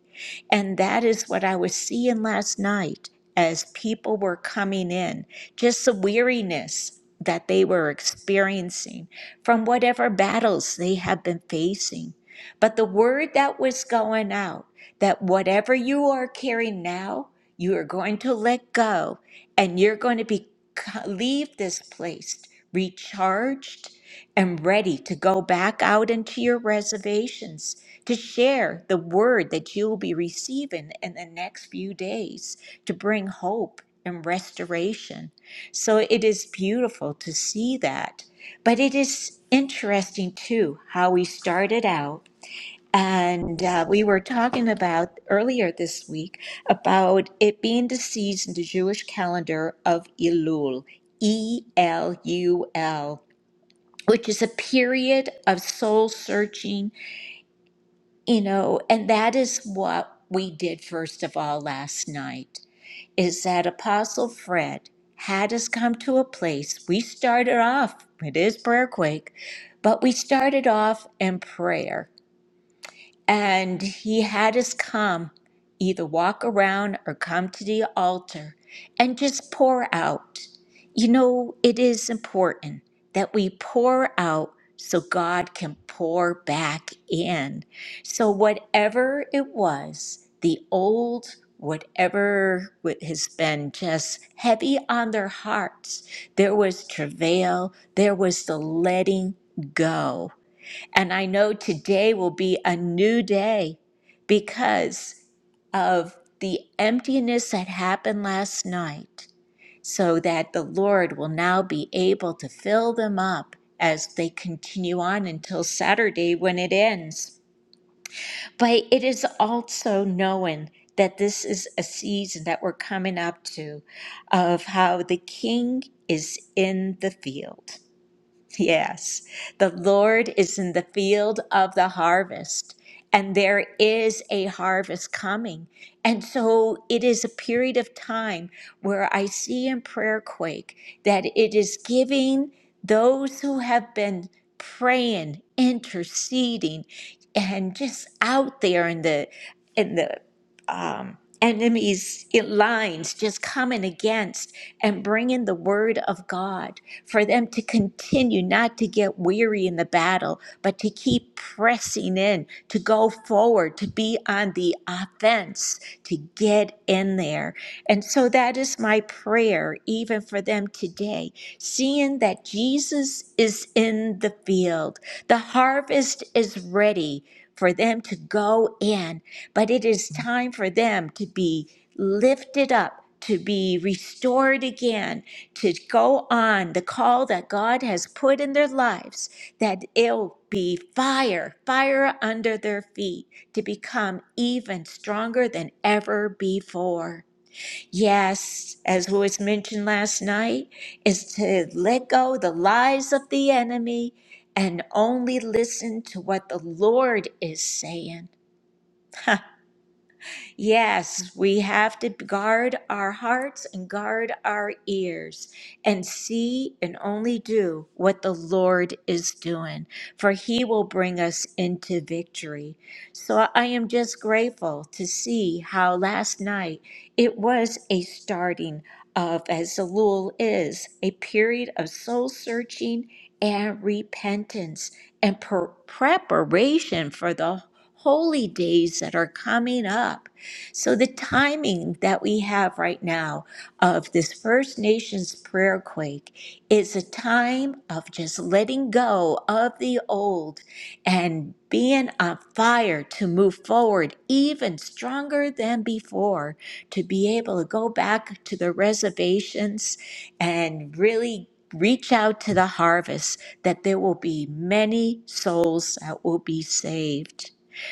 Speaker 4: And that is what I was seeing last night as people were coming in, just the weariness that they were experiencing from whatever battles they have been facing. But the word that was going out that whatever you are carrying now, you are going to let go and you're going to be leave this place recharged and ready to go back out into your reservations to share the word that you will be receiving in the next few days to bring hope and restoration. So it is beautiful to see that. But it is interesting too how we started out and uh, we were talking about earlier this week about it being the season, the Jewish calendar of Elul, E L U L, which is a period of soul searching, you know, and that is what we did first of all last night, is that Apostle Fred had us come to a place. We started off, it is prayer quake, but we started off in prayer and he had us come, either walk around or come to the altar and just pour out. You know, it is important that we pour out so God can pour back in. So, whatever it was, the old, whatever what has been just heavy on their hearts, there was travail, there was the letting go. And I know today will be a new day because of the emptiness that happened last night, so that the Lord will now be able to fill them up as they continue on until Saturday when it ends. But it is also knowing that this is a season that we're coming up to of how the King is in the field. Yes, the Lord is in the field of the harvest, and there is a harvest coming. And so it is a period of time where I see in Prayer Quake that it is giving those who have been praying, interceding, and just out there in the in the um, enemies' lines, just coming against and bringing the word of God for them to continue not to get weary in the battle, but to keep pressing in, to go forward, to be on the offense, to get in there. And so that is my prayer, even for them today, seeing that Jesus is in the field. The harvest is ready for them to go in, but it is time for them to be lifted up, to be restored again to go on the call that God has put in their lives, that it'll be fire, fire under their feet to become even stronger than ever before. Yes, as was mentioned last night, is to let go the lies of the enemy and only listen to what the Lord is saying. Yes, we have to guard our hearts and guard our ears and see and only do what the Lord is doing, for He will bring us into victory. So I am just grateful to see how last night it was a starting of, as Elul is, a period of soul searching and repentance and per- preparation for the holy days that are coming up. So, the timing that we have right now of this First Nations prayer quake is a time of just letting go of the old and being on fire to move forward even stronger than before, to be able to go back to the reservations and really. Reach out to the harvest that there will be many souls that will be saved.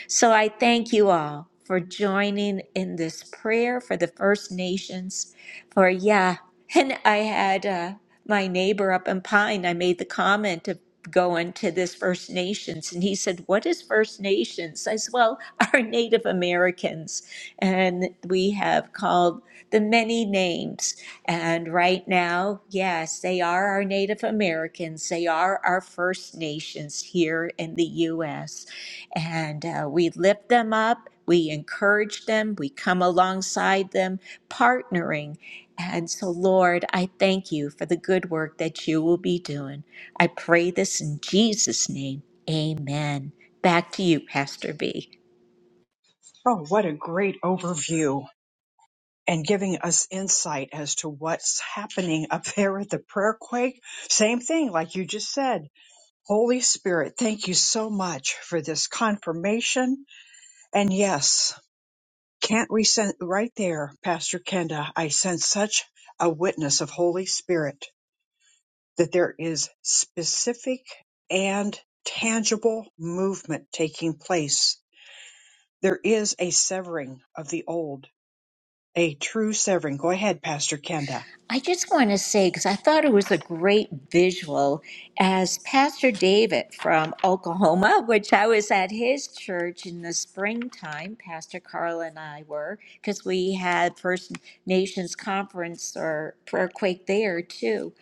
Speaker 4: So I thank you all for joining in this prayer for the First Nations. For yeah, and I had uh, my neighbor up in Pine. I made the comment of going to this First Nations, and he said, "What is First Nations?" I said, "Well, our Native Americans, and we have called the many names. And right now, yes, they are our Native Americans. They are our First Nations here in the U.S." and uh, we lift them up, we encourage them, we come alongside them, partnering. And so, Lord, I thank you for the good work that you will be doing. I pray this in Jesus' name. Amen. Back to you, Pastor B.
Speaker 1: Oh, what a great overview and giving us insight as to what's happening up there at the prayer quake. Same thing, like you just said. Holy Spirit, thank you so much for this confirmation. And yes, Can't we sense right there, Pastor Kenda? I sense such a witness of Holy Spirit that there is specific and tangible movement taking place. There is a severing of the old, a true severing. Go ahead, Pastor Kenda.
Speaker 4: I just want to say, because I thought it was a great visual, as Pastor David from Oklahoma, which I was at his church in the springtime, Pastor Carla and I were, because we had First Nations Conference or Prayer Quake there too.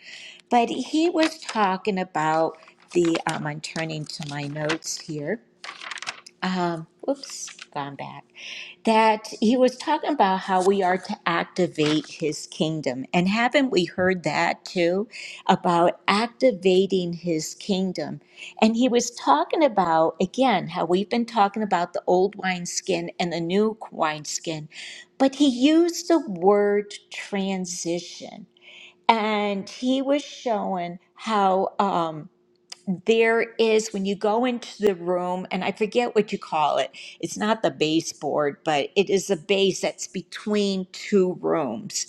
Speaker 4: But he was talking about the, um, I'm turning to my notes here. Um, whoops, gone back that he was talking about how we are to activate his kingdom. And haven't we heard that too? About activating his kingdom. And he was talking about, again, how we've been talking about the old wineskin and the new wineskin, but he used the word transition. And he was showing how. um, there is when you go into the room and i forget what you call it it's not the baseboard but it is a base that's between two rooms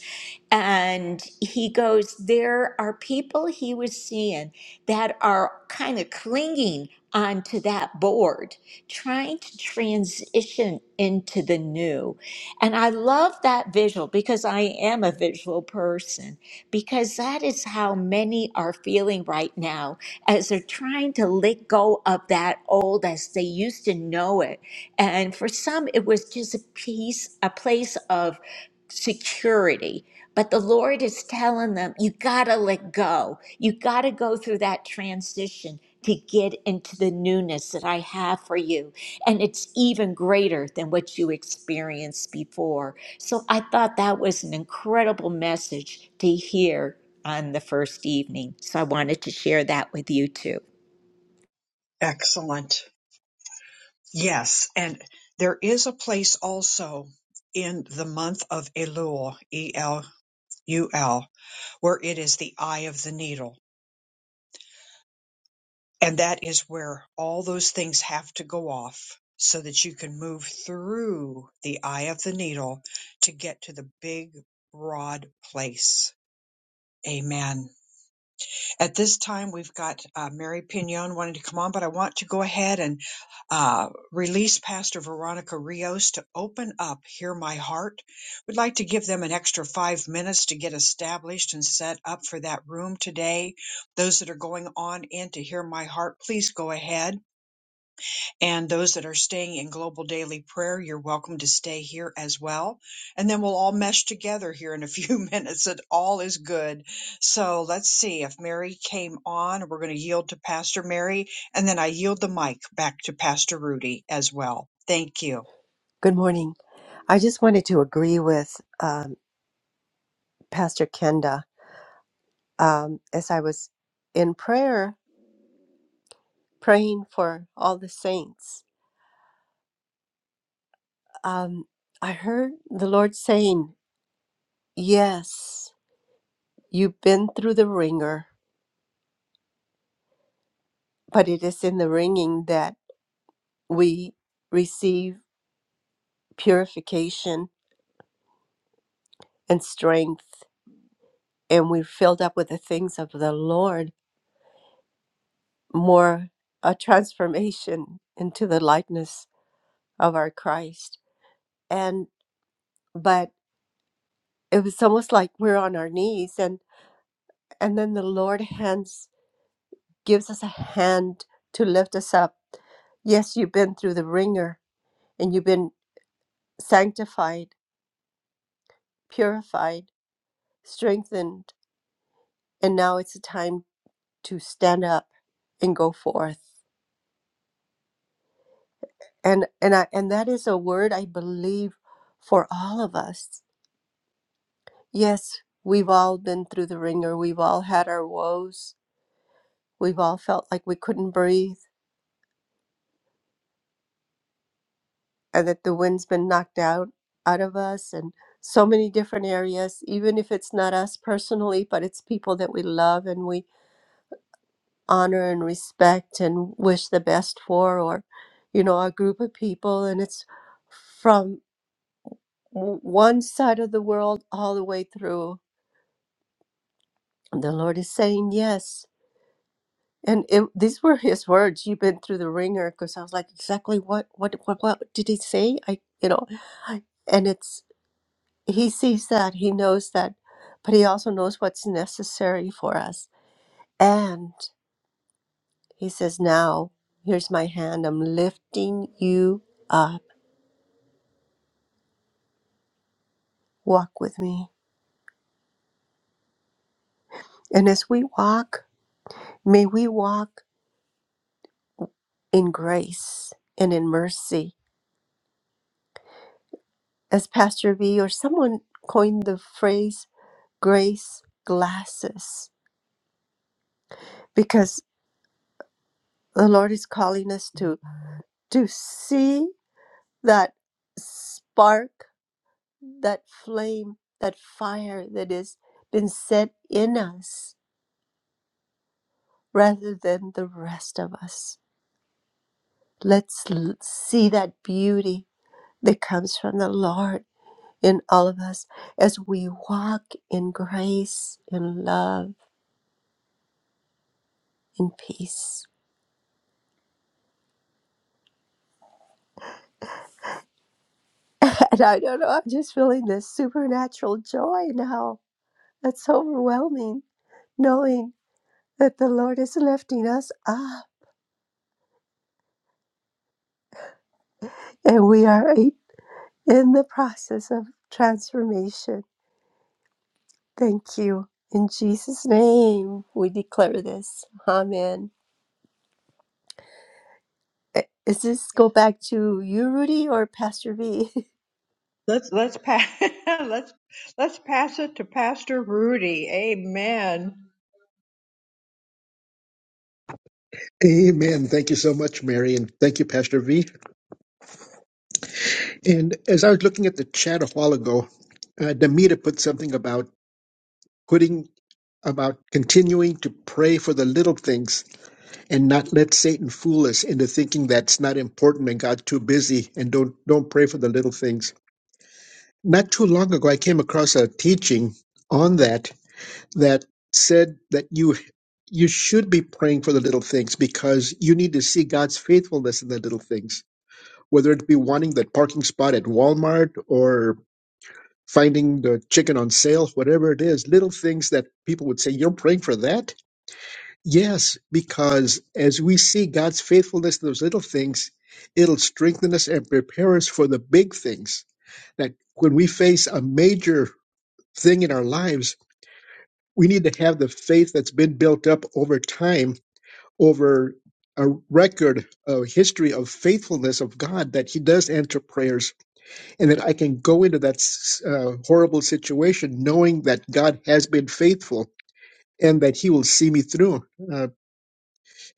Speaker 4: and he goes there are people he was seeing that are kind of clinging onto that board trying to transition into the new and i love that visual because i am a visual person because that is how many are feeling right now as they're trying to let go of that old as they used to know it. And for some, it was just a piece, a place of security. But the Lord is telling them, you got to let go. You got to go through that transition to get into the newness that I have for you. And it's even greater than what you experienced before. So I thought that was an incredible message to hear on the first evening. So I wanted to share that with you too.
Speaker 1: Excellent. Yes. And there is a place also in the month of Elul, E L U L, where it is the eye of the needle And that is where all those things have to go off so that you can move through the eye of the needle to get to the big, broad place. Amen. At this time, we've got uh, Mary Pignon wanting to come on, but I want to go ahead and uh, release Pastor Veronica Rios to open up Hear My Heart. We'd like to give them an extra five minutes to get established and set up for that room today. Those that are going on in to Hear My Heart, please go ahead and those that are staying in Global Daily Prayer, you're welcome to stay here as well. And then we'll all mesh together here in a few minutes It all is good. So let's see if Mary came on. We're going to yield to Pastor Mary and then I yield the mic back to Pastor Rudy as well. Thank you.
Speaker 14: Good morning. I just wanted to agree with um, Pastor Kenda um, as I was in prayer, praying for all the saints. Um, I heard the Lord saying, Yes, you've been through the ringer, but it is in the ringing that we receive purification and strength, and we're filled up with the things of the Lord, more a transformation into the likeness of our Christ. and but it was almost like we're on our knees and and then the lord hands gives us a hand to lift us up yes you've been through the ringer and you've been sanctified purified strengthened and now it's a time to stand up and go forth and and I, and that is a word i believe for all of us yes we've all been through the ringer we've all had our woes we've all felt like we couldn't breathe and that the wind's been knocked out out of us and so many different areas even if it's not us personally but it's people that we love and we honor and respect and wish the best for or you know a group of people and it's from w- one side of the world all the way through the lord is saying yes and it, these were his words you've been through the ringer because i was like exactly what what what what did he say i you know and it's he sees that he knows that but he also knows what's necessary for us and he says now here's my hand i'm lifting you up walk with me and as we walk may we walk in grace and in mercy as pastor v or someone coined the phrase grace glasses because the lord is calling us to to see that spark that flame, that fire that has been set in us rather than the rest of us. Let's l- see that beauty that comes from the Lord in all of us as we walk in grace, in love, in peace. And I don't know, I'm just feeling this supernatural joy now. That's so overwhelming, knowing that the Lord is lifting us up and we are in the process of transformation Thank you. In Jesus' name, we declare this. Amen. Eh, Is this go back to you, Rudy, or Pastor V?
Speaker 1: Let's let's pass let's let's pass it to Pastor Rudy. Amen.
Speaker 2: Amen. Thank you so much, Mary, and thank you, Pastor V. And as I was looking at the chat a while ago, uh, Demita put something about putting about continuing to pray for the little things and not let Satan fool us into thinking that's not important and God's too busy and don't don't pray for the little things. Not too long ago, I came across a teaching on that that said that you you should be praying for the little things because you need to see God's faithfulness in the little things, whether it be wanting that parking spot at Walmart or finding the chicken on sale, whatever it is, little things that people would say, You're praying for that? Yes, because as we see God's faithfulness in those little things, it'll strengthen us and prepare us for the big things. That when we face a major thing in our lives, we need to have the faith that's been built up over time, over a record, a history of faithfulness of God, that He does answer prayers, and that I can go into that s- uh, horrible situation knowing that God has been faithful and that He will see me through. uh,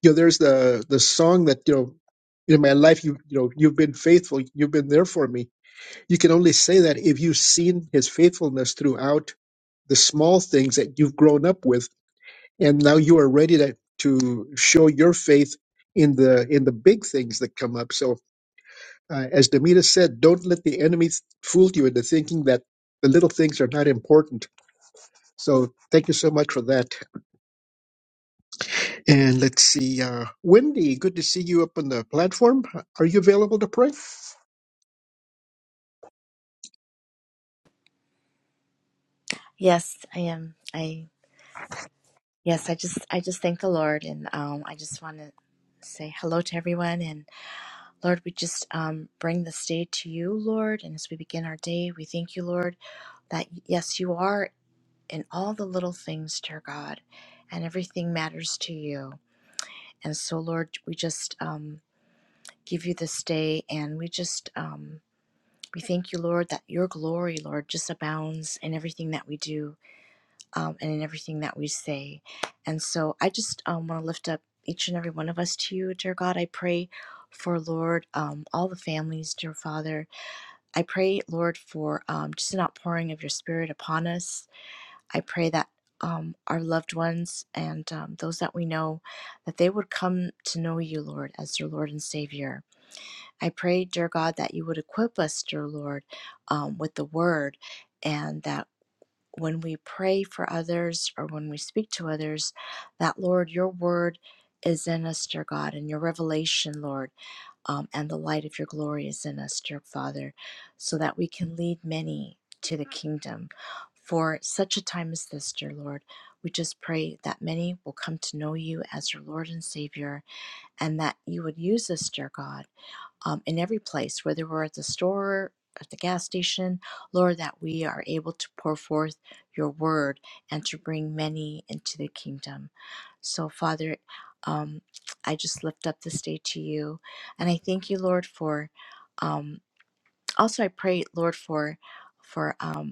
Speaker 2: you know, there's the the song that you know, in my life you you know you've been faithful, you've been there for me. You can only say that if you've seen His faithfulness throughout the small things that you've grown up with, and now you are ready to to show your faith in the in the big things that come up. So, uh, as Demita said, don't let the enemy fool you into thinking that the little things are not important. So, thank you so much for that. And let's see, uh, Wendy, good to see you up on the platform. Are you available to pray?
Speaker 15: Yes, I am. I yes, I just I just thank the Lord and um I just want to say hello to everyone and Lord, we just um bring this day to you, Lord, and as we begin our day, we thank you, Lord, that yes, you are in all the little things, dear God, and everything matters to you. And so, Lord, we just um give you this day and we just um we thank you, Lord, that your glory, Lord, just abounds in everything that we do. um, and in everything that we say. And so I just um, want to lift up each and every one of us to you, dear God. I pray for, Lord, um, all the families, dear Father. I pray, Lord, for um, just an outpouring of your Spirit upon us. I pray that. Um, our loved ones and um, those that we know, that they would come to know you, Lord, as their Lord and Savior. I pray, dear God, that you would equip us, dear Lord, um, with the word and that when we pray for others or when we speak to others, that Lord, your word is in us, dear God, and your revelation, Lord, um, and the light of your glory is in us, dear Father, so that we can lead many to the kingdom. For such a time as this, dear Lord, we just pray that many will come to know you as your Lord and Savior, and that you would use us, dear God, um, in every place, whether we're at the store, at the gas station, Lord, that we are able to pour forth your word and to bring many into the kingdom. So, Father, um, I just lift up this day to you, and I thank you, Lord, for. Um, also, I pray, Lord, for for um,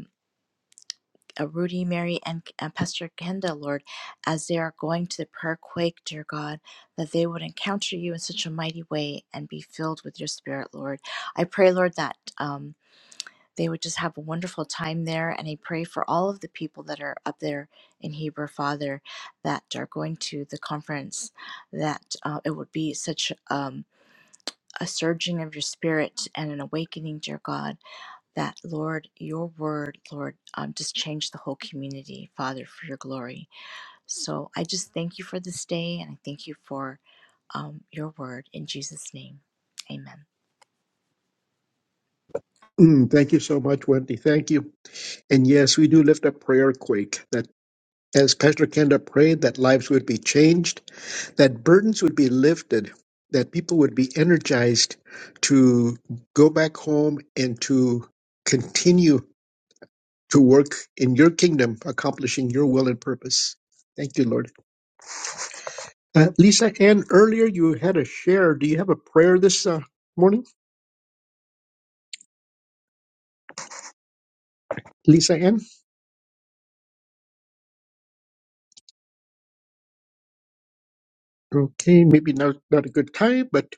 Speaker 15: uh, Rudy, Mary, and uh, Pastor Kenda, Lord, as they are going to the prayer quake, dear God, that they would encounter you in such a mighty way and be filled with your spirit, Lord. I pray, Lord, that um, they would just have a wonderful time there. And I pray for all of the people that are up there in Hebrew, Father, that are going to the conference, that uh, it would be such um, a surging of your spirit and an awakening, dear God that, Lord, your word, Lord, um, just change the whole community, Father, for your glory. So I just thank you for this day and I thank you for um, your word in Jesus' name. Amen.
Speaker 2: Mm, thank you so much, Wendy. Thank you. And yes, we do lift up prayer quake that as Pastor Kenda prayed, that lives would be changed, that burdens would be lifted, that people would be energized to go back home and to continue to work in your kingdom, accomplishing your will and purpose. Thank you, Lord. Uh, Lisa Ann, earlier you had a share. Do you have a prayer this uh, morning, Lisa Ann? Okay, maybe not, not a good time, but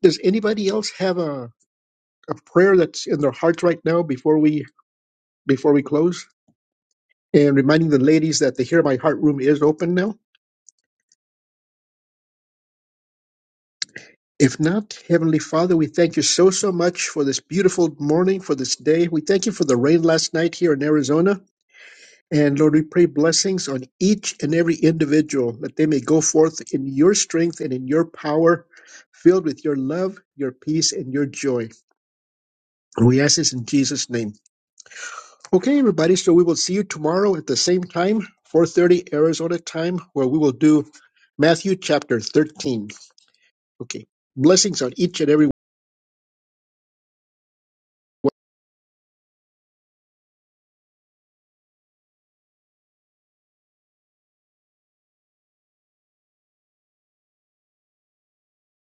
Speaker 2: does anybody else have a, a prayer that's in their hearts right now before we before we close? And reminding the ladies that the Hear My Heart room is open now. If not, Heavenly Father, we thank you so, so much for this beautiful morning, for this day. We thank you for the rain last night here in Arizona. And Lord, we pray blessings on each and every individual that they may go forth in your strength and in your power, filled with your love, your peace, and your joy. And we ask this in Jesus' name. Okay, everybody. So we will see you tomorrow at the same time, 4:30 Arizona time, where we will do Matthew chapter 13. Okay. Blessings on each and every